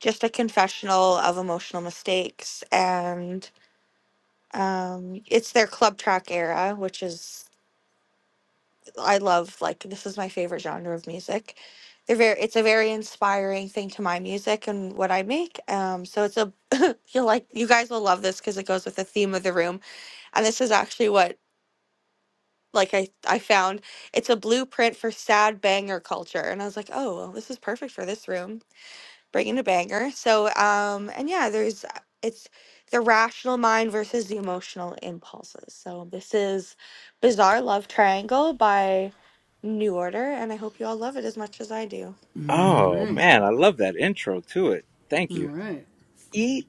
Speaker 10: just a confessional of emotional mistakes. And um, it's their club track era, which is, I love, like, this is my favorite genre of music. They're very, it's a very inspiring thing to my music and what I make. Um, so it's a, you'll like, you guys will love this because it goes with the theme of the room. And this is actually what, like, I, I found it's a blueprint for sad banger culture. And I was like, oh, well, this is perfect for this room bringing a banger. So, um, and yeah, there's uh, it's the rational mind versus the emotional impulses. So this is Bizarre Love Triangle by New Order, and I hope you all love it as much as I do.
Speaker 1: Oh man, I love that intro to it. Thank you.
Speaker 3: Yeet.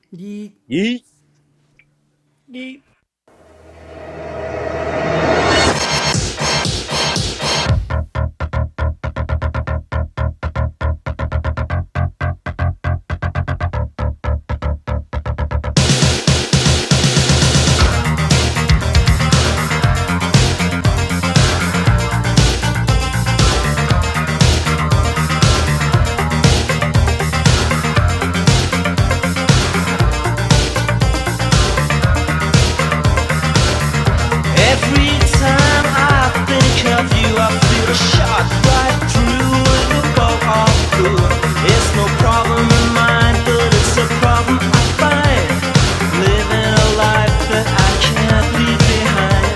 Speaker 1: Yeet.
Speaker 6: Every time I think of you, I feel a shot right through the bow of blue. It's no problem in mine, but it's a problem I find. Living a life that I can't leave behind.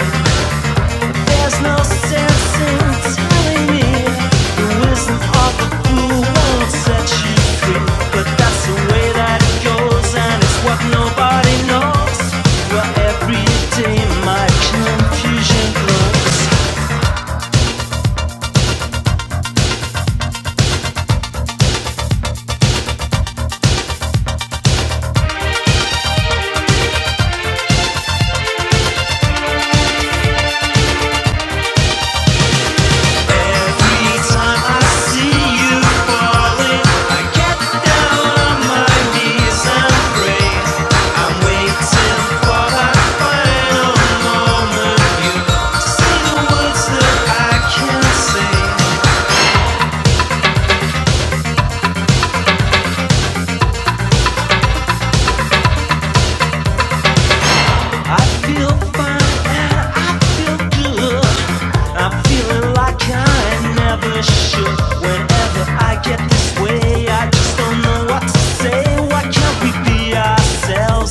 Speaker 6: There's no sense in telling me the wisdom of a fool won't set you free. But that's the way that it goes, and it's what nobody knows. Where every day my confusion grows. Every time I see you falling, I get down on my knees and pray. I'm waiting for that final moment.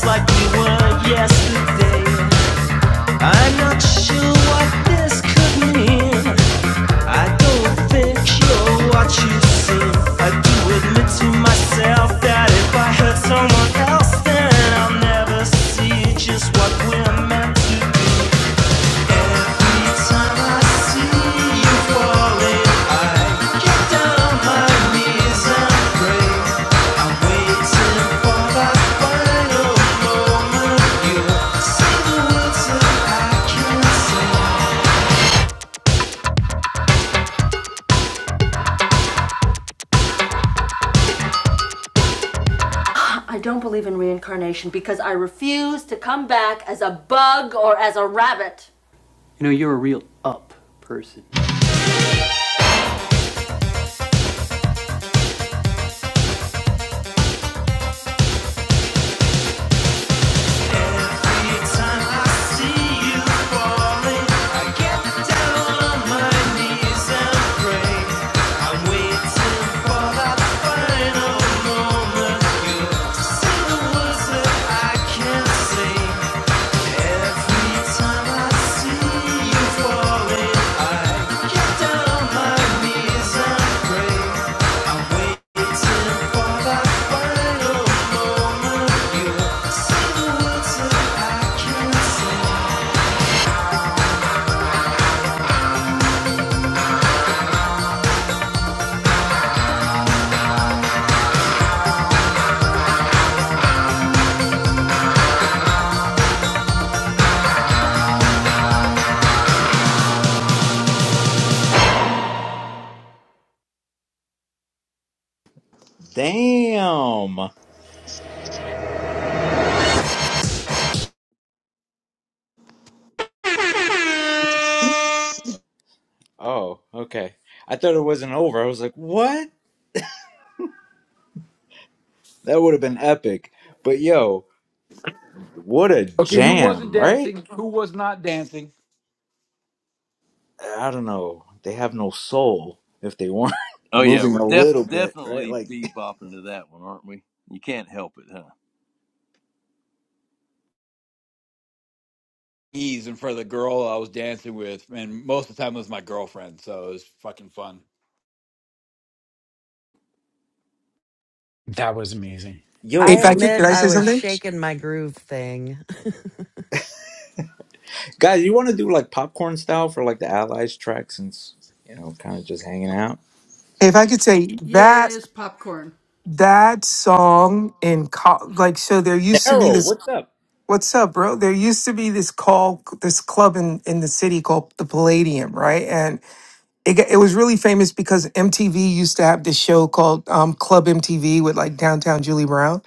Speaker 6: Like we were yesterday. I'm not sure what this could mean. I don't think you're what you seem. I do admit to myself that if I hurt someone else, then I'll never see just what we're meant to be. Every time I see you falling, I get down on my knees and pray. I'm waiting for that final moment. You say the words that I can't say. I don't believe it should be used to come back as a bug or as a rabbit
Speaker 1: Damn. Oh, okay. I thought it wasn't over. I was like, what? That would have been epic. But yo, what a
Speaker 5: Okay, who wasn't
Speaker 1: jam, right?
Speaker 5: dancing? Who was not dancing?
Speaker 1: I don't know. They have no soul if they weren't
Speaker 12: Oh, yeah.
Speaker 1: moving
Speaker 12: We're
Speaker 1: a
Speaker 12: def-
Speaker 1: little bit, right?
Speaker 12: definitely
Speaker 1: Like,
Speaker 12: bebopping to that one, aren't we? You can't help it, huh?
Speaker 5: Ease in front of the girl I was dancing with, and most of the time it was my girlfriend, so it was fucking fun.
Speaker 11: That was amazing.
Speaker 1: yo,
Speaker 3: I
Speaker 13: If I
Speaker 1: for
Speaker 13: could, could
Speaker 3: admit
Speaker 13: I
Speaker 3: I
Speaker 13: say
Speaker 3: was
Speaker 13: something?
Speaker 3: shaking my groove thing.
Speaker 1: Guys, you want to do like popcorn style for like the Allies track since, you know, kind of just hanging out?
Speaker 13: If I could say that that song in co- like so, there used to be
Speaker 1: Daryl,
Speaker 13: this.
Speaker 1: what's up?
Speaker 13: What's up, bro? There used to be this call, this club in in the city called the Palladium, right? And it got- it was really famous because MTV used to have this show called um, Club MTV with like downtown Julie Brown,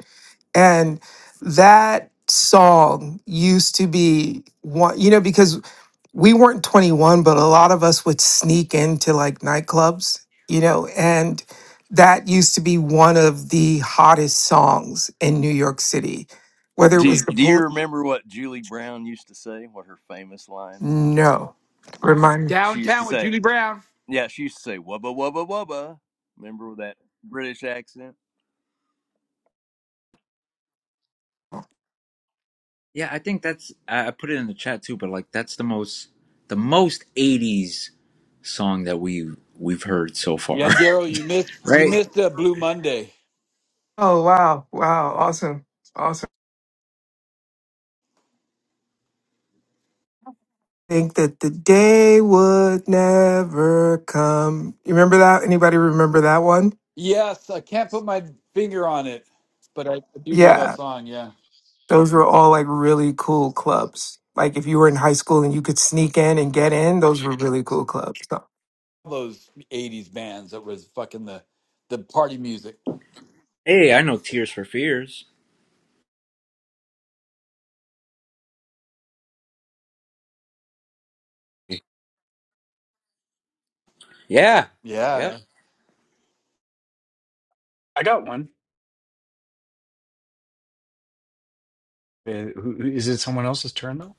Speaker 13: and that song used to be one. You know, because we weren't 21, but a lot of us would sneak into like nightclubs, you know, and that used to be one of the hottest songs in New York City. Whether it
Speaker 12: Do,
Speaker 13: was the
Speaker 12: do you
Speaker 13: police,
Speaker 12: remember what Julie Brown used to say? What her famous line was?
Speaker 13: no, remind me.
Speaker 12: She used to
Speaker 5: Downtown with
Speaker 12: say,
Speaker 5: Julie Brown.
Speaker 12: Yeah, she used to say wubba wubba wubba. Remember with that British accent?
Speaker 1: Yeah, I think that's, I I put it in the chat too, but like that's the most, the most 80s song that we we've heard so far.
Speaker 5: Yeah, Daryl, you missed you
Speaker 1: right?
Speaker 5: missed uh, Blue Monday.
Speaker 13: Oh, wow. Wow. Awesome. Awesome. Think that the day would never come. You remember that? Anybody remember that one?
Speaker 5: Yes, I can't put my finger on it, but I do know
Speaker 13: Yeah.
Speaker 5: that song. Yeah,
Speaker 13: Those were all like really cool clubs. Like if you were in high school and you could sneak in and get in, those were really cool clubs. So,
Speaker 5: those '80s bands that was fucking the the party music.
Speaker 1: Hey, I know Tears for Fears. Yeah. Yep.
Speaker 5: Yeah.
Speaker 11: I got one. Uh, who, who- is it someone else's turn though?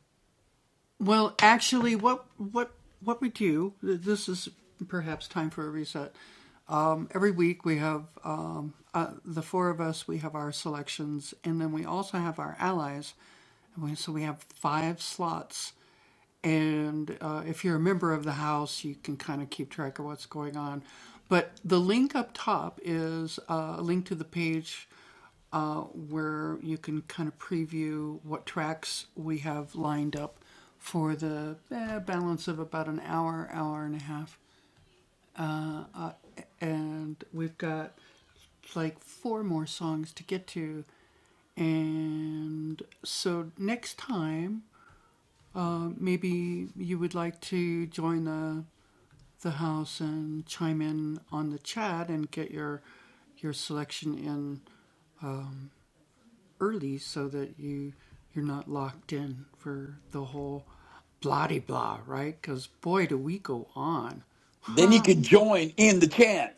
Speaker 5: Then you can join in the chant.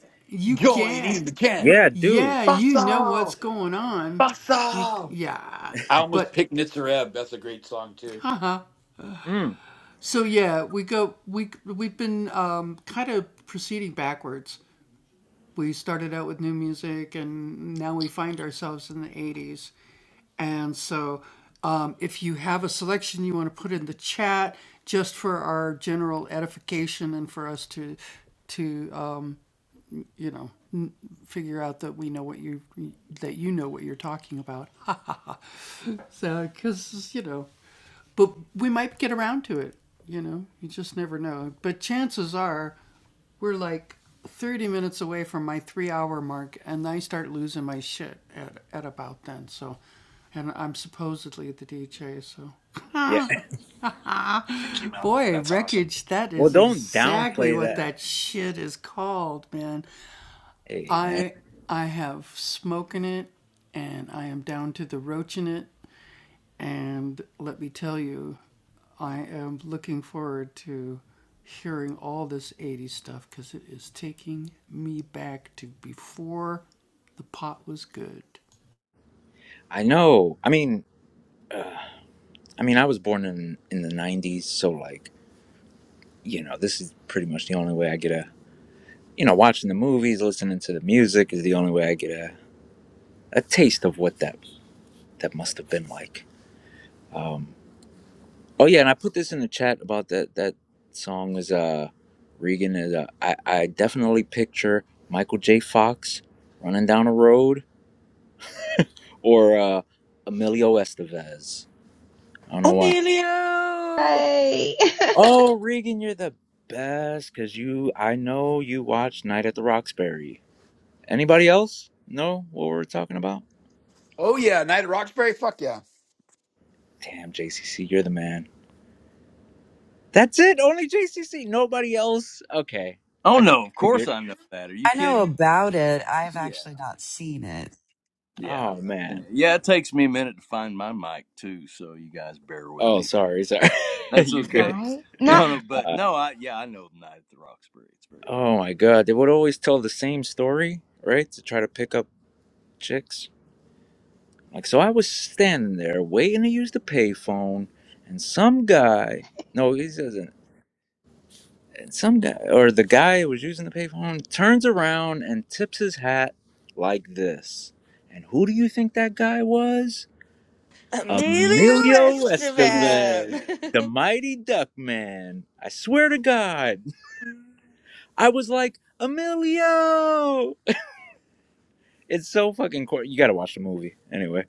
Speaker 5: Join in the chant.
Speaker 1: Yeah, dude.
Speaker 5: Basso! Basso! I almost picked Nitzareb. That's a great song, too.
Speaker 1: Mm. Yeah.
Speaker 11: Thank you, Mel. That's awesome.
Speaker 1: Well, don't downplay that. Hey, man. I know. I mean, I mean, I was born in in the '90s, so like, you know, this is pretty much the only way I get a, you know, watching the movies, listening to the music is the only way I get a, a taste of what that that must have been like. Um, oh yeah, and I put this in the chat about that that song is uh Regan is uh, I I definitely picture Michael J. Fox running down a road or uh, Emilio Estevez. I don't know why.
Speaker 10: Emilio!
Speaker 4: Hey.
Speaker 1: Oh Regan, you're the best because you I know you watched Night at the Roxbury. Anybody else know what we're talking about?
Speaker 5: Oh, yeah. Night at Roxbury? Fuck yeah.
Speaker 1: Damn, JCC, you're the man. That's it. Only JCC. Nobody else. Okay,
Speaker 12: Oh
Speaker 1: I kind
Speaker 12: no, of
Speaker 1: of
Speaker 12: course
Speaker 1: figured.
Speaker 12: I know that. Are you
Speaker 3: I know
Speaker 12: kidding?
Speaker 3: about it. I've
Speaker 12: Yeah,
Speaker 3: actually not seen it.
Speaker 12: yeah,
Speaker 1: Oh
Speaker 12: I've, I've seen
Speaker 1: man.
Speaker 12: it. Yeah, it takes me a minute to find my mic too, so you guys bear with
Speaker 1: Oh,
Speaker 12: me.
Speaker 1: sorry, sorry.
Speaker 12: That's
Speaker 1: you good?
Speaker 12: okay.
Speaker 4: Right? No,
Speaker 12: No, no, but
Speaker 1: Uh,
Speaker 12: no, I yeah, I know Night at the Roxbury.
Speaker 1: oh
Speaker 12: It's
Speaker 1: my god, they would always tell the same story, right? To try to pick up chicks. Like, so I was standing there waiting to use the payphone, and some guy. No, he doesn't. and Some guy, or the guy who was using the payphone, turns around and tips his hat like this. And who do you think that guy was?
Speaker 10: Emilio
Speaker 1: Emilio Estevez,
Speaker 10: Esteban.
Speaker 1: the mighty duck man. I swear to God. I was like, Emilio! It's so fucking cool. You gotta watch the movie. Anyway,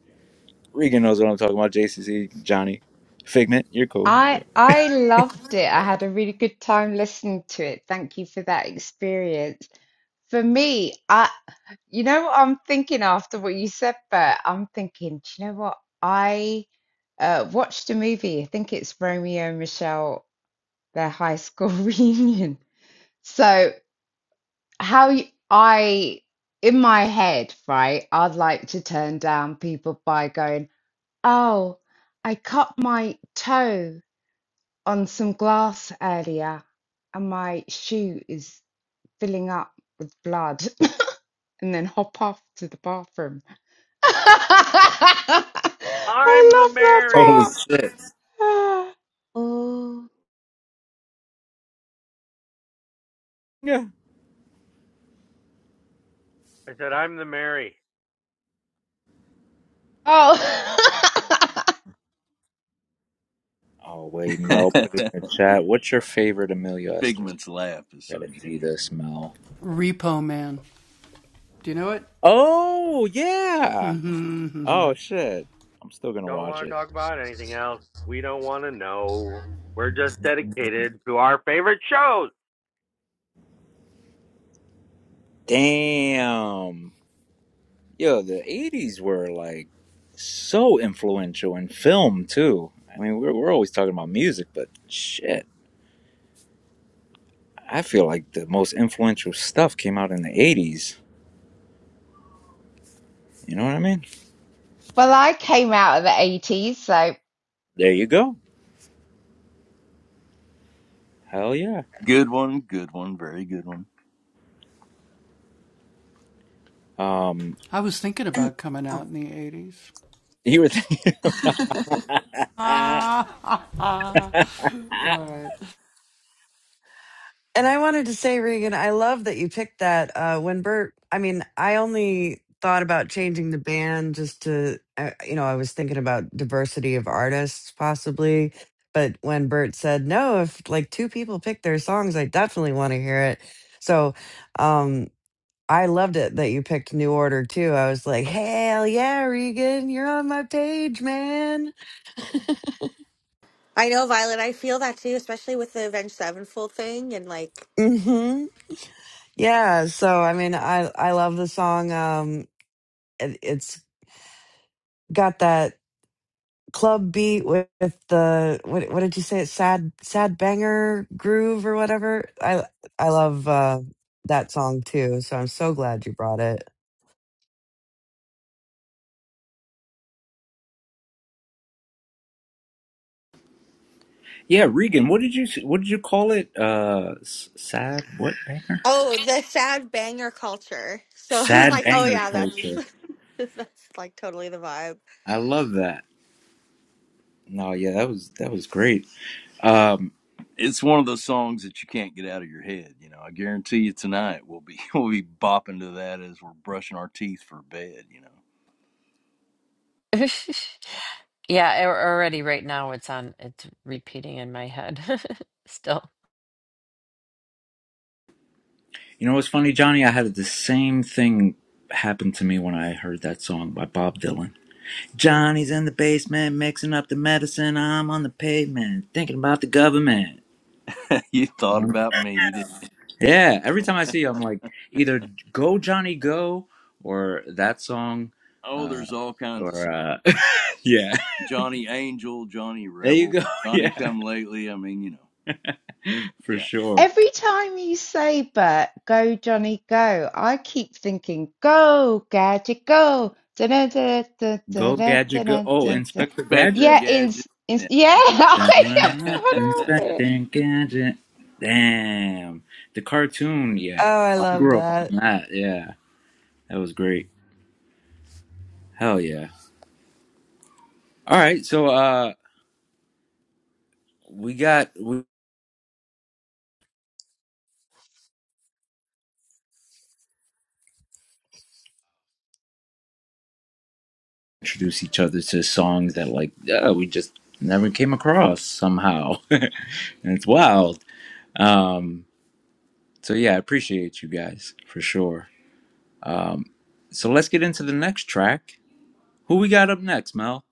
Speaker 1: Regan knows what I'm talking about. JCC, Johnny, Figment, you're cool.
Speaker 4: I I loved it. I had a really good time listening to it. Thank you for that experience. For me, I you know what I'm thinking after what you said, Bert? I'm thinking, do you know what? I uh watched a movie. I think it's Romeo and Michelle, their high school reunion. So how you, I in my head, right, I'd like to turn down people by going, "Oh, I cut my toe." on some glass earlier, and my shoe is filling up with blood, and then hop off to the bathroom. I
Speaker 9: I'm the
Speaker 4: love that
Speaker 9: Mary.
Speaker 4: part. Oh,
Speaker 1: Yeah.
Speaker 9: I said, I'm the Mary.
Speaker 4: Oh,
Speaker 1: Oh, wait,
Speaker 12: very
Speaker 1: Mel put it
Speaker 12: funny.
Speaker 1: in the chat. What's your favorite Emilio Estevez?
Speaker 12: Figment's laugh is so
Speaker 1: Gotta see
Speaker 12: genuine.
Speaker 1: this, Mel. Oh, yeah. Oh, shit. I'm still gonna
Speaker 9: Don't
Speaker 1: watch
Speaker 9: want to
Speaker 1: it.
Speaker 9: talk about anything else. We don't want to know. We're just dedicated to our favorite shows.
Speaker 1: Damn. Yo, the '80s were like so influential in film too. I mean, we're we're always talking about music, but shit, I feel like the most influential stuff came out in the '80s. You know what I mean?
Speaker 4: well, I came out of the 80s, so.
Speaker 1: There you go. Hell yeah.
Speaker 12: Good one, good one, very good one.
Speaker 1: Um,
Speaker 3: And Oh,
Speaker 1: you were thinking.
Speaker 3: and I wanted to say, Regan, I love that you picked that. Uh, when Bert, I mean, I only thought about changing the band just to, uh, you know, I was thinking about diversity of artists possibly. But when Bert said no, if like two people pick their songs, I definitely want to hear it. So, um, I loved it that you picked New Order too. I was like, hell yeah, Regan, you're on my page, man.
Speaker 10: I know, Violet. I feel that too, especially with the Avenged Sevenfold thing and like,
Speaker 3: hmm Yeah. So I mean, I I love the song. Um, it, it's got that club beat with, with the what what did you say? It's sad sad banger groove or whatever. I I love uh, that song too. So I'm so glad you brought it.
Speaker 1: yeah, Regan. What did you what did you call it? Uh, s- sad what banger?
Speaker 10: oh, the sad banger culture. So I was
Speaker 1: Sad
Speaker 10: like, oh
Speaker 1: banger
Speaker 10: yeah, that's
Speaker 1: culture.
Speaker 10: that's like totally the vibe.
Speaker 1: I love that. No, yeah, that was that was great. Um,
Speaker 12: it's one of those songs that you can't get out of your head. You know, I guarantee you tonight we'll be we'll be bopping to that as we're brushing our teeth for bed. You know,
Speaker 2: yeah, a- already right now it's on. It's repeating in my head still.
Speaker 1: You know what's funny, Johnny? I had the same thing happen to me when I heard that song by Bob Dylan. Johnny's in the basement mixing up the medicine. I'm on the pavement thinking about the government.
Speaker 12: you thought
Speaker 1: Um,
Speaker 12: about me. You did.
Speaker 1: Yeah, every time I see you, I'm like, either go Johnny go or that song,
Speaker 12: Oh,
Speaker 1: uh,
Speaker 12: there's all kinds of
Speaker 1: or
Speaker 12: songs.
Speaker 1: uh, yeah,
Speaker 12: Johnny Angel, Johnny
Speaker 1: there you
Speaker 12: Rebel,
Speaker 1: go,
Speaker 12: Johnny
Speaker 1: yeah,
Speaker 12: Come Lately. I mean, you know,
Speaker 1: for
Speaker 12: yeah,
Speaker 1: sure.
Speaker 4: Every time you say, Bert, go Johnny go, I keep thinking, go gadget go.
Speaker 1: Go Gadget go. Oh,
Speaker 12: yeah.
Speaker 4: Da-da-da-da-da-da-da-da-da.
Speaker 1: Inspector
Speaker 12: Inspector
Speaker 1: Gadget.
Speaker 4: Yeah, in,
Speaker 12: Gadget.
Speaker 4: in
Speaker 12: Yeah.
Speaker 4: yeah, I
Speaker 12: yeah.
Speaker 4: can't help it.
Speaker 1: Inspecting Gadget. Damn. The cartoon,
Speaker 3: Oh,
Speaker 1: yeah.
Speaker 3: I
Speaker 1: I
Speaker 3: love
Speaker 1: grew up
Speaker 3: that.
Speaker 1: on that, yeah. That was great. Hell yeah. All right, so uh we got we introduced each other to songs that like uh, we just never came across somehow. and it's wild. Um so yeah, I appreciate you guys for sure. Um so let's get into the next track. Who we got up next, Mel?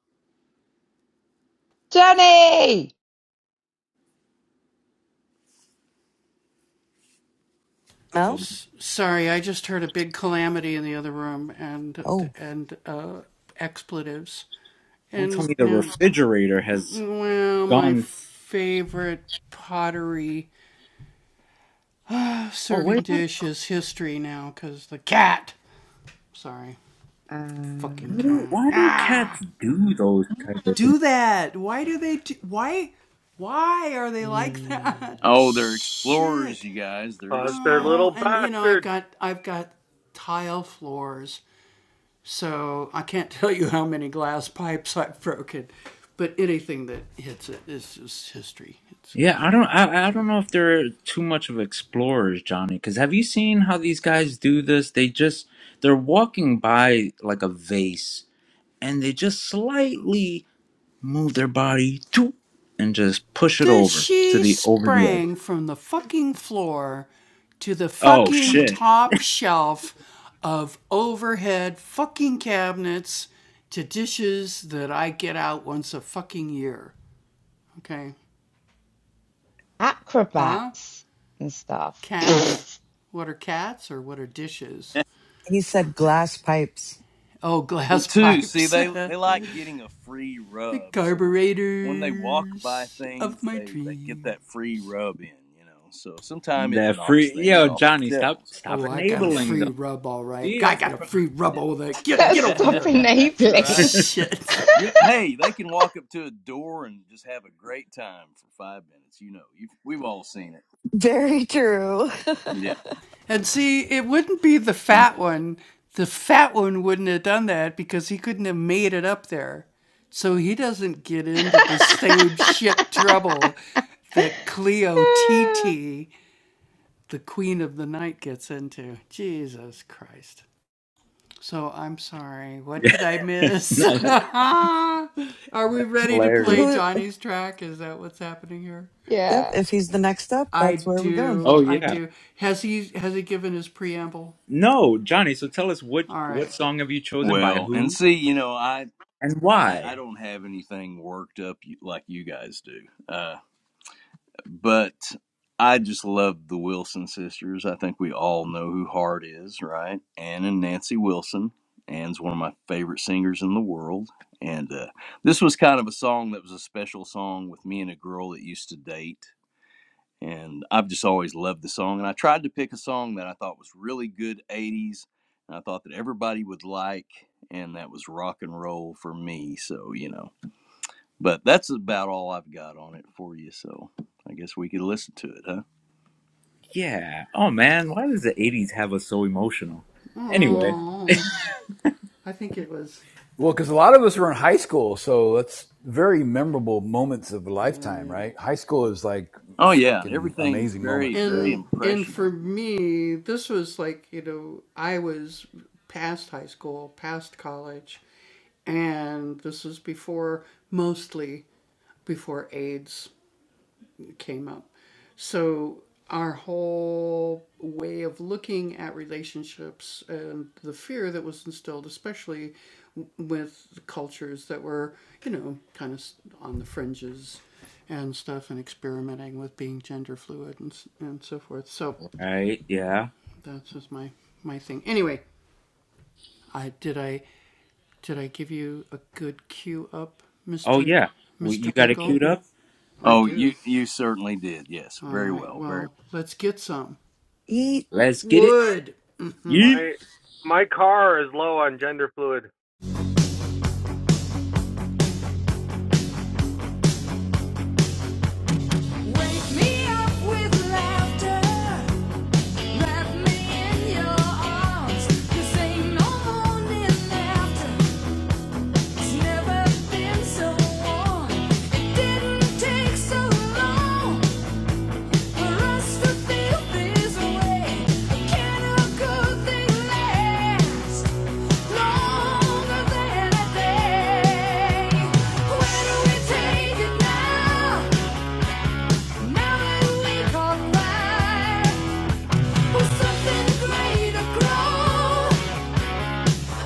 Speaker 4: Johnny!
Speaker 3: Mel?
Speaker 1: Oh,
Speaker 3: Oh,
Speaker 1: don't tell me the refrigerator has gone Why do
Speaker 4: Uh,
Speaker 1: why do cats do those type of things?
Speaker 4: e-
Speaker 12: oh, they're explorers, you guys. They're
Speaker 9: Cause
Speaker 12: explorers.
Speaker 9: they're little bastards.
Speaker 1: Yeah, I don't I, I don't know if they're too much of explorers, Johnny, because have you seen how these guys do this? They just they're walking by like a vase and they just slightly move their body to and just push it over to the over the edge. Oh shit.
Speaker 4: acrobats and stuff.
Speaker 3: he said glass pipes.
Speaker 12: Well, too. See, they they like getting a free rub. So when they walk by things, they they get that free rub in. You know. So sometimes it
Speaker 1: That
Speaker 12: knocks
Speaker 1: free
Speaker 12: things
Speaker 1: yo,
Speaker 12: off of
Speaker 1: Johnny, stop
Speaker 12: shelves.
Speaker 1: stop
Speaker 12: Yeah.
Speaker 1: enabling them. See, that's the problem.
Speaker 12: Yeah.
Speaker 4: Stop
Speaker 12: That's
Speaker 4: enabling.
Speaker 12: right. You hey, they can walk up to a door and just have a great time for five minutes. You know, You've, we've all seen it.
Speaker 3: Very true.
Speaker 12: Yeah.
Speaker 1: Uh, yeah. no, that, that's hilarious.
Speaker 3: Who? Yep.
Speaker 4: yeah.
Speaker 3: If he's the next up, that's where we're going.
Speaker 1: Oh yeah. No, Johnny. So tell us what what song have you chosen by
Speaker 12: Well, and
Speaker 1: who
Speaker 12: see, you know, I.
Speaker 1: and
Speaker 12: I, I
Speaker 1: why?
Speaker 12: don't have anything worked up you- like you guys do. Uh, but I just love the Wilson sisters. I think we all know who Hart is, right? Ann and Nancy Wilson. Ann's one of my favorite singers in the world. And uh, this was kind of a song that was a special song with me and a girl that used to date. And I've just always loved the song. And I tried to pick a song that I thought was really good 80s. And I thought that everybody would like. And that was rock and roll for me. So, you know. But that's about all I've got on it for you. So I guess we could listen to it, huh?
Speaker 1: Yeah. Oh man, why does the '80s have us so emotional? Anyway,
Speaker 5: Well, because a lot of us were in high school, so that's very memorable moments of a lifetime, right? High school is like
Speaker 12: Oh yeah, and
Speaker 5: freaking
Speaker 12: everything is
Speaker 5: amazing
Speaker 12: very,
Speaker 5: moments. Yeah,
Speaker 12: very impressioning.
Speaker 1: right? Yeah. Oh yeah. Well, you got it queued up.
Speaker 12: Oh, you you certainly did. Yes, very well. Very.
Speaker 3: Eat.
Speaker 1: Let's get it. Yeet.
Speaker 9: My my car is low on gender fluid.
Speaker 6: Wake me up with laughter. Wrap me in your arms, 'cause ain't no morning after. It's never been so warm. It didn't take so long for us to feel this way. Can a good thing last longer than a day? Where do we take it now? Now that we caught fire, will something greater grow?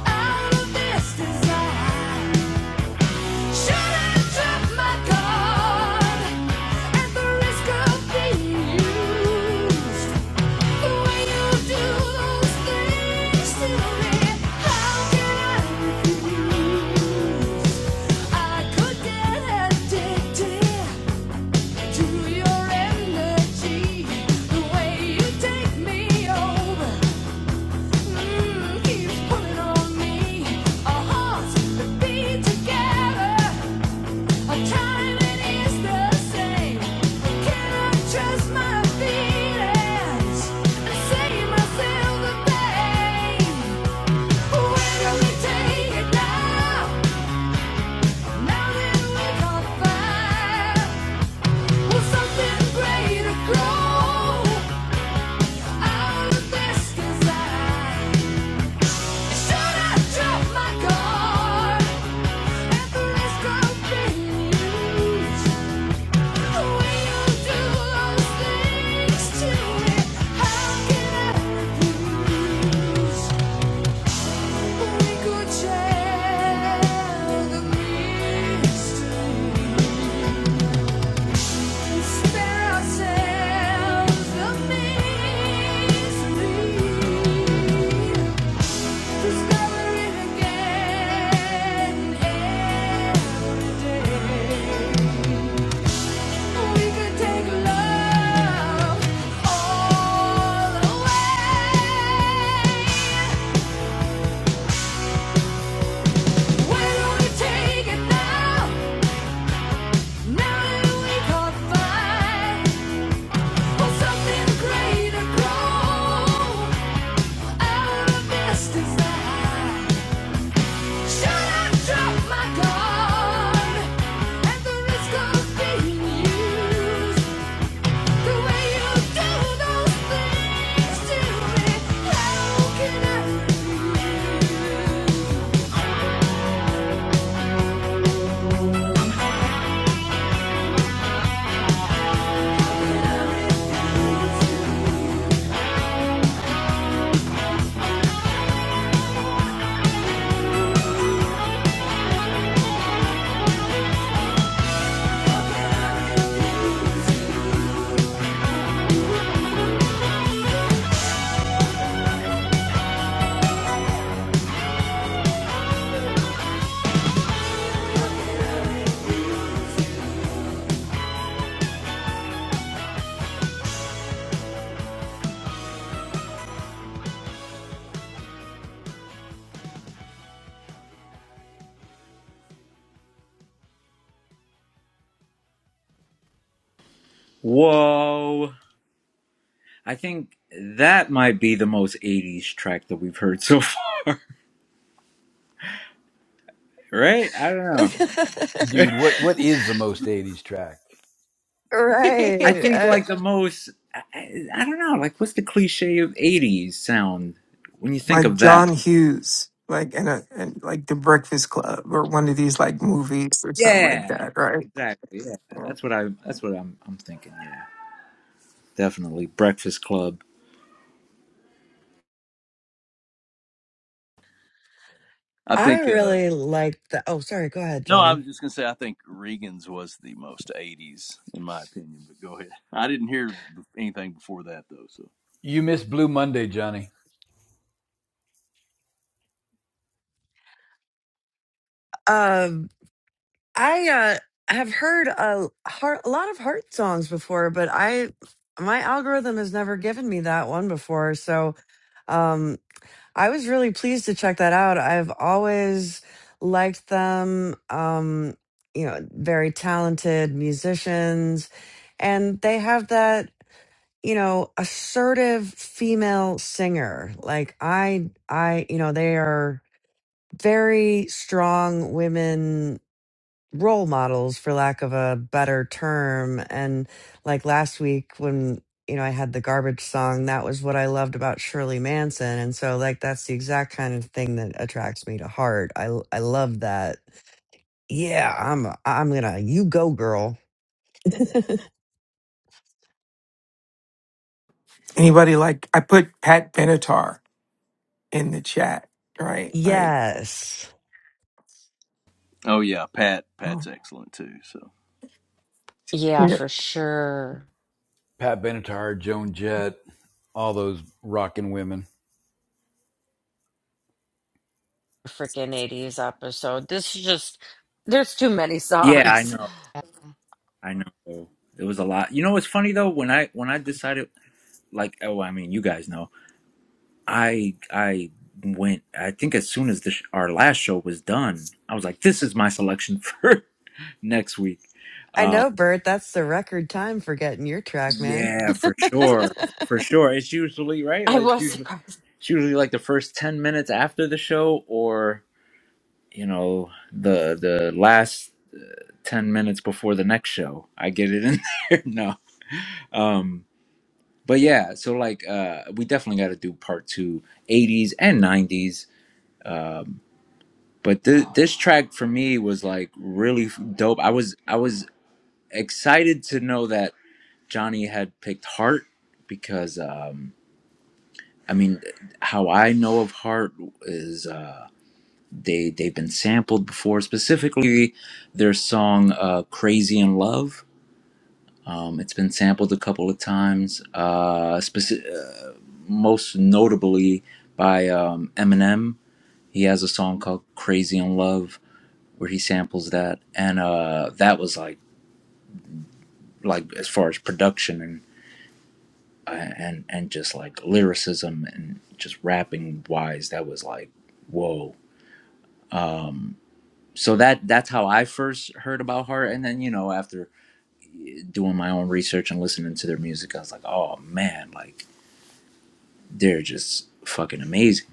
Speaker 6: out of this design. Should I drop my guard at the risk of being used? The way you do those things to me, how can I refuse? I could get addicted to your energy, the way you take me over. Should I drop my guard? We Discover it again every day. We could take love all away. Where do we take it now? Now that we can't find for something greater, grow out of this desire. Should I drop my guard at the risk of being used?
Speaker 1: Whoa. I think that might be the most '80s track that we've heard so far. Right? I don't know.
Speaker 5: dude, what what is the most '80s track?
Speaker 1: I
Speaker 3: right.
Speaker 1: think
Speaker 3: Uh,
Speaker 1: like the most. I, I I don't know. Like, what's the cliche of '80s sound when you think
Speaker 13: like
Speaker 1: of that?
Speaker 13: John Hughes, like and a and like The Breakfast Club or one of these like movies or something like
Speaker 1: Yeah,
Speaker 13: that, right?
Speaker 1: exactly. Yeah, that's what I. That's what I'm. I'm thinking. Yeah, definitely Breakfast Club.
Speaker 12: I
Speaker 3: I
Speaker 12: think. Uh,
Speaker 3: really like the. Oh, sorry. Go ahead,
Speaker 12: no, I
Speaker 3: Johnny.
Speaker 12: was just gonna say I think Regan's was the most '80s in my opinion. But go ahead. I didn't hear anything before that though. So.
Speaker 5: You miss Blue Monday, Johnny,
Speaker 3: Um, I uh have heard a heart, a lot of heart songs before, but I my algorithm has never given me that one before. So, um. I was really pleased to check that out. I've always liked them. Um, you know, very talented musicians. And they have that, you know, assertive female singer. Like I I, you know, they are very strong women role models for lack of a better term and like last week when you know I had the garbage song that was what I loved about Shirley Manson and so like that's the exact kind of thing that attracts me to heart I I love that yeah I'm I'm going to you go girl
Speaker 13: Anybody like I put Pat Benatar in the chat, right? Like
Speaker 3: yes
Speaker 12: Oh yeah, Pat. Pat's excellent too. So.
Speaker 2: Yeah,
Speaker 13: Yeah.
Speaker 2: for sure.
Speaker 5: Pat Benatar, Joan Jett, all those rocking women.
Speaker 2: Freaking 80s episode. This is just, there's too many
Speaker 1: Yeah, I
Speaker 2: songs.
Speaker 1: know. I know. It was a lot. You know what's funny though? When I when I decided, like, oh, I mean, you guys know, I I went. I think as soon as the sh- our last show was done, I was like, this is my selection for next week.
Speaker 3: I
Speaker 1: Uh,
Speaker 3: know Bert that's the record time for getting your track man
Speaker 1: yeah, for sure, for sure. It's usually right.
Speaker 2: I
Speaker 1: Like it's
Speaker 2: was
Speaker 1: usually,
Speaker 2: surprised.
Speaker 1: it's usually like the first ten minutes after the show, or you know the the last 10 minutes before the next show i get it in there no um but yeah so like uh we definitely got to do part two, eighties and 90s um but th- this track for me was like really dope i was i was excited to know that johnny had picked heart because um i mean how i know of heart is uh, They they've been sampled before. Specifically, their song uh, "Crazy in Love." Um, it's been sampled a couple of times. Uh, speci- uh, most notably by um, Eminem. He has a song called "Crazy in Love" where he samples that, and uh, that was like like as far as production and uh, and and just like lyricism and just rapping wise, that was like whoa. Um, so that that's how I first heard about Heart, and then you know after eh, doing my own research and listening to their music, I was like, oh man, like they're just fucking amazing.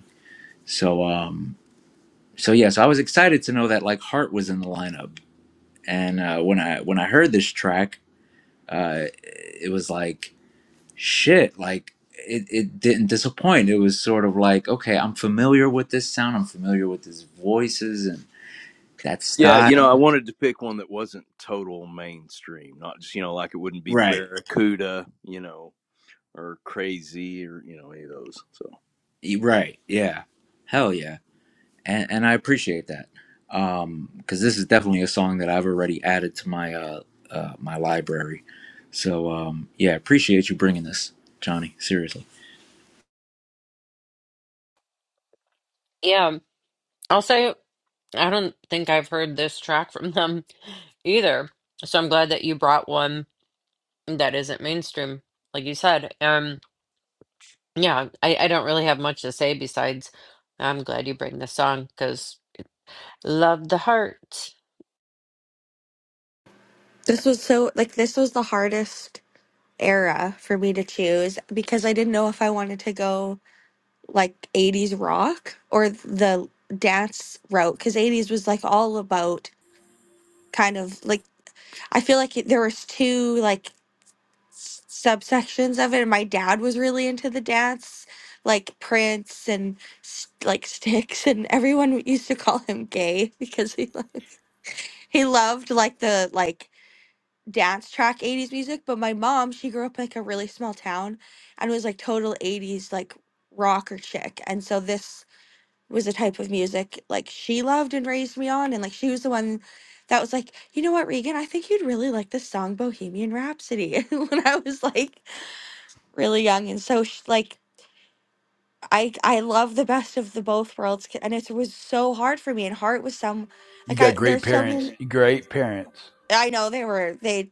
Speaker 1: So um, so yeah, so I was excited to know that like Heart was in the lineup, and uh, when I when I heard this track, uh, it was like shit, like. It, it didn't disappoint. It was sort of like, okay, I'm familiar with this sound. I'm familiar with his voices and that
Speaker 12: Yeah, you know, I
Speaker 1: style.
Speaker 12: wanted to pick one that wasn't total mainstream, not just you know like it wouldn't be
Speaker 1: Right.
Speaker 12: Barracuda, you know, or crazy or you know any of those. So
Speaker 1: E, Right. Yeah. Hell yeah. And and I appreciate that. um, 'cause cuz this is definitely a song that I've already added to my uh, uh my library. So um yeah, appreciate you bringing this, Johnny, seriously.
Speaker 2: Yeah, I'll say I don't think I've heard this track from them either. So I'm glad that you brought one that isn't mainstream, like you said. Um, yeah, I, I don't really have much to say besides I'm glad you bring this song because love the heart.
Speaker 10: This was so like this was the hardest era for me to choose because I didn't know if I wanted to go like 80s rock or the dance route cuz 80s was like all about kind of like I feel like there was two like s- subsections of it and my dad was really into the dance like Prince and s- like Sticks and everyone used to call him gay because he he loved like the like dance track 80s music, but my mom, she grew up in, like a really small town and was like total 80s like rocker chick. And so this was a type of music like she loved and raised me on and like she was the one that was like, "You know what, Regan, I think you'd really like this song Bohemian Rhapsody." when I was like really young and so sh like I I love the best of the both worlds c- and it was so hard for me and Heart was some
Speaker 5: You
Speaker 10: like
Speaker 5: got
Speaker 10: I
Speaker 5: great
Speaker 10: there's so
Speaker 5: parents.
Speaker 10: many
Speaker 5: Great parents.
Speaker 10: I know they were they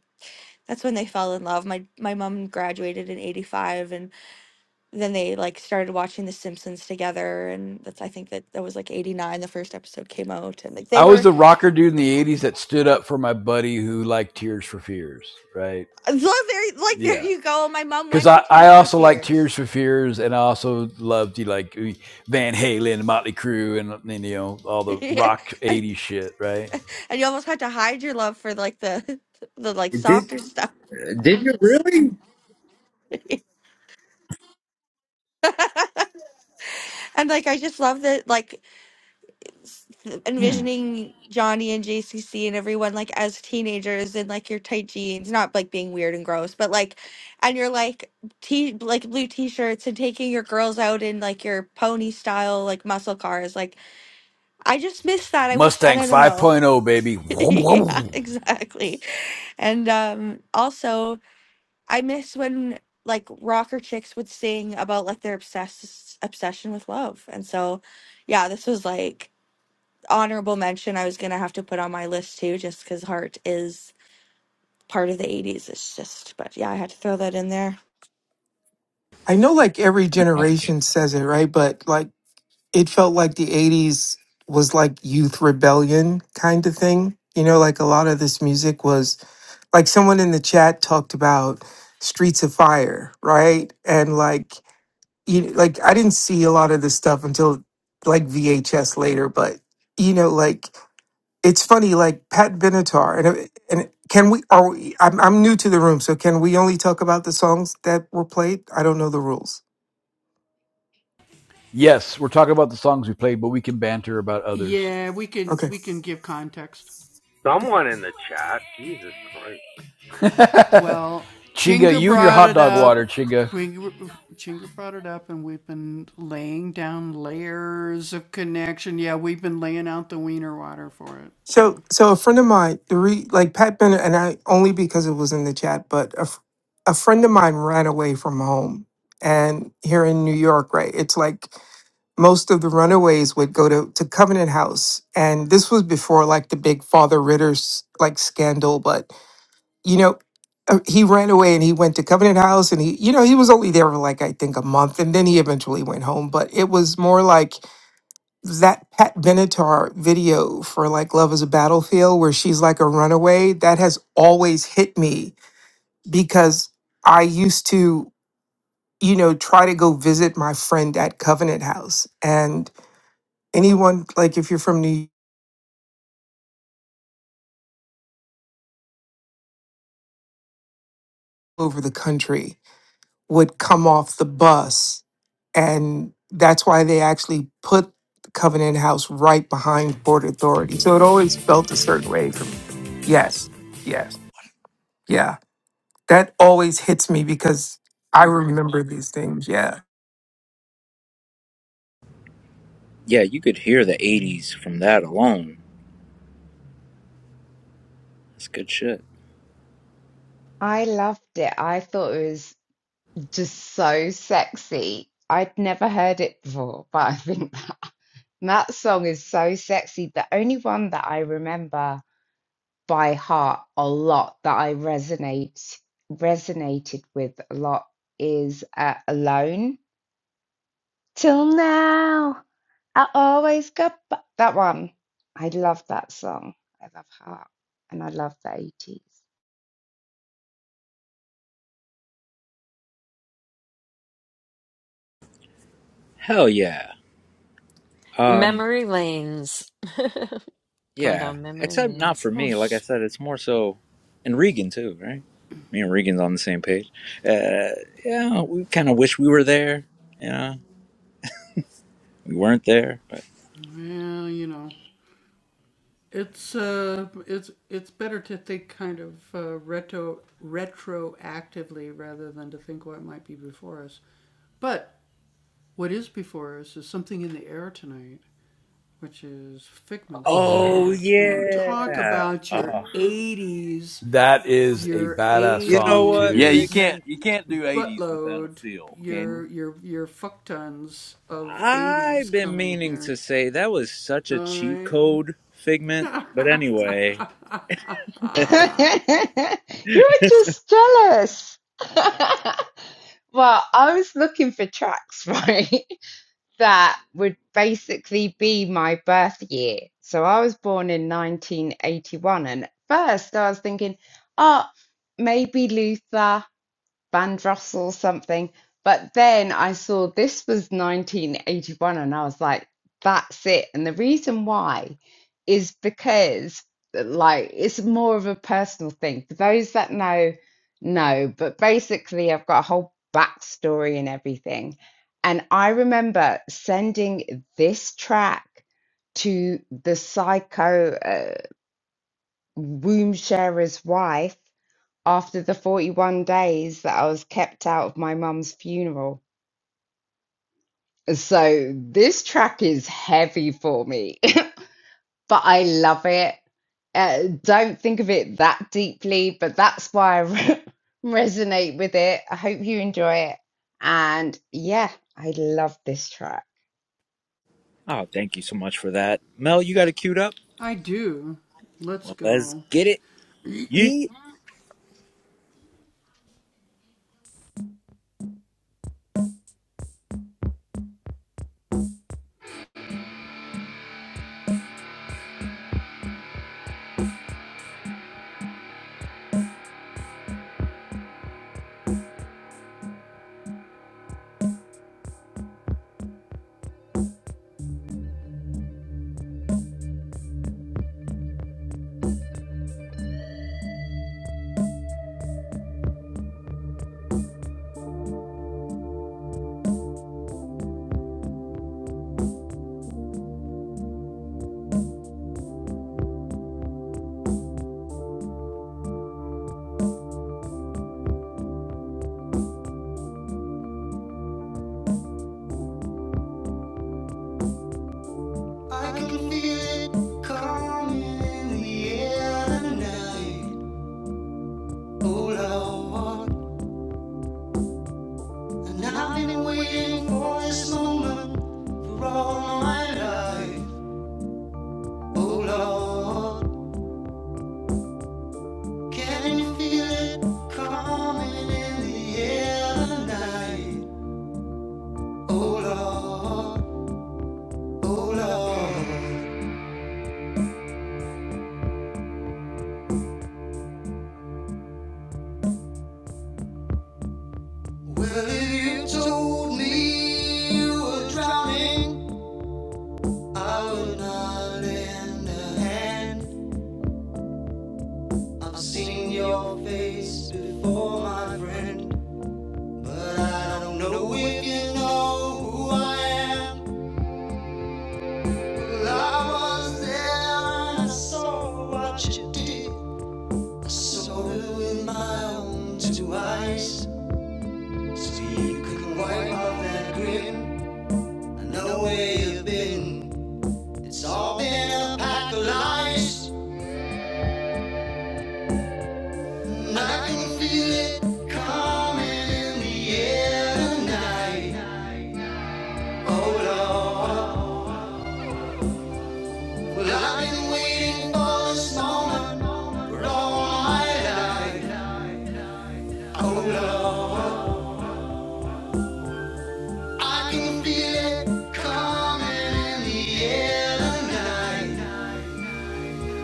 Speaker 10: That's when they fell in love. My my mom graduated in 85 and then they like started watching The Simpsons together and that's I think that that was like 89 the first episode came out and like they
Speaker 5: I was
Speaker 10: were
Speaker 5: the rocker dude in the 80s that stood up for my buddy who liked Tears for Fears, right?
Speaker 10: so there like there
Speaker 5: Yeah.
Speaker 10: you go. My mom
Speaker 5: Because
Speaker 10: went to
Speaker 5: I, I
Speaker 10: Tears for
Speaker 5: also like Tears
Speaker 10: Fears.
Speaker 5: for Fears and I also loved you like uh, Van Halen, Motley Crue, and, and, you know, all the
Speaker 10: and,
Speaker 5: rock 80s shit, right?
Speaker 10: and you almost had to hide your love for like the the like
Speaker 1: Did
Speaker 10: softer stuff.
Speaker 1: did you really?
Speaker 10: and like I just love that like s-
Speaker 1: Hmm.
Speaker 10: envisioning Johnny and JCC and everyone like as teenagers in like your tight jeans, not like being weird and gross, but like, and you're like t like blue t-shirts and taking your girls out in like your pony style like muscle cars. Like I just miss that. I wish and
Speaker 5: Mustang
Speaker 10: I don't know.
Speaker 5: 5.0, baby.
Speaker 10: yeah, exactly. And um also I miss when like rocker chicks would sing about like their obsessed obsession with love. And so yeah, this was like honorable mention I was gonna have to put on my list too, just because Heart is part of the '80s. It's just, but yeah, I had to throw that in there.
Speaker 13: I know like every generation says it, right? But like it felt like the 80s was like youth rebellion kind of thing. You know, like a lot of this music was like someone in the chat talked about Streets of Fire, right? And like you like I didn't see a lot of this stuff until like VHS later, but you know, like it's funny, like Pat Benatar and uh, and can we are we, I'm I'm new to the room, so can we only talk about the songs that were played? I don't know the rules.
Speaker 5: Yes, we're talking about the songs we played, but we can banter about others.
Speaker 13: Okay.
Speaker 9: Someone in the chat. Jesus Christ.
Speaker 5: Chinga, you and your hot dog water, Chinga.
Speaker 13: So so a friend of mine, the re, like Pat Bennett, and I only because it was in the chat, but a, f- a friend of mine ran away from home, and here in New York, right? It's like most of the runaways would go to to Covenant House, and this was before like the big Father Ritter's like scandal, but you know. uh, He ran away and he went to Covenant House and he, you know, he was only there for like I think a month and then he eventually went home. But it was more like that Pat Benatar video for like Love is a Battlefield where she's like a runaway, that has always hit me because I used to, you know, try to go visit my friend at Covenant House. And anyone, like if you're from New York, over the country, would come off the bus. And that's why they actually put Covenant House right behind Port Authority. So it always felt a certain way from, yes, yes, yeah. That always hits me because I remember these things. Yeah.
Speaker 1: Yeah, you could hear the 80s from that alone. That's good shit.
Speaker 4: I loved it. I thought it was just so sexy. I'd never heard it before, but I think that, that song is so sexy. The only one that I remember by heart a lot that I resonate resonated with a lot is uh, Alone. Till now, I always got bu- that one. I love that song. I love Heart and I love the 80s.
Speaker 1: Hell yeah. Um
Speaker 2: Memory lanes. Going
Speaker 1: Yeah,
Speaker 2: down memory
Speaker 1: except not
Speaker 2: lanes.
Speaker 1: for me. Like I said, it's more so, and Regan too, right? Me and Regan's on the same page. Uh, yeah, we kind of wish we were there. You know, we weren't there. But
Speaker 2: Oh, yeah.
Speaker 1: oh yeah. Oh,
Speaker 5: That is a badass
Speaker 1: you know
Speaker 5: song
Speaker 1: what,
Speaker 12: Yeah,
Speaker 5: too.
Speaker 12: you can't
Speaker 1: Figment?
Speaker 12: you can't do eighties without a feel, can you?
Speaker 1: I've been meaning to say that was such a cheat code, Figment. But anyway,
Speaker 4: You're just jealous. well, I was looking for tracks, right? That would basically be my birth year. So I was born in 1981. And at first I was thinking, oh, maybe Luther. Bandross or something. But then I saw this was 1981 and I was like, that's it. And the reason why is because, like, it's more of a personal thing. For those that know, know. But basically, I've got a whole backstory and everything. And I remember sending this track to the psycho uh, womb sharer's wife after the 41 days that I was kept out of my mum's funeral. So this track is heavy for me, but I love it. Uh, don't think of it that deeply, but that's why I re- resonate with it. I hope you enjoy it. And yeah, I love this track.
Speaker 1: oh, thank you so much for that, Mel. You got it queued up. Well, let's get it. You
Speaker 3: Ye-
Speaker 6: Well, if you told me you were drowning, I would not lend a hand. I've seen your face before, my friend, but I don't know if you know who I am. Well, I was there and I saw what you did. Soda with my own two eyes. So you can wipe off that grin. I know where you've been. It's all been a pack of lies. And I can feel it coming in the air tonight. Oh Lord. Well, I've been waiting for this moment for all my life. Oh Lord. I can feel it coming in the air tonight.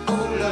Speaker 6: They surround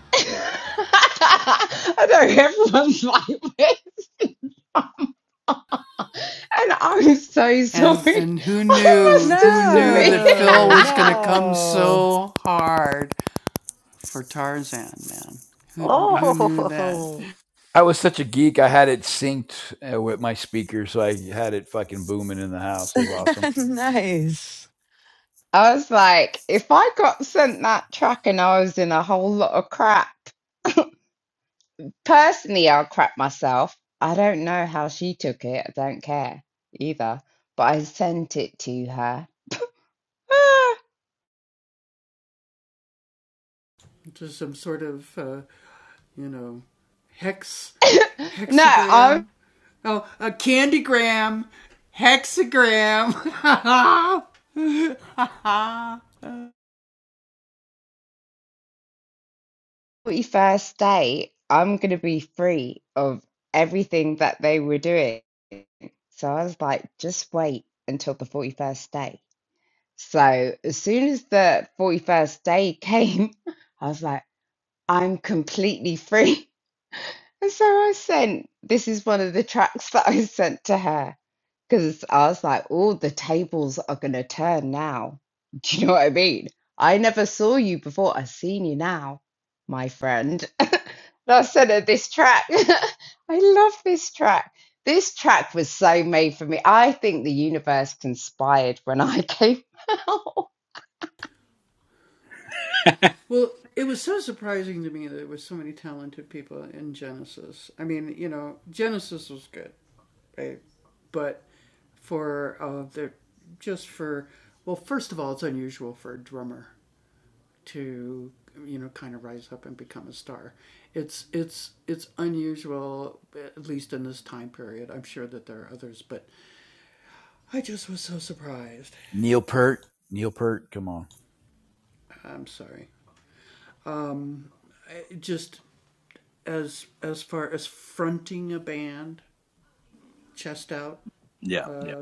Speaker 4: I know everyone's like this. And I'm so sorry. I must have
Speaker 3: no
Speaker 4: submitted.
Speaker 3: no
Speaker 5: I,
Speaker 2: Oh,
Speaker 5: I was such a geek. I had it synced uh, with my speaker, so I had it fucking booming in the house. It was awesome.
Speaker 3: nice
Speaker 4: I was like, if I got sent that track and I was in a whole lot of crap, personally, I'll crap myself. I don't know how she took it. I don't care either. But I sent it to her. Ah. no, on my first date, I'm going to be free of everything that they were doing. So I was like, just wait until the 41st day. So as soon as the 41st day came, I was like, I'm completely free. And so I sent, this is one of the tracks that I sent to her because I was like, oh, the tables are going to turn now. Do you know what I mean? I never saw you before. i have seen you now, my friend. And I sent her this track. I love this track. This track was so made for me. I think the universe conspired when I came out,
Speaker 5: Neil Peart, Neil Peart, come on.
Speaker 12: yeah, yeah,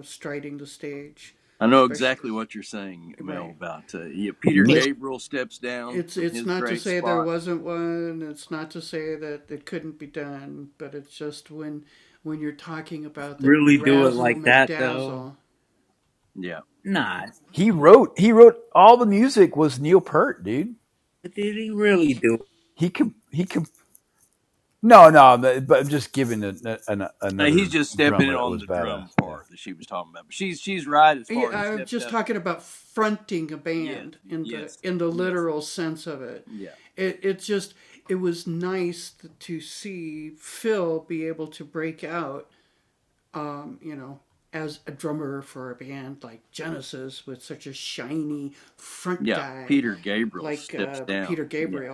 Speaker 12: I know exactly what you're saying, Mel. About uh, yeah, Peter
Speaker 1: Neil
Speaker 12: Gabriel steps down from his great spot.
Speaker 1: really do it like that though.
Speaker 12: Yeah,
Speaker 1: Nah,
Speaker 5: He wrote. He wrote all the music was Neil Peart, dude.
Speaker 1: did he really do
Speaker 5: He com- he com- No, no, but I'm just giving an, an,
Speaker 12: And he's
Speaker 5: another
Speaker 12: just stepping
Speaker 5: drummer
Speaker 12: in
Speaker 5: that
Speaker 12: on
Speaker 5: was
Speaker 12: the
Speaker 5: badass.
Speaker 12: drum
Speaker 5: Yeah.
Speaker 12: part that she was talking about. But she's she's right as far as
Speaker 1: it?
Speaker 12: stepped up. Yes, yes, yes, yeah, yeah. Peter Gabriel steps down. Yeah.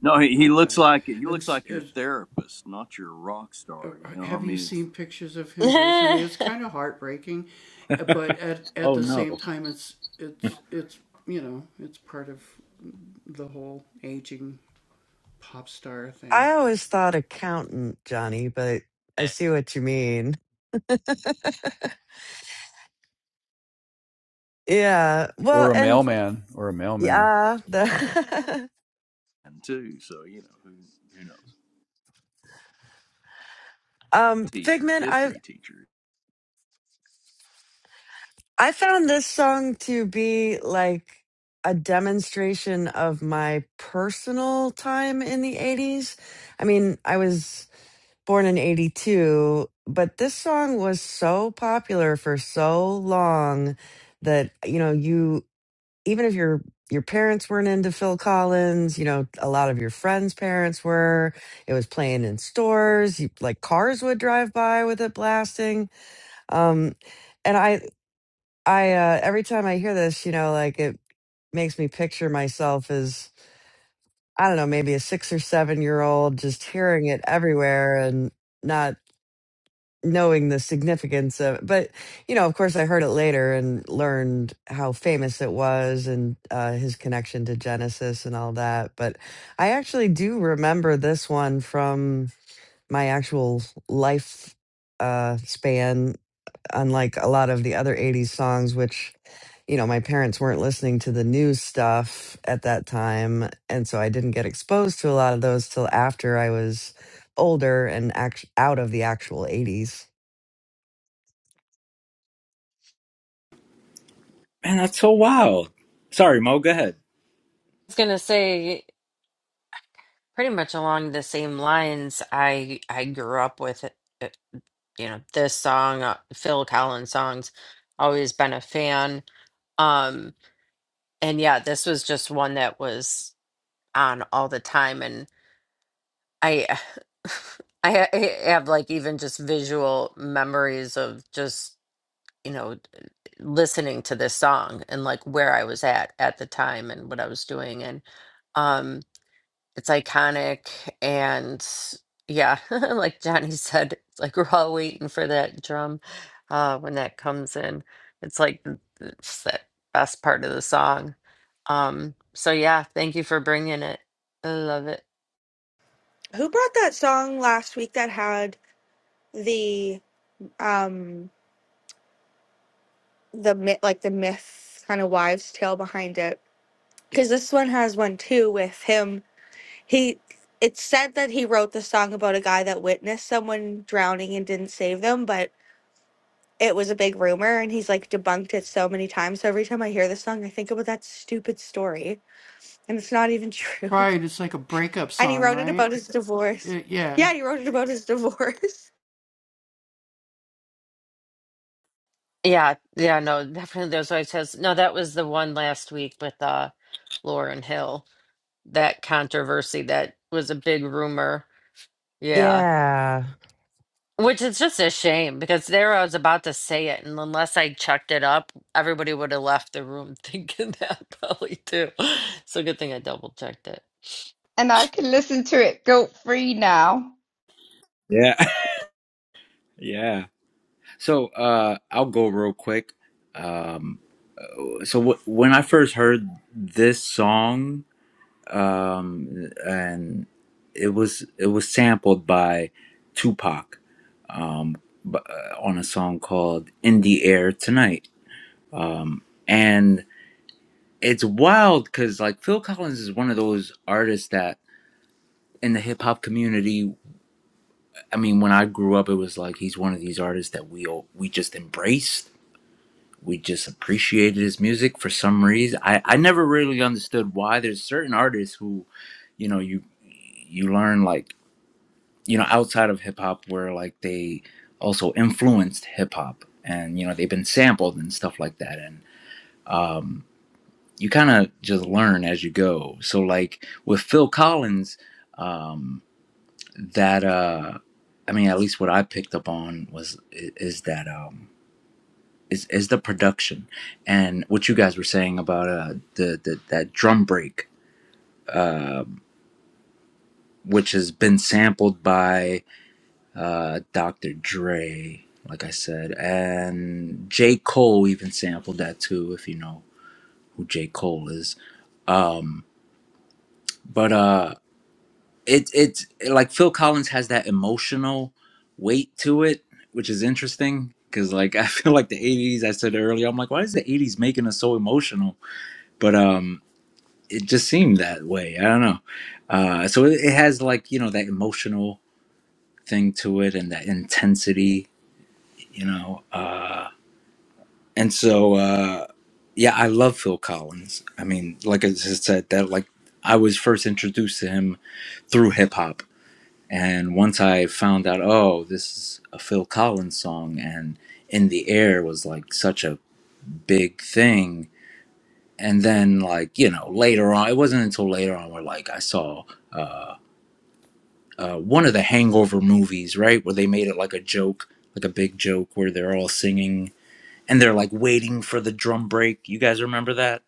Speaker 12: No, he, he looks like he looks like your therapist, not your rock star. You know, I mean, it's
Speaker 2: I
Speaker 1: Oh no.
Speaker 3: I always thought accountant, Johnny, but I see what you mean. Yeah. Well,
Speaker 5: Or a
Speaker 3: and
Speaker 5: mailman, or a mailman.
Speaker 3: yeah, the
Speaker 12: too. So you know who who knows?
Speaker 3: um
Speaker 12: Teacher,
Speaker 3: Figment, I
Speaker 12: history teacher.
Speaker 3: I found this song to be like a demonstration of my personal time in the 80s. I mean, I was born in 82, but this song was so popular for so long that you know, you even if your your parents weren't into Phil Collins, you know, a lot of your friends' parents were. It was playing in stores. You, like cars would drive by with it blasting. Um, and I, I uh, every time I hear this, you know, like it makes me picture myself as I don't know, maybe a six or seven year old, just hearing it everywhere and not knowing the significance of but you know of course i heard it later and learned how famous it was and uh, his connection to genesis and all that but i actually do remember this one from my actual life uh, span unlike a lot of the other 80s songs which you know my parents weren't listening to the new stuff at that time and so i didn't get exposed to a lot of those till after i was older and act- out of the actual 80s
Speaker 1: Man, that's so wild. Sorry, Mo, go ahead.
Speaker 2: was gonna say pretty much along the same lines. I I grew up with it, it- you know this song, uh, Phil Collins songs. Always been a fan. Um, and yeah, this was just one that was on all the time, and I I ha- I have like even just visual memories of just you know listening to this song and like where I was at at the time and what I was doing and. um, it's iconic and yeah like johnny said it's like we're all waiting for that drum uh when that comes in it's like th- it's that best part of the song um so yeah thank you for bringing it i love it
Speaker 10: Who brought that song last week that had the um the myth, like the myth kind of wives tale behind it? Because this one has one too with him. He it's said that he wrote the song about a guy that witnessed someone drowning and didn't save them, but it was a big rumor and he's like debunked it so many times. So every time I hear this song, I think about that stupid story. and it's not even true. And he wrote it about his divorce. Yeah, he wrote it about his divorce.
Speaker 2: yeah yeah no definitely there's always has no that was the one last week with uh lauren hill that controversy that was a big rumor Yeah.
Speaker 3: Yeah.
Speaker 2: Which is just a shame because there I was about to say it, and unless I checked it up, everybody would have left the room thinking that probably too. So good thing I double checked it.
Speaker 4: and I can listen to it guilt free now.
Speaker 1: Yeah. yeah. So uh I'll go real quick. Um so w- when I first heard this song, um and it was it was sampled by Tupac um b- uh, on a song called In the Air Tonight. Um and it's wild cuz like Phil Collins is one of those artists that in the hip hop community, I mean, when I grew up, it was like he's one of these artists that we all, we just embraced. We just appreciated his music for some reason. I, I never really understood why. There's certain artists who you know you you learn like you know outside of hip hop where like they also influenced hip hop and you know they've been sampled and stuff like that and um, you kind of just learn as you go. So like with Phil Collins. Um, that uh i mean at least what i picked up on was i- is that um is, is the production and what you guys were saying about uh the, the that drum break uh, which has been sampled by uh dr dre like i said and j cole even sampled that too if you know who j cole is um but uh it it's like Phil Collins has that emotional weight to it, which is interesting because like I feel like the '80s. I said earlier, I'm like, why is the '80s making us so emotional? But um, it just seemed that way. I don't know. Uh, so it, it has like you know that emotional thing to it and that intensity, you know. Uh, and so uh, yeah, I love Phil Collins. I mean, like I just said, that like I was first introduced to him through hip hop And once I found out, oh, this is a Phil Collins song, and In the Air was like such a big thing. And then, like, you know, later on, it wasn't until later on where, like, I saw uh, uh, one of the Hangover movies, right? Where they made it like a joke, like a big joke, where they're all singing and they're like waiting for the drum break. You guys remember that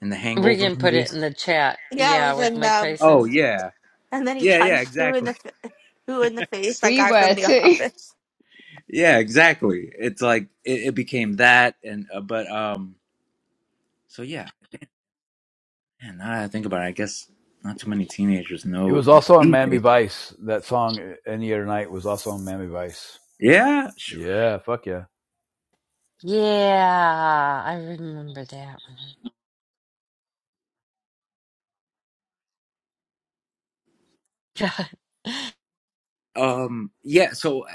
Speaker 1: in the Hangover
Speaker 2: Regan put it
Speaker 1: movies?
Speaker 2: in the chat.
Speaker 10: Yeah, it
Speaker 2: Yeah,
Speaker 10: was
Speaker 2: with
Speaker 10: in
Speaker 2: Mike
Speaker 10: um,
Speaker 1: Oh,
Speaker 2: Tyson.
Speaker 1: yeah.
Speaker 10: and then he
Speaker 1: Yeah, yeah,
Speaker 10: punched who in
Speaker 1: exactly.
Speaker 10: the f- who in the face that
Speaker 4: We
Speaker 10: guy
Speaker 4: were
Speaker 10: from the
Speaker 4: too.
Speaker 10: office.
Speaker 1: Yeah, exactly. It's like it, it became that, and uh, but um, So yeah, and Now that I think about it, I guess not too many teenagers
Speaker 5: It
Speaker 1: know
Speaker 5: was also on
Speaker 1: these
Speaker 5: Miami
Speaker 1: days.
Speaker 5: Vice. That song, Any Other Night, was also on Miami Vice.
Speaker 1: Yeah, sure.
Speaker 5: Yeah, fuck yeah.
Speaker 2: Yeah, I remember that one. God.
Speaker 1: Um, yeah. So,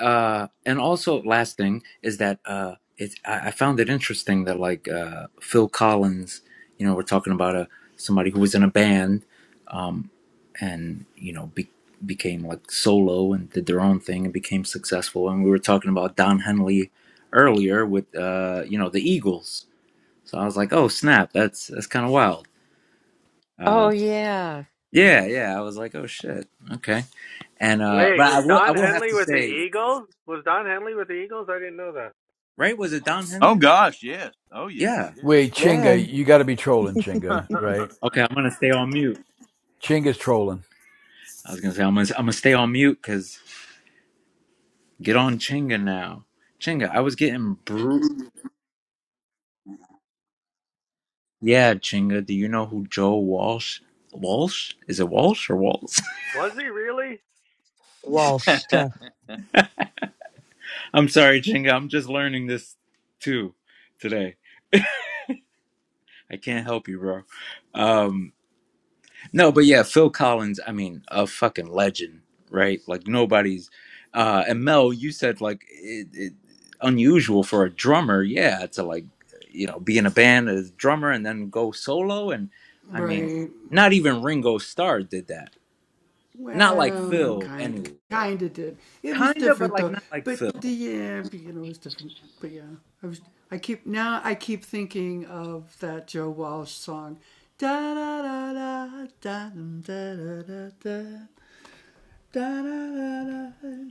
Speaker 1: uh, uh, and also last thing is that uh, it's I, I found it interesting that like uh, Phil Collins, you know, we're talking about a somebody who was in a band, um, and you know be, became like solo and did their own thing and became successful. And we were talking about Don Henley earlier with uh, you know the Eagles. So I was like, oh snap, that's that's kind of wild
Speaker 2: Oh
Speaker 1: Um,
Speaker 2: yeah.
Speaker 1: yeah, yeah. I was like, oh shit, okay. And uh, but
Speaker 9: Wait,
Speaker 1: I
Speaker 9: was
Speaker 1: will, I
Speaker 9: Don
Speaker 1: will have
Speaker 9: Henley
Speaker 1: to
Speaker 9: with the
Speaker 1: say,
Speaker 9: Eagles? Was Don Henley with the Eagles? I didn't know that.
Speaker 1: right? Was it Don
Speaker 12: Oh
Speaker 1: Henley?
Speaker 12: gosh, yes. Oh yes,
Speaker 1: Yeah.
Speaker 12: yes.
Speaker 5: Wait, Chinga,
Speaker 3: Yeah.
Speaker 5: you got to be trolling, Chinga, right?
Speaker 1: Okay, I'm gonna stay on mute.
Speaker 5: Chinga's trolling.
Speaker 1: I was gonna say I'm gonna, I'm gonna stay on mute because get on Chinga now. Chinga, I was getting bru. Yeah, Chinga. Do you know who Joe Walsh? Walsh? Is it Walsh or Walsh?
Speaker 9: Was he really?
Speaker 3: Walsh.
Speaker 12: yeah,
Speaker 1: I'm sorry, Chinga. I'm just learning this too today. I can't help you, bro. Um, No, but yeah, Phil Collins, I mean, a fucking legend, right? Like nobody's uh and Mel, you said like it, it unusual for a drummer, yeah, to like you know, be in a band as a drummer and then go solo and I mean, Mhm. not even Ringo Starr did that. Not like Mhm. Phil anyway. Kind of but like not like Phil.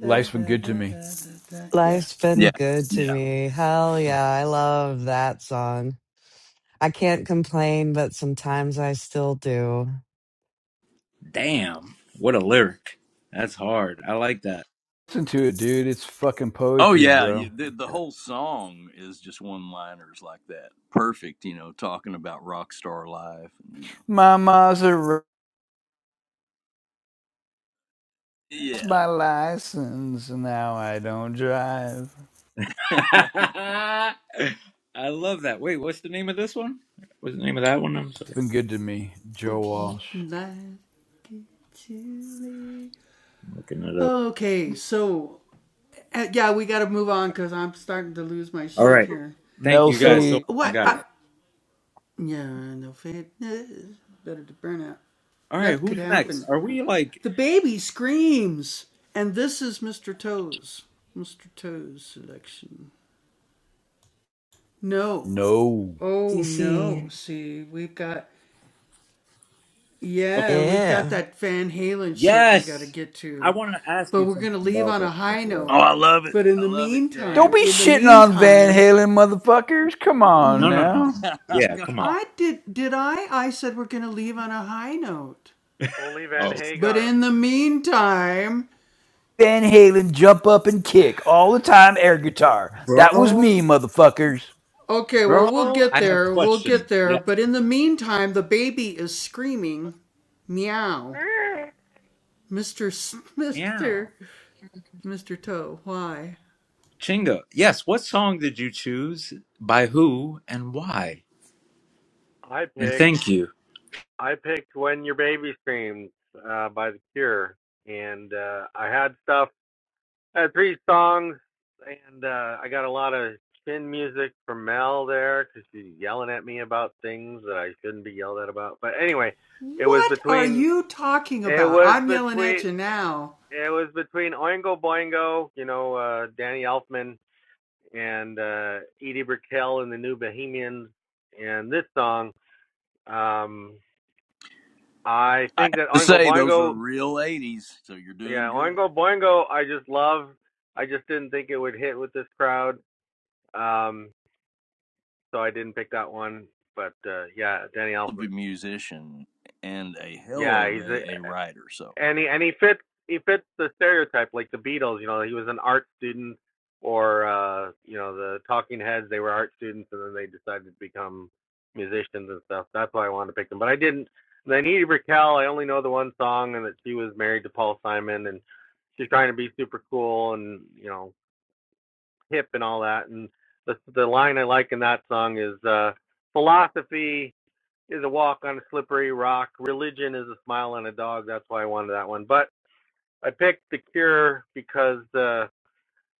Speaker 5: Life's been good to me.
Speaker 3: Life's been
Speaker 12: yeah,
Speaker 3: good to
Speaker 12: yeah.
Speaker 3: me. Hell yeah. I love that song. I can't complain, but sometimes I still do.
Speaker 1: Damn, what a lyric. That's hard. I like that.
Speaker 5: Listen to it, dude. It's fucking
Speaker 12: Oh
Speaker 5: poetry,
Speaker 12: yeah,
Speaker 5: bro.
Speaker 12: you, the the whole song is just one liners like that. Perfect, you know, talking about rock star life. You know.
Speaker 5: My Maserati's
Speaker 12: Yeah.
Speaker 5: my license. and Now I don't drive.
Speaker 12: oh,
Speaker 1: I love that. Wait, what's the name of this one? What's the name of that one? I'm sorry.
Speaker 5: It's been good to me, Joe Walsh.
Speaker 1: Looking it up. All right. Thank
Speaker 5: Mel's
Speaker 1: you guys. So
Speaker 5: fade.
Speaker 1: I got it. All right. Who's next? Are we like?
Speaker 5: No.
Speaker 3: DC.
Speaker 1: Okay.
Speaker 3: Yeah.
Speaker 1: Yes. I want to ask you something about that. By the way.
Speaker 12: I love it. I love it,
Speaker 5: Don't be
Speaker 12: James.
Speaker 5: shitting on Van Halen, motherfuckers. Come on
Speaker 1: No, no, no.
Speaker 5: now.
Speaker 1: Yeah.
Speaker 12: Come
Speaker 1: Come on.
Speaker 12: on.
Speaker 9: Only Van
Speaker 1: Oh,
Speaker 9: Hagar.
Speaker 5: Van Halen jump up and kick all the time air guitar. That was
Speaker 1: bro,
Speaker 5: me, motherfuckers.
Speaker 1: bro. I have questions. Yes. Meow. Chinga. Yes. What song did you choose? By who and why?
Speaker 9: I
Speaker 1: And
Speaker 9: picked
Speaker 1: thank you.
Speaker 9: I picked When Your Baby Screams uh, by The Cure, and uh, I had stuff Uh, three songs, and uh, I got a lot of chin music from Mel there because she's yelling at me about things that I shouldn't be yelled at about. But anyway, it was between it was between it was between Oingo Boingo, you know, uh, Danny Elfman and uh, Edie Brickell and the New Bohemians, and this song. Um, I
Speaker 12: I
Speaker 9: think
Speaker 12: have
Speaker 9: that
Speaker 12: to
Speaker 9: Oingo
Speaker 12: say, those are
Speaker 9: Boingo,
Speaker 12: real 80s, so you're
Speaker 9: yeah,
Speaker 12: doing good.
Speaker 9: Oingo Boingo, I just love. I just didn't think it would hit with this crowd. Um, so I didn't pick that one. But uh, yeah, Danny
Speaker 12: of
Speaker 9: Elfman.
Speaker 12: a musician and a hell
Speaker 9: Yeah,
Speaker 12: of
Speaker 9: he's a,
Speaker 12: a, a writer. So
Speaker 9: and he and he fits he fits the stereotype like the Beatles. You know, he was an art student, or uh, you know, the Talking Heads. They were art students, and then they decided to become musicians and stuff. That's why I wanted to pick them, but I didn't. And then Edie Brickell, I only know the one song, and that she was married to Paul Simon, and she's trying to be super cool and you know hip and all that. And the the line I like in that song is uh, philosophy is a walk on a slippery rock. Religion is a smile on a dog. That's why I wanted that one. But I picked The Cure because uh,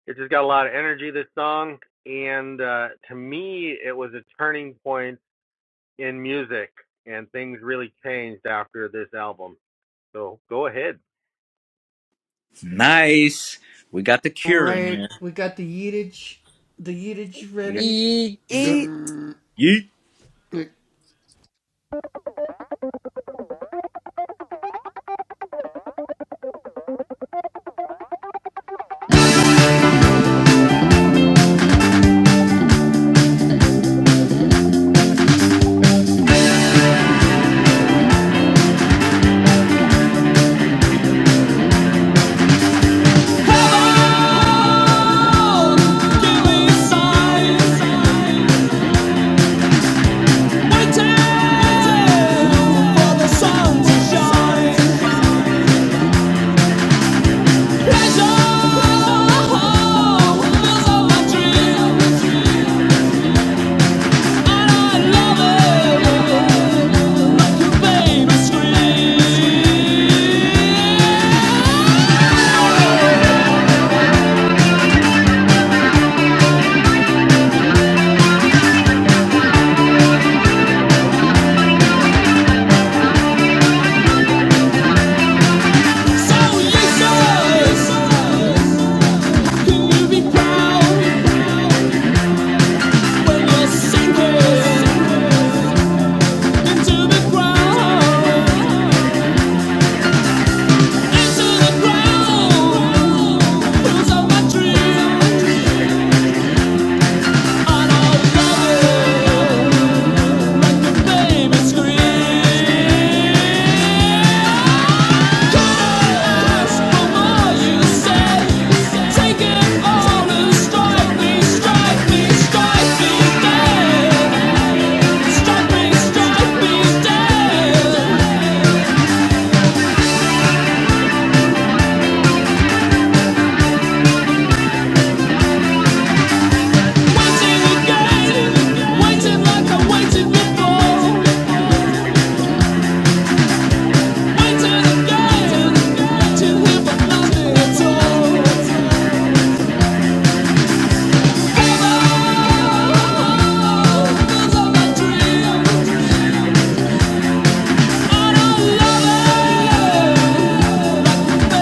Speaker 9: it just got a lot of energy, this song. And uh, to me, it was a turning point in music, and things really changed after this album. So go ahead.
Speaker 1: Nice. We got the cure in here. You got it queued
Speaker 2: Eat.
Speaker 1: up?
Speaker 3: Eat.
Speaker 1: Yeet.
Speaker 6: us, sinking into the ground. Thank you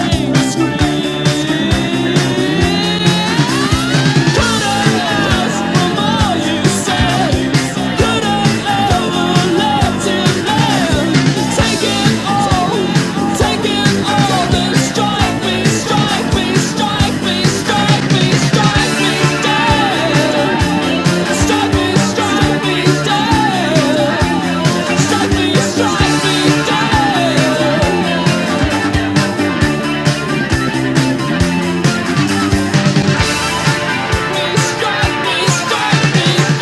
Speaker 6: Strike me, strike me down.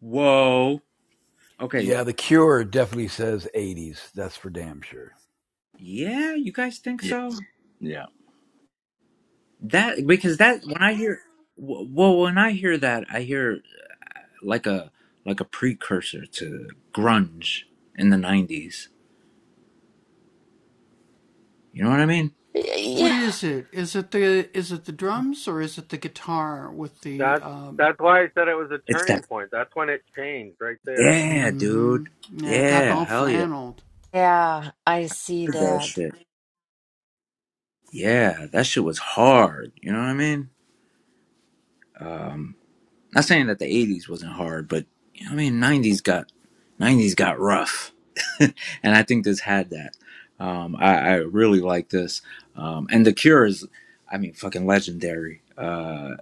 Speaker 1: Whoa. Okay.
Speaker 5: Yeah, The Cure definitely says '80s. That's for damn sure.
Speaker 1: Yeah. You guys think
Speaker 12: yeah,
Speaker 1: so?
Speaker 12: yeah.
Speaker 1: That because that when I hear w- well when I hear that I hear like a like a precursor to grunge in the 90s. You know what I mean?
Speaker 2: Yeah.
Speaker 9: That's that's why I said it was a
Speaker 1: It's
Speaker 9: turning
Speaker 1: that
Speaker 9: point. That's when it changed right there.
Speaker 1: yeah, dude. Yeah, hell yeah. I
Speaker 2: Yeah, I see
Speaker 1: heard that
Speaker 2: that.
Speaker 1: shit. Yeah, that shit was hard, you know what I mean? Um Not saying that the '80s wasn't hard, but you know, I mean, '90s got '90s got rough, and I think this had that. Um, I, I really like this, um, and The Cure is, I mean, fucking legendary. Uh,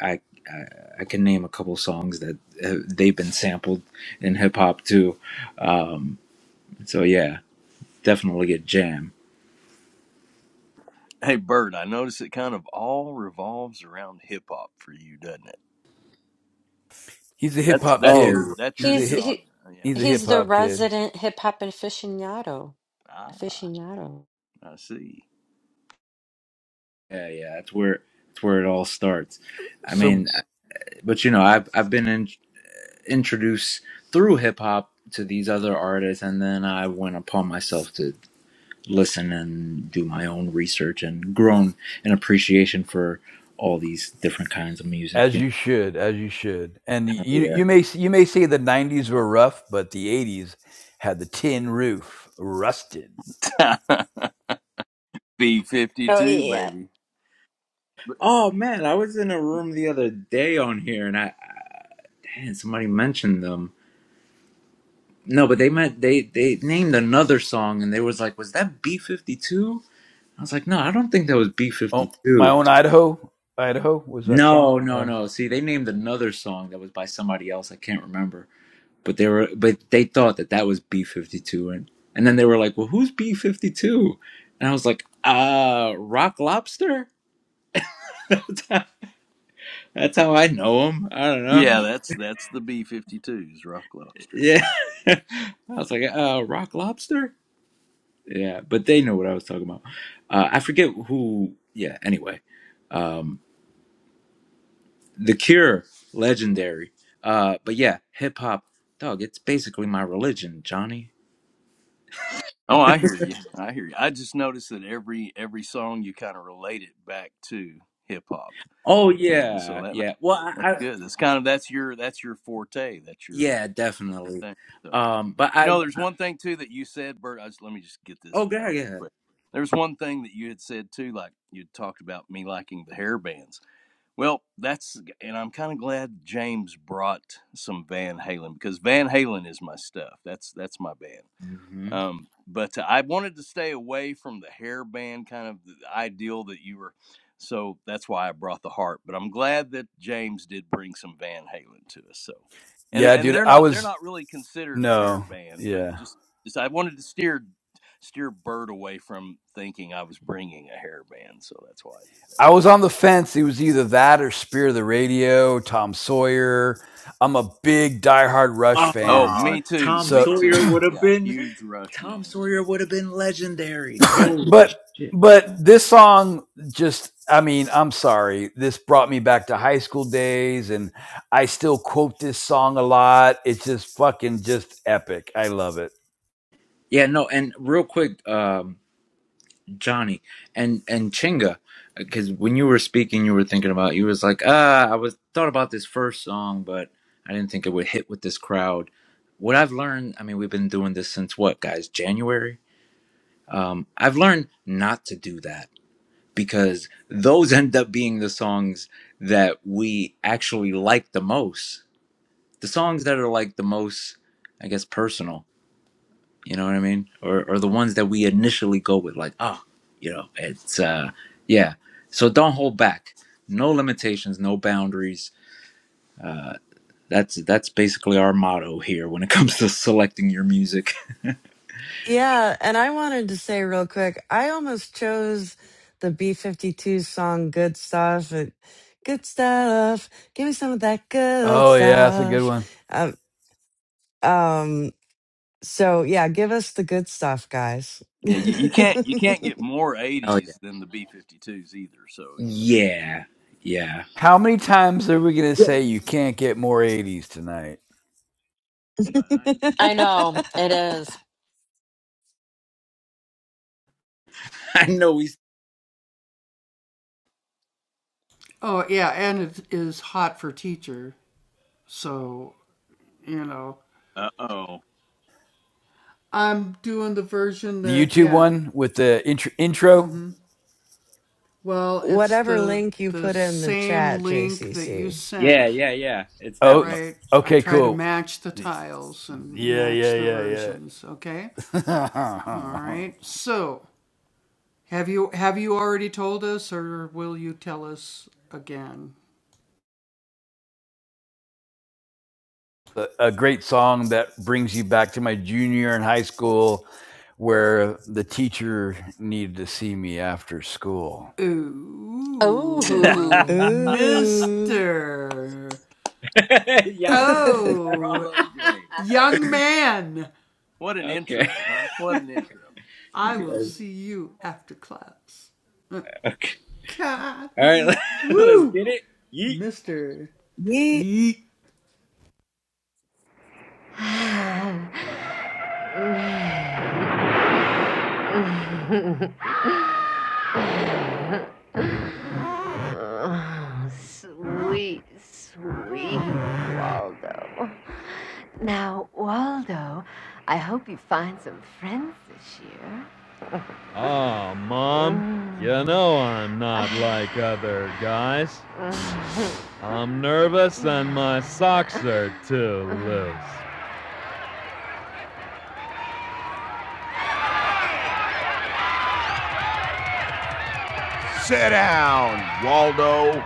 Speaker 1: I, I I can name a couple songs that uh, they've been sampled in hip hop too. Um, so yeah, definitely a jam.
Speaker 12: Hey, Bird, I notice it kind of all revolves around hip hop for you, doesn't it?
Speaker 5: He's a hip
Speaker 12: That's
Speaker 5: hop
Speaker 12: that's
Speaker 5: kid.
Speaker 12: your
Speaker 1: Oh
Speaker 12: that's
Speaker 5: He's
Speaker 12: your
Speaker 5: a
Speaker 2: He's
Speaker 5: hit.
Speaker 12: genre.
Speaker 2: he
Speaker 12: Yeah.
Speaker 5: He's a hip
Speaker 2: he's the
Speaker 5: hop kid.
Speaker 2: resident hip hop aficionado.
Speaker 12: Ah,
Speaker 2: Aficionado.
Speaker 12: I see.
Speaker 1: yeah, yeah, that's where that's where it all starts. I mean,
Speaker 5: So
Speaker 1: but you know, I've I've been in. Introduce through hip hop to these other artists, and then I went upon myself to listen and do my own research and grown an appreciation for all these different kinds of music.
Speaker 5: as
Speaker 1: You
Speaker 5: you should, as you should. And
Speaker 1: know,
Speaker 5: you
Speaker 1: yeah.
Speaker 5: you may you may say the '90s were rough, but the '80s had the tin roof rusted.
Speaker 12: B fifty
Speaker 2: Oh
Speaker 12: two,
Speaker 2: yeah.
Speaker 12: baby. But-
Speaker 1: Oh man, I was in a room the other day on here, and I damn, somebody mentioned them. No, but they meant they they named another song, and they was like, "Was that B 52?" I was like, "No, I don't think that was B
Speaker 5: Oh,
Speaker 1: fifty
Speaker 5: my
Speaker 1: two."
Speaker 5: own Idaho, Idaho was that song?
Speaker 1: No, no,
Speaker 5: Uh,
Speaker 1: no. See, they named another song that was by somebody else. I can't remember but they were but they thought that that was b-52 and and then they were like well who's b-52 and i was like uh rock lobster that's how that's how i know him i don't
Speaker 12: Yeah,
Speaker 1: know
Speaker 12: that's that's the B fifty twos, Rock Lobsters.
Speaker 1: yeah i was like uh rock lobster yeah but they know what i was talking about uh i forget who yeah anyway um the cure legendary uh but yeah hip-hop dog it's basically my religion johnny
Speaker 12: Oh, I hear you. I hear you. I just noticed that every every song you kind of relate it back to hip hop.
Speaker 1: oh
Speaker 12: and so
Speaker 1: yeah
Speaker 12: that
Speaker 1: yeah well
Speaker 12: that's
Speaker 1: i
Speaker 12: good. That's kind of that's your that's your forte. That's your uh,
Speaker 1: Yeah,
Speaker 12: your
Speaker 1: definitely.
Speaker 12: thing. So
Speaker 1: Um, but
Speaker 12: you
Speaker 1: I
Speaker 12: know, there's one thing too that you said, Bert. I just, let me just get this
Speaker 1: oh god,
Speaker 12: out
Speaker 1: yeah.
Speaker 12: quick. There's one thing that you had said too, like you talked about me liking the hair bands. Well, that's and I'm kind of glad James brought some Van Halen because Van Halen is my stuff. That's that's my band.
Speaker 1: Mm-hmm.
Speaker 12: Um, but uh, I wanted to stay away from the hairband kind of the ideal that you were. So that's why I brought the heart. But I'm glad that James did bring some Van Halen to us. So, and
Speaker 5: yeah,
Speaker 12: and
Speaker 5: dude.
Speaker 12: they're
Speaker 5: I
Speaker 12: not they're
Speaker 5: was
Speaker 12: not really considered a
Speaker 5: no.
Speaker 12: hairband, but
Speaker 5: Yeah.
Speaker 12: just, just I wanted to steer steer Bird away from thinking I was bringing a hairband. So that's why I did that.
Speaker 5: I was on the fence. It was either that or Spear of the Radio, Tom Sawyer. I'm a big diehard Rush
Speaker 12: Oh,
Speaker 5: fan.
Speaker 1: Ah,
Speaker 12: me too,
Speaker 1: Tom
Speaker 12: me
Speaker 5: So,
Speaker 1: Sawyer
Speaker 12: too.
Speaker 1: would have
Speaker 12: Yeah,
Speaker 1: been
Speaker 12: huge rush,
Speaker 1: Tom
Speaker 12: man.
Speaker 1: Sawyer would have been legendary. Holy
Speaker 5: but
Speaker 1: shit.
Speaker 5: but this song just I mean, I'm sorry. This brought me back to high school days and I still quote this song a lot. It's just fucking just epic. I love it.
Speaker 1: Yeah, no, and real quick, um, Johnny and and Chinga, because when you were speaking, you were thinking about you was like, ah, I was thought about this first song, but I didn't think it would hit with this crowd. What I've learned, I mean, we've been doing this since what, guys? January. Um, I've learned not to do that because those end up being the songs that we actually like the most. The songs that are like the most, I guess, personal. You know what I mean? Or, or the ones that we initially go with, like, oh, you know, it's uh, yeah. So don't hold back. No limitations, no boundaries. Uh, that's that's basically our motto here when it comes to selecting your music.
Speaker 3: Yeah. And I wanted to say real quick I almost chose the B 52 song Good Stuff. It, good stuff. Give me some of that good
Speaker 5: Oh yeah, that's a good
Speaker 3: stuff.
Speaker 5: one.
Speaker 3: Um, um, So, yeah, give us the good stuff, guys.
Speaker 12: Yeah, you, you can't you can't get more
Speaker 1: Hell
Speaker 12: '80s than the B-52s either. So
Speaker 1: yeah,
Speaker 12: you know.
Speaker 1: yeah, yeah.
Speaker 5: How many times are we going to say you can't get more 80s tonight?
Speaker 12: But I
Speaker 2: I know it is.
Speaker 1: I know we.
Speaker 12: Uh oh.
Speaker 5: The YouTube one with the intro intro?
Speaker 3: Whatever link you put in the chat, JCC.
Speaker 1: Yeah, yeah, yeah. It's that
Speaker 5: Oh,
Speaker 1: one.
Speaker 5: okay, cool. Yeah, yeah, yeah, yeah. a, a great song that brings you back to my junior year in high school where the teacher needed to see me after school.
Speaker 2: Oh,
Speaker 3: Ooh.
Speaker 1: yeah. fuck.
Speaker 3: Yeet.
Speaker 12: Bravo, James. What an
Speaker 1: Okay.
Speaker 12: intro, huh? What an intro.
Speaker 1: You guys- Okay. All right, let's get it. Yeet.
Speaker 6: Oh, sweet, sweet Waldo. Now, Waldo, I hope you find some friends this year. Oh, Mom, mm. you know I'm not like other guys. Nervous than my. Sit down, Waldo.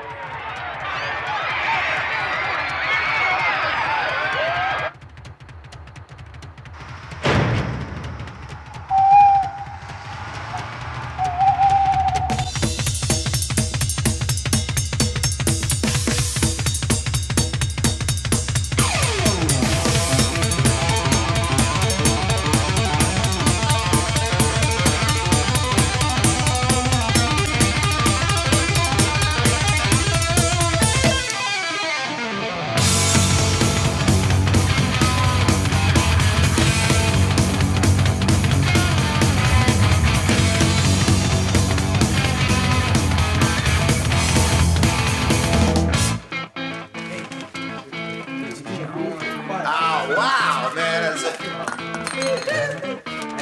Speaker 6: Oh, wow, man. That's a,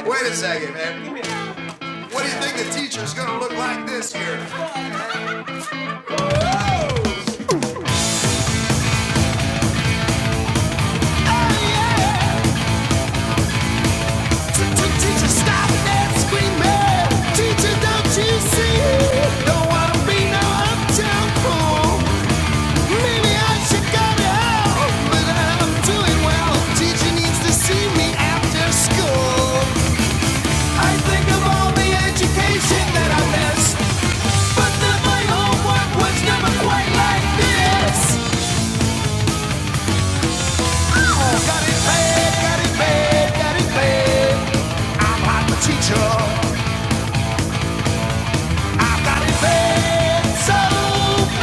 Speaker 6: wait a second, man. What do you think the teacher's going to look like this year? education that I get. Got it moved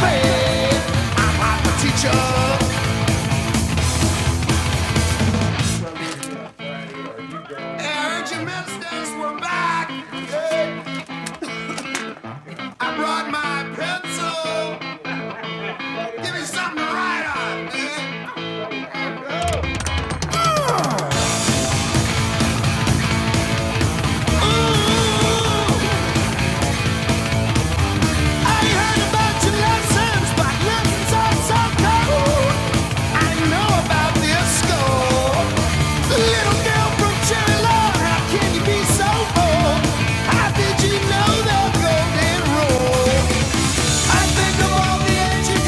Speaker 6: along the edge.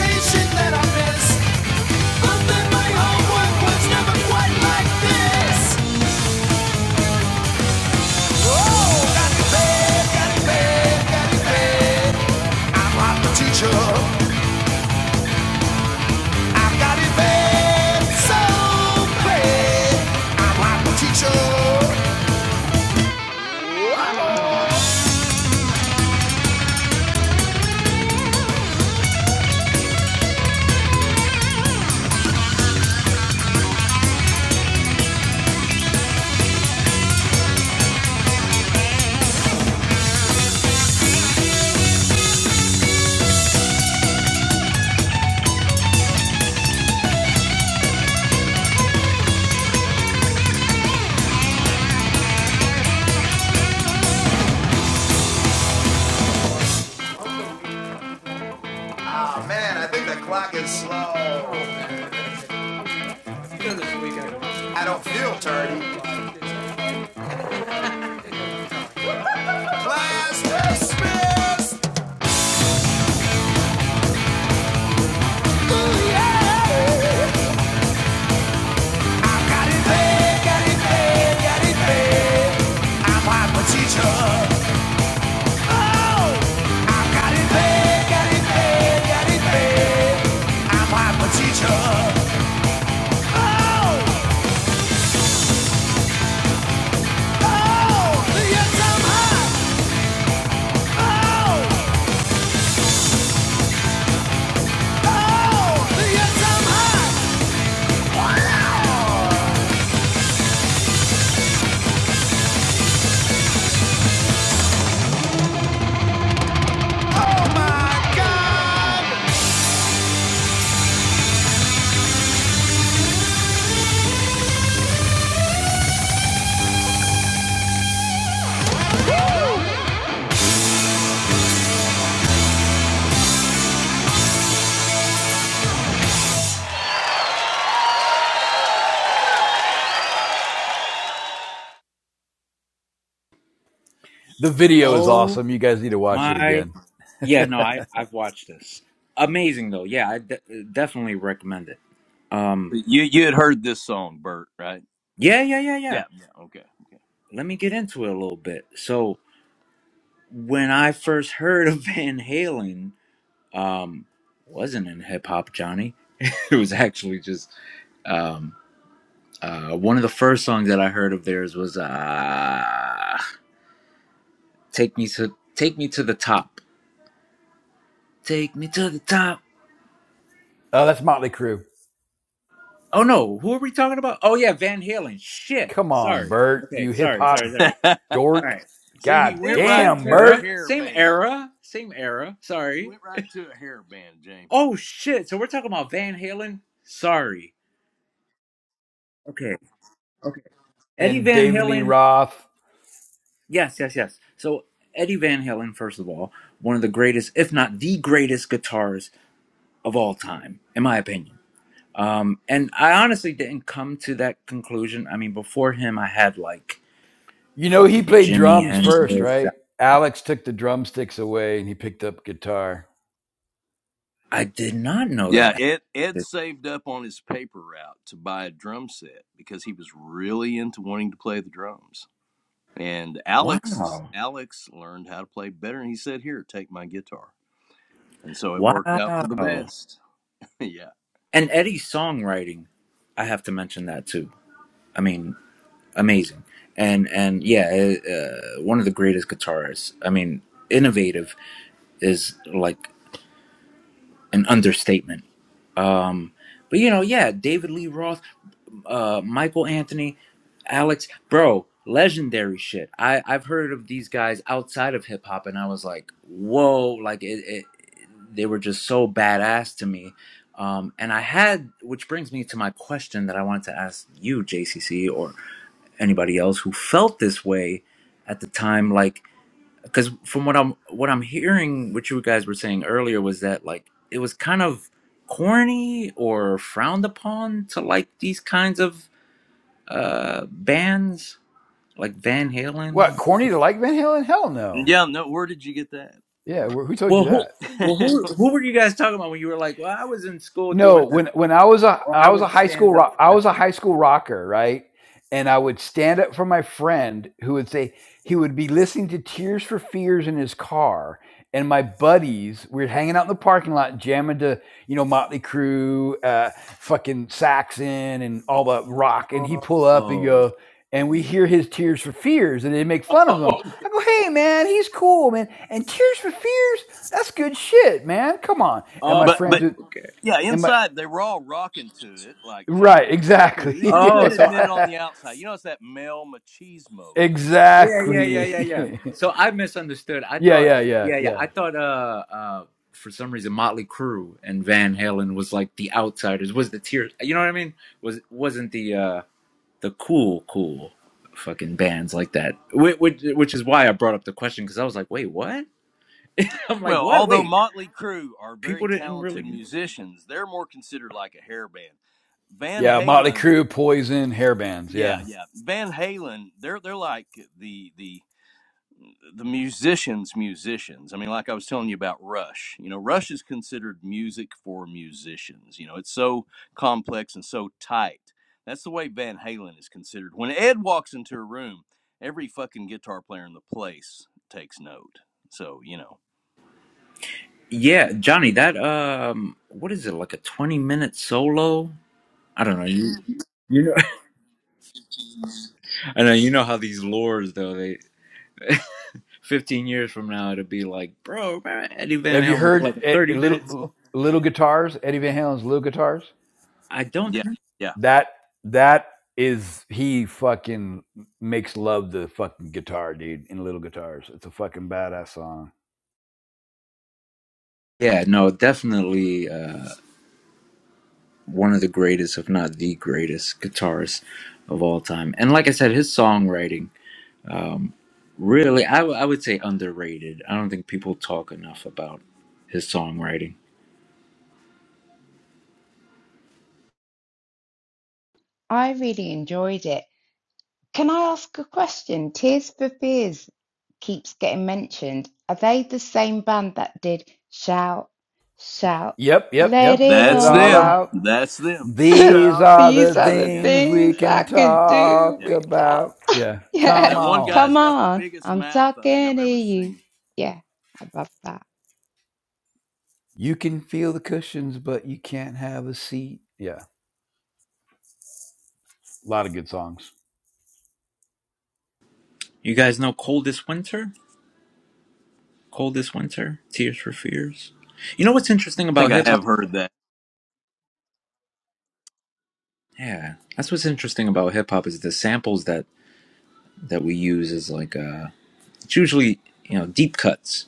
Speaker 6: It's not like this. Man, I think the clock is slow. I don't feel dirty. Class dismissed. Got it paid, got it paid, yeah, Papa. got it paid, got it paid, got it paid. Papa teacher.
Speaker 5: The video is
Speaker 1: Oh
Speaker 5: awesome. You guys need to watch it
Speaker 1: my.
Speaker 5: again.
Speaker 1: Yeah, no, I I've watched this. Amazing though. Yeah, I de- definitely recommend it. Um
Speaker 12: You you had heard this song, Bert, right?
Speaker 1: yeah, yeah, yeah, yeah.
Speaker 12: Yeah, yeah. Okay,
Speaker 1: Let me get into it a little bit. So, when I first heard of Van Halen, um wasn't in hip hop, Johnny. It was actually just um uh one of the first songs that I heard of theirs was uh Take Me to Take Me to the Top. Take me to the top
Speaker 5: Oh, that's Motley Crue.
Speaker 1: Oh no, who are we talking about? Oh yeah, Van Halen. Shit.
Speaker 5: Come on,
Speaker 1: Sorry.
Speaker 5: Bert,
Speaker 1: Okay,
Speaker 5: you hip
Speaker 1: sorry, sorry,
Speaker 5: hop
Speaker 1: sorry.
Speaker 12: okay.
Speaker 1: All
Speaker 5: dork.
Speaker 1: right.
Speaker 12: See, he
Speaker 5: God
Speaker 12: went
Speaker 1: Same,
Speaker 12: right
Speaker 1: same
Speaker 5: damn,
Speaker 12: to a
Speaker 1: era.
Speaker 5: Bert.
Speaker 12: hair
Speaker 1: Same
Speaker 12: band.
Speaker 1: era. Same era.
Speaker 12: He
Speaker 1: Sorry.
Speaker 12: went right to a hair band, James.
Speaker 1: Oh shit. So we're talking about Van Halen. Sorry. Okay. Okay. Eddie
Speaker 5: And
Speaker 1: Van
Speaker 5: David Lee
Speaker 1: Halen.
Speaker 5: Roth.
Speaker 1: Yes, yes, yes. So Eddie Van Halen, first of all, one of the greatest, if not the greatest guitarist of all time, in my opinion. Um, and I honestly didn't come to that conclusion. I mean, before him, I had like
Speaker 5: You know, he
Speaker 1: fucking
Speaker 5: played
Speaker 1: Jimi
Speaker 5: drums first,
Speaker 1: Hendrix.
Speaker 5: right? Alex took the drumsticks away and he picked up guitar.
Speaker 1: I did not know
Speaker 12: Yeah,
Speaker 1: that.
Speaker 12: Ed Ed saved up on his paper route to buy a drum set because he was really into wanting to play the drums. And Alex
Speaker 1: Wow.
Speaker 12: Alex learned how to play better, and he said, "Here, take my guitar." And so it worked out for the
Speaker 1: Wow.
Speaker 12: best. yeah.
Speaker 1: And Eddie's songwriting, I have to mention that too. I mean, amazing. And and yeah, uh, one of the greatest guitarists. I mean, innovative is like an understatement. Um, but you know, yeah, David Lee Roth. uh, Michael Anthony, Alex, bro, legendary shit. I I've heard of these guys outside of hip hop, and I was like, whoa, like it, it, they were just so badass to me. Um, and I had, which brings me to my question that I wanted to ask you, JCC, or anybody else who felt this way at the time, like, because from what I'm what I'm hearing, what you guys were saying earlier was that like it was kind of corny or frowned upon to like these kinds of uh bands like Van
Speaker 5: What,
Speaker 1: Halen.
Speaker 5: corny to like Van Halen? Hell no.
Speaker 12: Yeah, no. Where did you get that?
Speaker 5: Yeah,
Speaker 12: Bert?
Speaker 5: wh- who told you
Speaker 1: Well, who
Speaker 5: that?
Speaker 1: well who who were you guys talking about when you were like, well, I was in school
Speaker 5: No,
Speaker 1: doing this,
Speaker 5: when when I was a
Speaker 1: or
Speaker 5: I
Speaker 1: I
Speaker 5: was a
Speaker 1: would
Speaker 5: high school
Speaker 1: stand up. For
Speaker 5: rock, I
Speaker 1: my
Speaker 5: was a high school rocker, right? And I would stand up for my friend who would say he would be listening to Tears for Fears in his car, and my buddies we were hanging out in the parking lot jamming to you know Motley Crue, uh, fucking Saxon, and all the rock, and he
Speaker 1: friends.
Speaker 5: pull up and
Speaker 1: oh,
Speaker 5: go. And we hear his Tears for Fears, and they make fun of him.
Speaker 1: oh,
Speaker 5: I go, "Hey, man, he's cool, man." And Tears for Fears, that's good shit, man. Come on. And my
Speaker 12: but
Speaker 5: friends
Speaker 1: oh,
Speaker 12: but
Speaker 5: would,
Speaker 1: okay.
Speaker 12: yeah,
Speaker 5: and my
Speaker 12: inside they were all rocking to it, like
Speaker 5: Right,
Speaker 12: James.
Speaker 5: exactly.
Speaker 12: too. We just
Speaker 1: Oh,
Speaker 12: couldn't
Speaker 1: so I,
Speaker 12: admit it on
Speaker 5: Yeah,
Speaker 12: the outside. You know, it's that male machismo thing, right?
Speaker 1: yeah, yeah,
Speaker 12: Yeah.
Speaker 1: yeah,
Speaker 5: Exactly.
Speaker 1: yeah,
Speaker 12: yeah.
Speaker 1: yeah. So I misunderstood. I
Speaker 5: yeah,
Speaker 1: thought,
Speaker 5: yeah, yeah,
Speaker 1: yeah, yeah.
Speaker 5: yeah.
Speaker 1: I thought, uh, uh, for some reason, Motley Crue and Van Halen was like the outsiders. Was the tears? You know what I mean? Was wasn't the uh the cool cool fucking bands like that which, which, is why i brought up the question because i was like wait what i'm like
Speaker 12: Well,
Speaker 1: what
Speaker 12: although
Speaker 1: wait
Speaker 12: Motley Crue are
Speaker 1: people
Speaker 12: very
Speaker 1: didn't
Speaker 12: talented
Speaker 1: really
Speaker 12: musicians, they're more considered like a hair band. Van
Speaker 5: Yeah, Motley
Speaker 12: Halen,
Speaker 5: Crue, Poison, hair bands,
Speaker 12: yeah,
Speaker 5: yeah.
Speaker 12: yeah. Van Halen, they're they're like the the the musicians musicians i mean like i was telling you about rush you know rush is considered music for musicians you know it's so complex and so tight that's the way van halen is considered when ed walks into a room every fucking guitar player in the place takes note so you know
Speaker 1: yeah johnny that um what is it like a 20 minute solo i don't know you, you know i know you know how these lures though they 15 years from now it'll be like bro remember eddie van
Speaker 5: Have you
Speaker 1: halen did
Speaker 5: heard
Speaker 1: like a
Speaker 5: eh,
Speaker 1: 30 minutes
Speaker 5: little little guitars, Eddie Van Halen's little guitars?
Speaker 1: i don't
Speaker 12: yeah
Speaker 1: think
Speaker 12: yeah
Speaker 5: That that is he fucking makes love the fucking guitar, dude, in little guitars. It's a fucking badass song.
Speaker 1: yeah no definitely Uh, one of the greatest, if not the greatest, guitarist of all time. And like I said, his songwriting, um, really, I, w- I would say underrated. I don't think people talk enough about his songwriting.
Speaker 4: I really enjoyed it. Can I ask a question? Tears for Fears keeps getting mentioned. Are they the same band that did Shout, Shout,
Speaker 5: Yep, yep,
Speaker 4: Let
Speaker 5: yep.
Speaker 4: It
Speaker 5: It
Speaker 12: that's
Speaker 4: All
Speaker 5: all
Speaker 12: them
Speaker 4: Out?
Speaker 5: out.
Speaker 12: that's them
Speaker 5: These
Speaker 12: shout
Speaker 5: are the
Speaker 4: These are
Speaker 12: shout
Speaker 4: the
Speaker 12: yeah
Speaker 5: things
Speaker 12: that's
Speaker 5: we
Speaker 4: things
Speaker 12: that's
Speaker 4: I
Speaker 5: can
Speaker 4: can
Speaker 12: them yeah
Speaker 4: do
Speaker 12: yeah
Speaker 5: talk
Speaker 4: without.
Speaker 5: about. Yeah.
Speaker 12: that,
Speaker 5: Come
Speaker 4: Yeah,
Speaker 12: that one
Speaker 5: on.
Speaker 4: come
Speaker 12: guy's got the
Speaker 4: on,
Speaker 12: biggest
Speaker 4: I'm
Speaker 12: mouth i think i've
Speaker 4: talking to
Speaker 12: ever
Speaker 4: you.
Speaker 12: seen
Speaker 4: Yeah, I love that.
Speaker 5: You can feel the cushions, but you can't have a seat. Yeah, a lot of good songs.
Speaker 1: You guys know Coldest Winter? Coldest Winter? Tears for Fears? You know what's interesting
Speaker 12: i
Speaker 1: about
Speaker 12: think i
Speaker 1: hip hop?
Speaker 12: have heard that
Speaker 1: Yeah, that's what's interesting about hip hop is the samples that that we use is like uh, it's usually you know deep cuts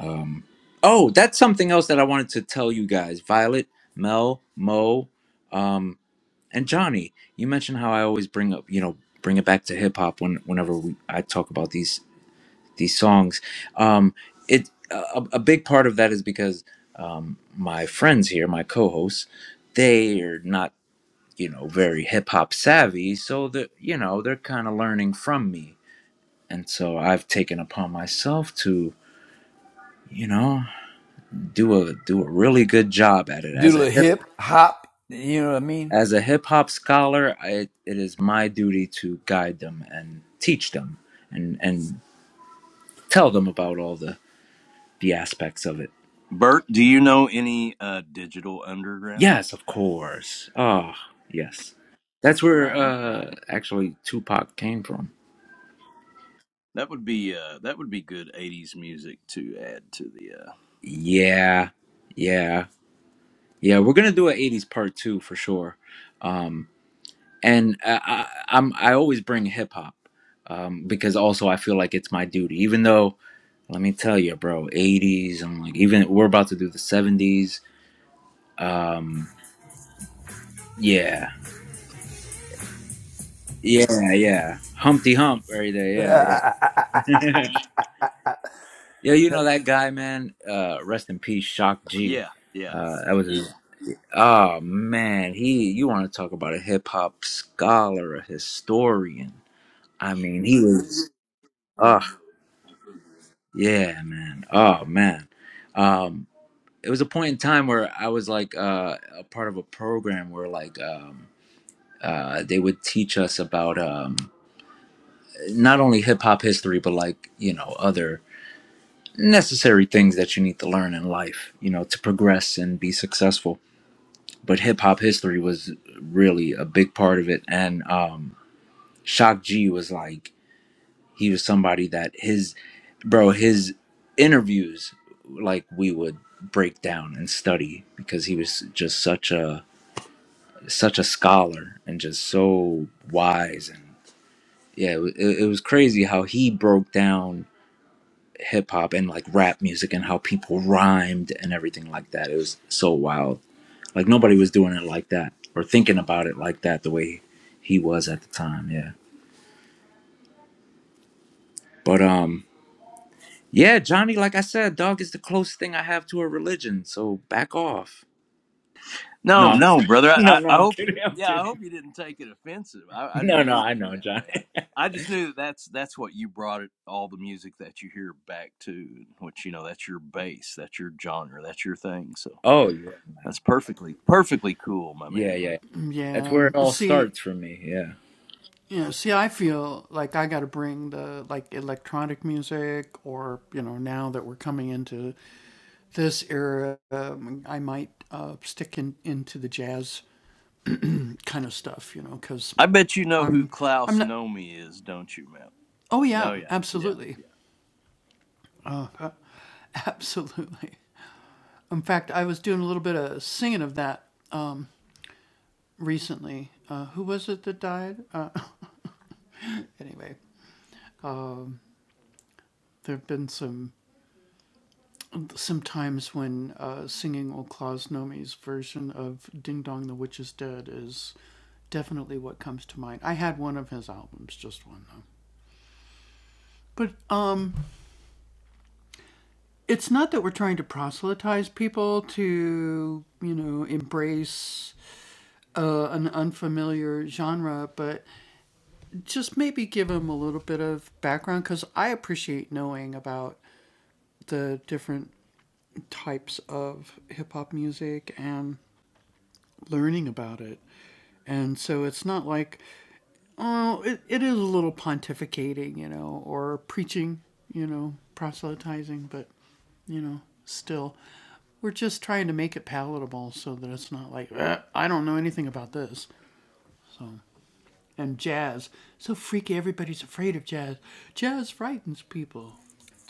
Speaker 1: Um, oh, that's something else that I wanted to tell you guys. Violet, Mel, Mo, um, and Johnny. You mentioned how I always bring up, you know, bring it back to hip hop when whenever we, I talk about these these songs. Um, it a, a big part of that is because um, my friends here, my co-hosts, they are not, you know, very hip hop savvy, so that you know they're kind of learning from me, and so I've taken upon myself to. You know, do a do a really good job at it. As
Speaker 5: Doodle
Speaker 1: a
Speaker 5: a
Speaker 1: hip,
Speaker 5: hip hop. You know what I mean?
Speaker 1: as a hip hop scholar, I, it is my duty to guide them and teach them and and tell them about all the the aspects of it.
Speaker 12: Bert, do you know any uh Digital Underground?
Speaker 1: Yes, of course. Ah, yes. That's where
Speaker 12: Right,
Speaker 1: uh
Speaker 12: right.
Speaker 1: actually Tupac came from.
Speaker 12: That would be uh that would be good 80s music to add to the uh
Speaker 1: Yeah. Yeah. Yeah, we're going to do an 80s part 2 for sure. Um and uh, I, I'm I always bring hip hop um, because also I feel like it's my duty. Even though, let me tell you, bro, '80s. I'm like even we're about to do the '70s. Um, yeah, yeah, yeah. Humpty Hump right there. Yeah, yeah. yeah, you know that guy, man. Uh, rest in peace, Shock G.
Speaker 12: Yeah, yeah.
Speaker 1: Uh, that was his. Oh man, he. You want to talk about a hip hop scholar, a historian? I mean, he was. Ugh. Yeah, man. Oh, man. Um, it was a point in time where I was like uh, a part of a program where like um, uh, they would teach us about um, not only hip hop history, but like, you know, other necessary things that you need to learn in life, you know, to progress and be successful. But hip hop history was really a big part of it. And um, Shock G was like, he was somebody that his bro his interviews like we would break down and study because he was just such a such a scholar and just so wise and yeah it, wa- it it was crazy how he broke down hip hop and like rap music and how people rhymed and everything like that it was so wild like nobody was doing it like that or thinking about it like that the way he was at the time yeah but um yeah johnny like i said dog is the closest thing i have to a religion so back off No,
Speaker 12: No,
Speaker 1: I'm
Speaker 12: no, brother. I
Speaker 1: no,
Speaker 12: I
Speaker 1: no.
Speaker 12: I
Speaker 1: I'm
Speaker 12: hope
Speaker 1: kidding. I'm
Speaker 12: yeah, I
Speaker 1: kidding.
Speaker 12: hope you didn't take it offensive. I I
Speaker 1: No,
Speaker 12: didn't
Speaker 1: no.
Speaker 12: mean
Speaker 1: I
Speaker 12: it in
Speaker 1: know,
Speaker 12: that
Speaker 1: John.
Speaker 12: way. I I just knew that that's that's what you brought it all the music that you hear back to, which you know, that's your base, that's your genre, that's your thing. So,
Speaker 1: Oh, you're right, man.
Speaker 12: that's perfectly perfectly cool, my
Speaker 1: Yeah,
Speaker 12: man.
Speaker 1: yeah. That's where it all starts for me. Yeah.
Speaker 12: I bet you know who Klaus Nomi is, don't you, Mel? No, yeah, yeah,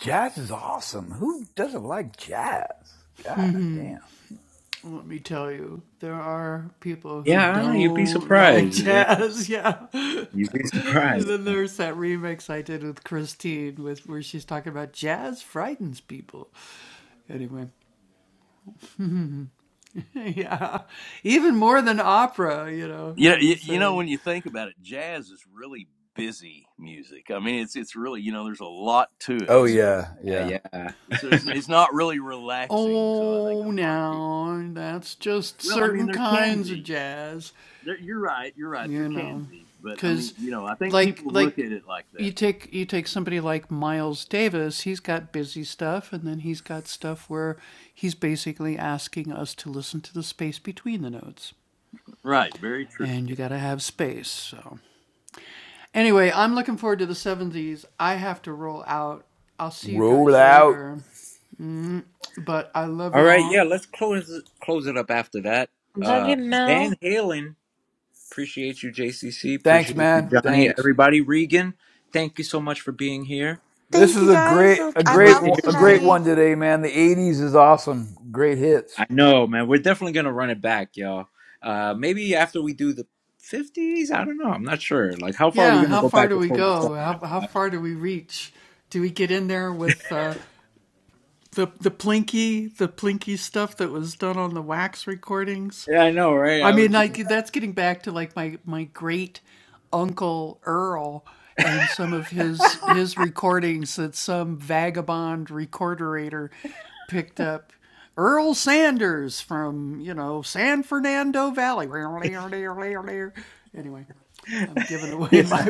Speaker 5: jazz is awesome. Who doesn't like jazz? God damn.
Speaker 1: Yeah. I don't know. You'd be surprised. Yeah. You'd be surprised.
Speaker 12: You know, you, you know when you think about it, jazz is really busy music. I mean, it's it's really you know there's a lot to it,
Speaker 5: Oh
Speaker 12: so
Speaker 5: yeah, yeah.
Speaker 1: Yeah. Yeah.
Speaker 12: so it's, it's not really relaxing. So I think a lot of people. Well, I mean, there can be. There, you're right. You're right. There can be, but I mean, you know, I think people look at it like that. Though. Right. Very true.
Speaker 5: Roll out.
Speaker 1: all right. Yeah. Let's close close it up after that.
Speaker 2: Love
Speaker 1: Uh,
Speaker 2: you,
Speaker 1: Van
Speaker 2: Mel.
Speaker 1: Halen. Appreciate you, JCC.
Speaker 5: Thanks,
Speaker 1: Appreciate you,
Speaker 5: man.
Speaker 1: Johnny.
Speaker 5: Thanks.
Speaker 1: Everybody, Regan. Thank you so much for being here.
Speaker 5: This
Speaker 10: Thank
Speaker 5: is
Speaker 10: you
Speaker 5: a
Speaker 10: guys.
Speaker 5: great, a
Speaker 10: I
Speaker 1: Can't
Speaker 5: great,
Speaker 1: wait to
Speaker 10: love
Speaker 1: hear
Speaker 5: a
Speaker 1: from you.
Speaker 5: great
Speaker 10: tonight.
Speaker 5: one today, man. The '80s is awesome. Great hits.
Speaker 1: I know, man. We're definitely gonna run it back, y'all. Uh, maybe after we do the fifties. I don't know. I'm not sure. Like, how far are we gonna go back before we start? Uh, yeah, I know, right? I was. Yeah.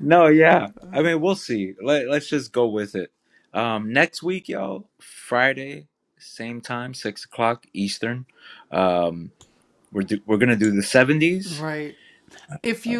Speaker 1: No, yeah. I mean, we'll see. Let Let's just go with it. Um, next week, y'all. Friday, same time, six o'clock Eastern. Um, we're do, we're gonna do the seventies. Uh,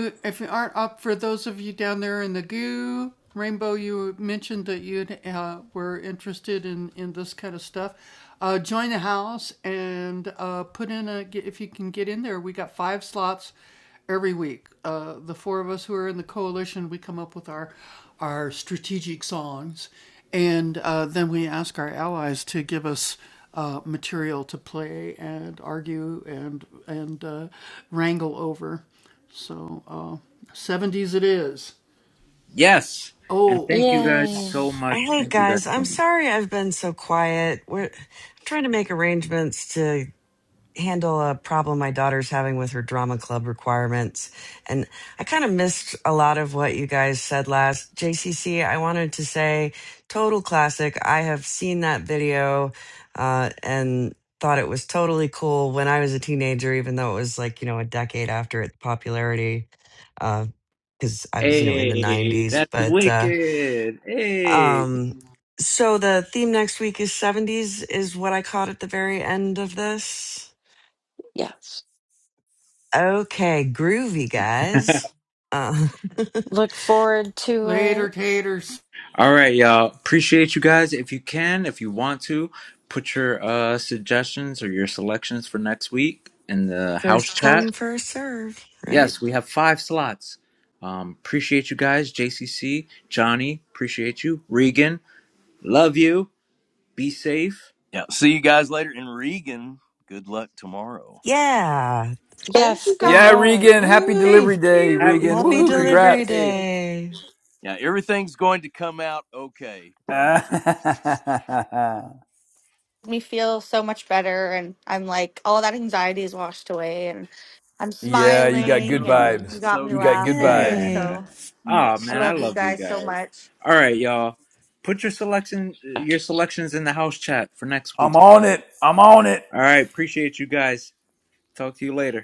Speaker 1: Yes. And thank you guys
Speaker 2: yay!
Speaker 1: so much.
Speaker 3: Hey,
Speaker 1: Thank you guys
Speaker 3: guys, I'm
Speaker 1: so much.
Speaker 3: sorry I've been so quiet. We're I'm trying to make arrangements to. handle a problem my daughter's having with her drama club requirements. And I kind of missed a lot of what you guys said last. JCC, I wanted to say total classic. I have seen that video uh, and thought it was totally cool when I was a teenager, even though it was like, you know, a decade after its popularity. Because I was, you know, in the
Speaker 1: Hey,
Speaker 3: 90s.
Speaker 1: that's
Speaker 3: But uh,
Speaker 1: wicked. Hey.
Speaker 3: um, so the theme next week is 70s, is what I caught at the very end of this.
Speaker 2: Yes,
Speaker 3: Okay, groovy guys. Uh,
Speaker 2: look forward to it.
Speaker 1: All right, y'all. Appreciate you guys. If you can, if you want to, put your uh suggestions or your selections for next week in the house
Speaker 3: first
Speaker 1: chat.
Speaker 3: come, first serve, right?
Speaker 1: Yes, we have five slots. Um, appreciate you guys. JCC, Johnny, appreciate you. Regan, love you. Be safe.
Speaker 12: Yeah. See you guys later. And Regan, good luck tomorrow.
Speaker 3: Yeah.
Speaker 10: Thank
Speaker 2: Yes,
Speaker 10: you
Speaker 2: good
Speaker 5: Yeah,
Speaker 10: guys.
Speaker 2: luck.
Speaker 5: Regan. Happy
Speaker 3: Woo!
Speaker 5: delivery
Speaker 10: Thank
Speaker 5: day,
Speaker 10: you.
Speaker 1: Happy
Speaker 5: Regan.
Speaker 3: Happy
Speaker 5: Woohoo!
Speaker 1: delivery
Speaker 3: delivery
Speaker 5: Congrats.
Speaker 1: day.
Speaker 3: day.
Speaker 12: Yeah, everything's going to come out okay. Pun intended.
Speaker 10: Me feel so much better, and I'm like all that anxiety is washed away, and I'm
Speaker 12: Well,
Speaker 5: Yeah, you got
Speaker 12: that's
Speaker 5: good
Speaker 10: smiling,
Speaker 12: so good.
Speaker 10: and
Speaker 5: vibes.
Speaker 10: you
Speaker 12: That's
Speaker 10: got
Speaker 12: so
Speaker 10: me
Speaker 5: You got
Speaker 12: good.
Speaker 5: good
Speaker 12: We
Speaker 10: laughing.
Speaker 12: love
Speaker 5: vibes.
Speaker 12: hearing
Speaker 3: Yay.
Speaker 1: Yeah.
Speaker 10: So
Speaker 12: that.
Speaker 1: Oh
Speaker 12: Yes,
Speaker 10: I
Speaker 1: man,
Speaker 12: so
Speaker 1: I
Speaker 10: love you
Speaker 12: good.
Speaker 1: love you
Speaker 10: guys so
Speaker 1: guys.
Speaker 10: much.
Speaker 1: All right, y'all. Put your selection your selections in the house chat for next
Speaker 5: I'm
Speaker 1: week.
Speaker 5: on it. I'm on it.
Speaker 1: All right, appreciate you guys. Talk to you later.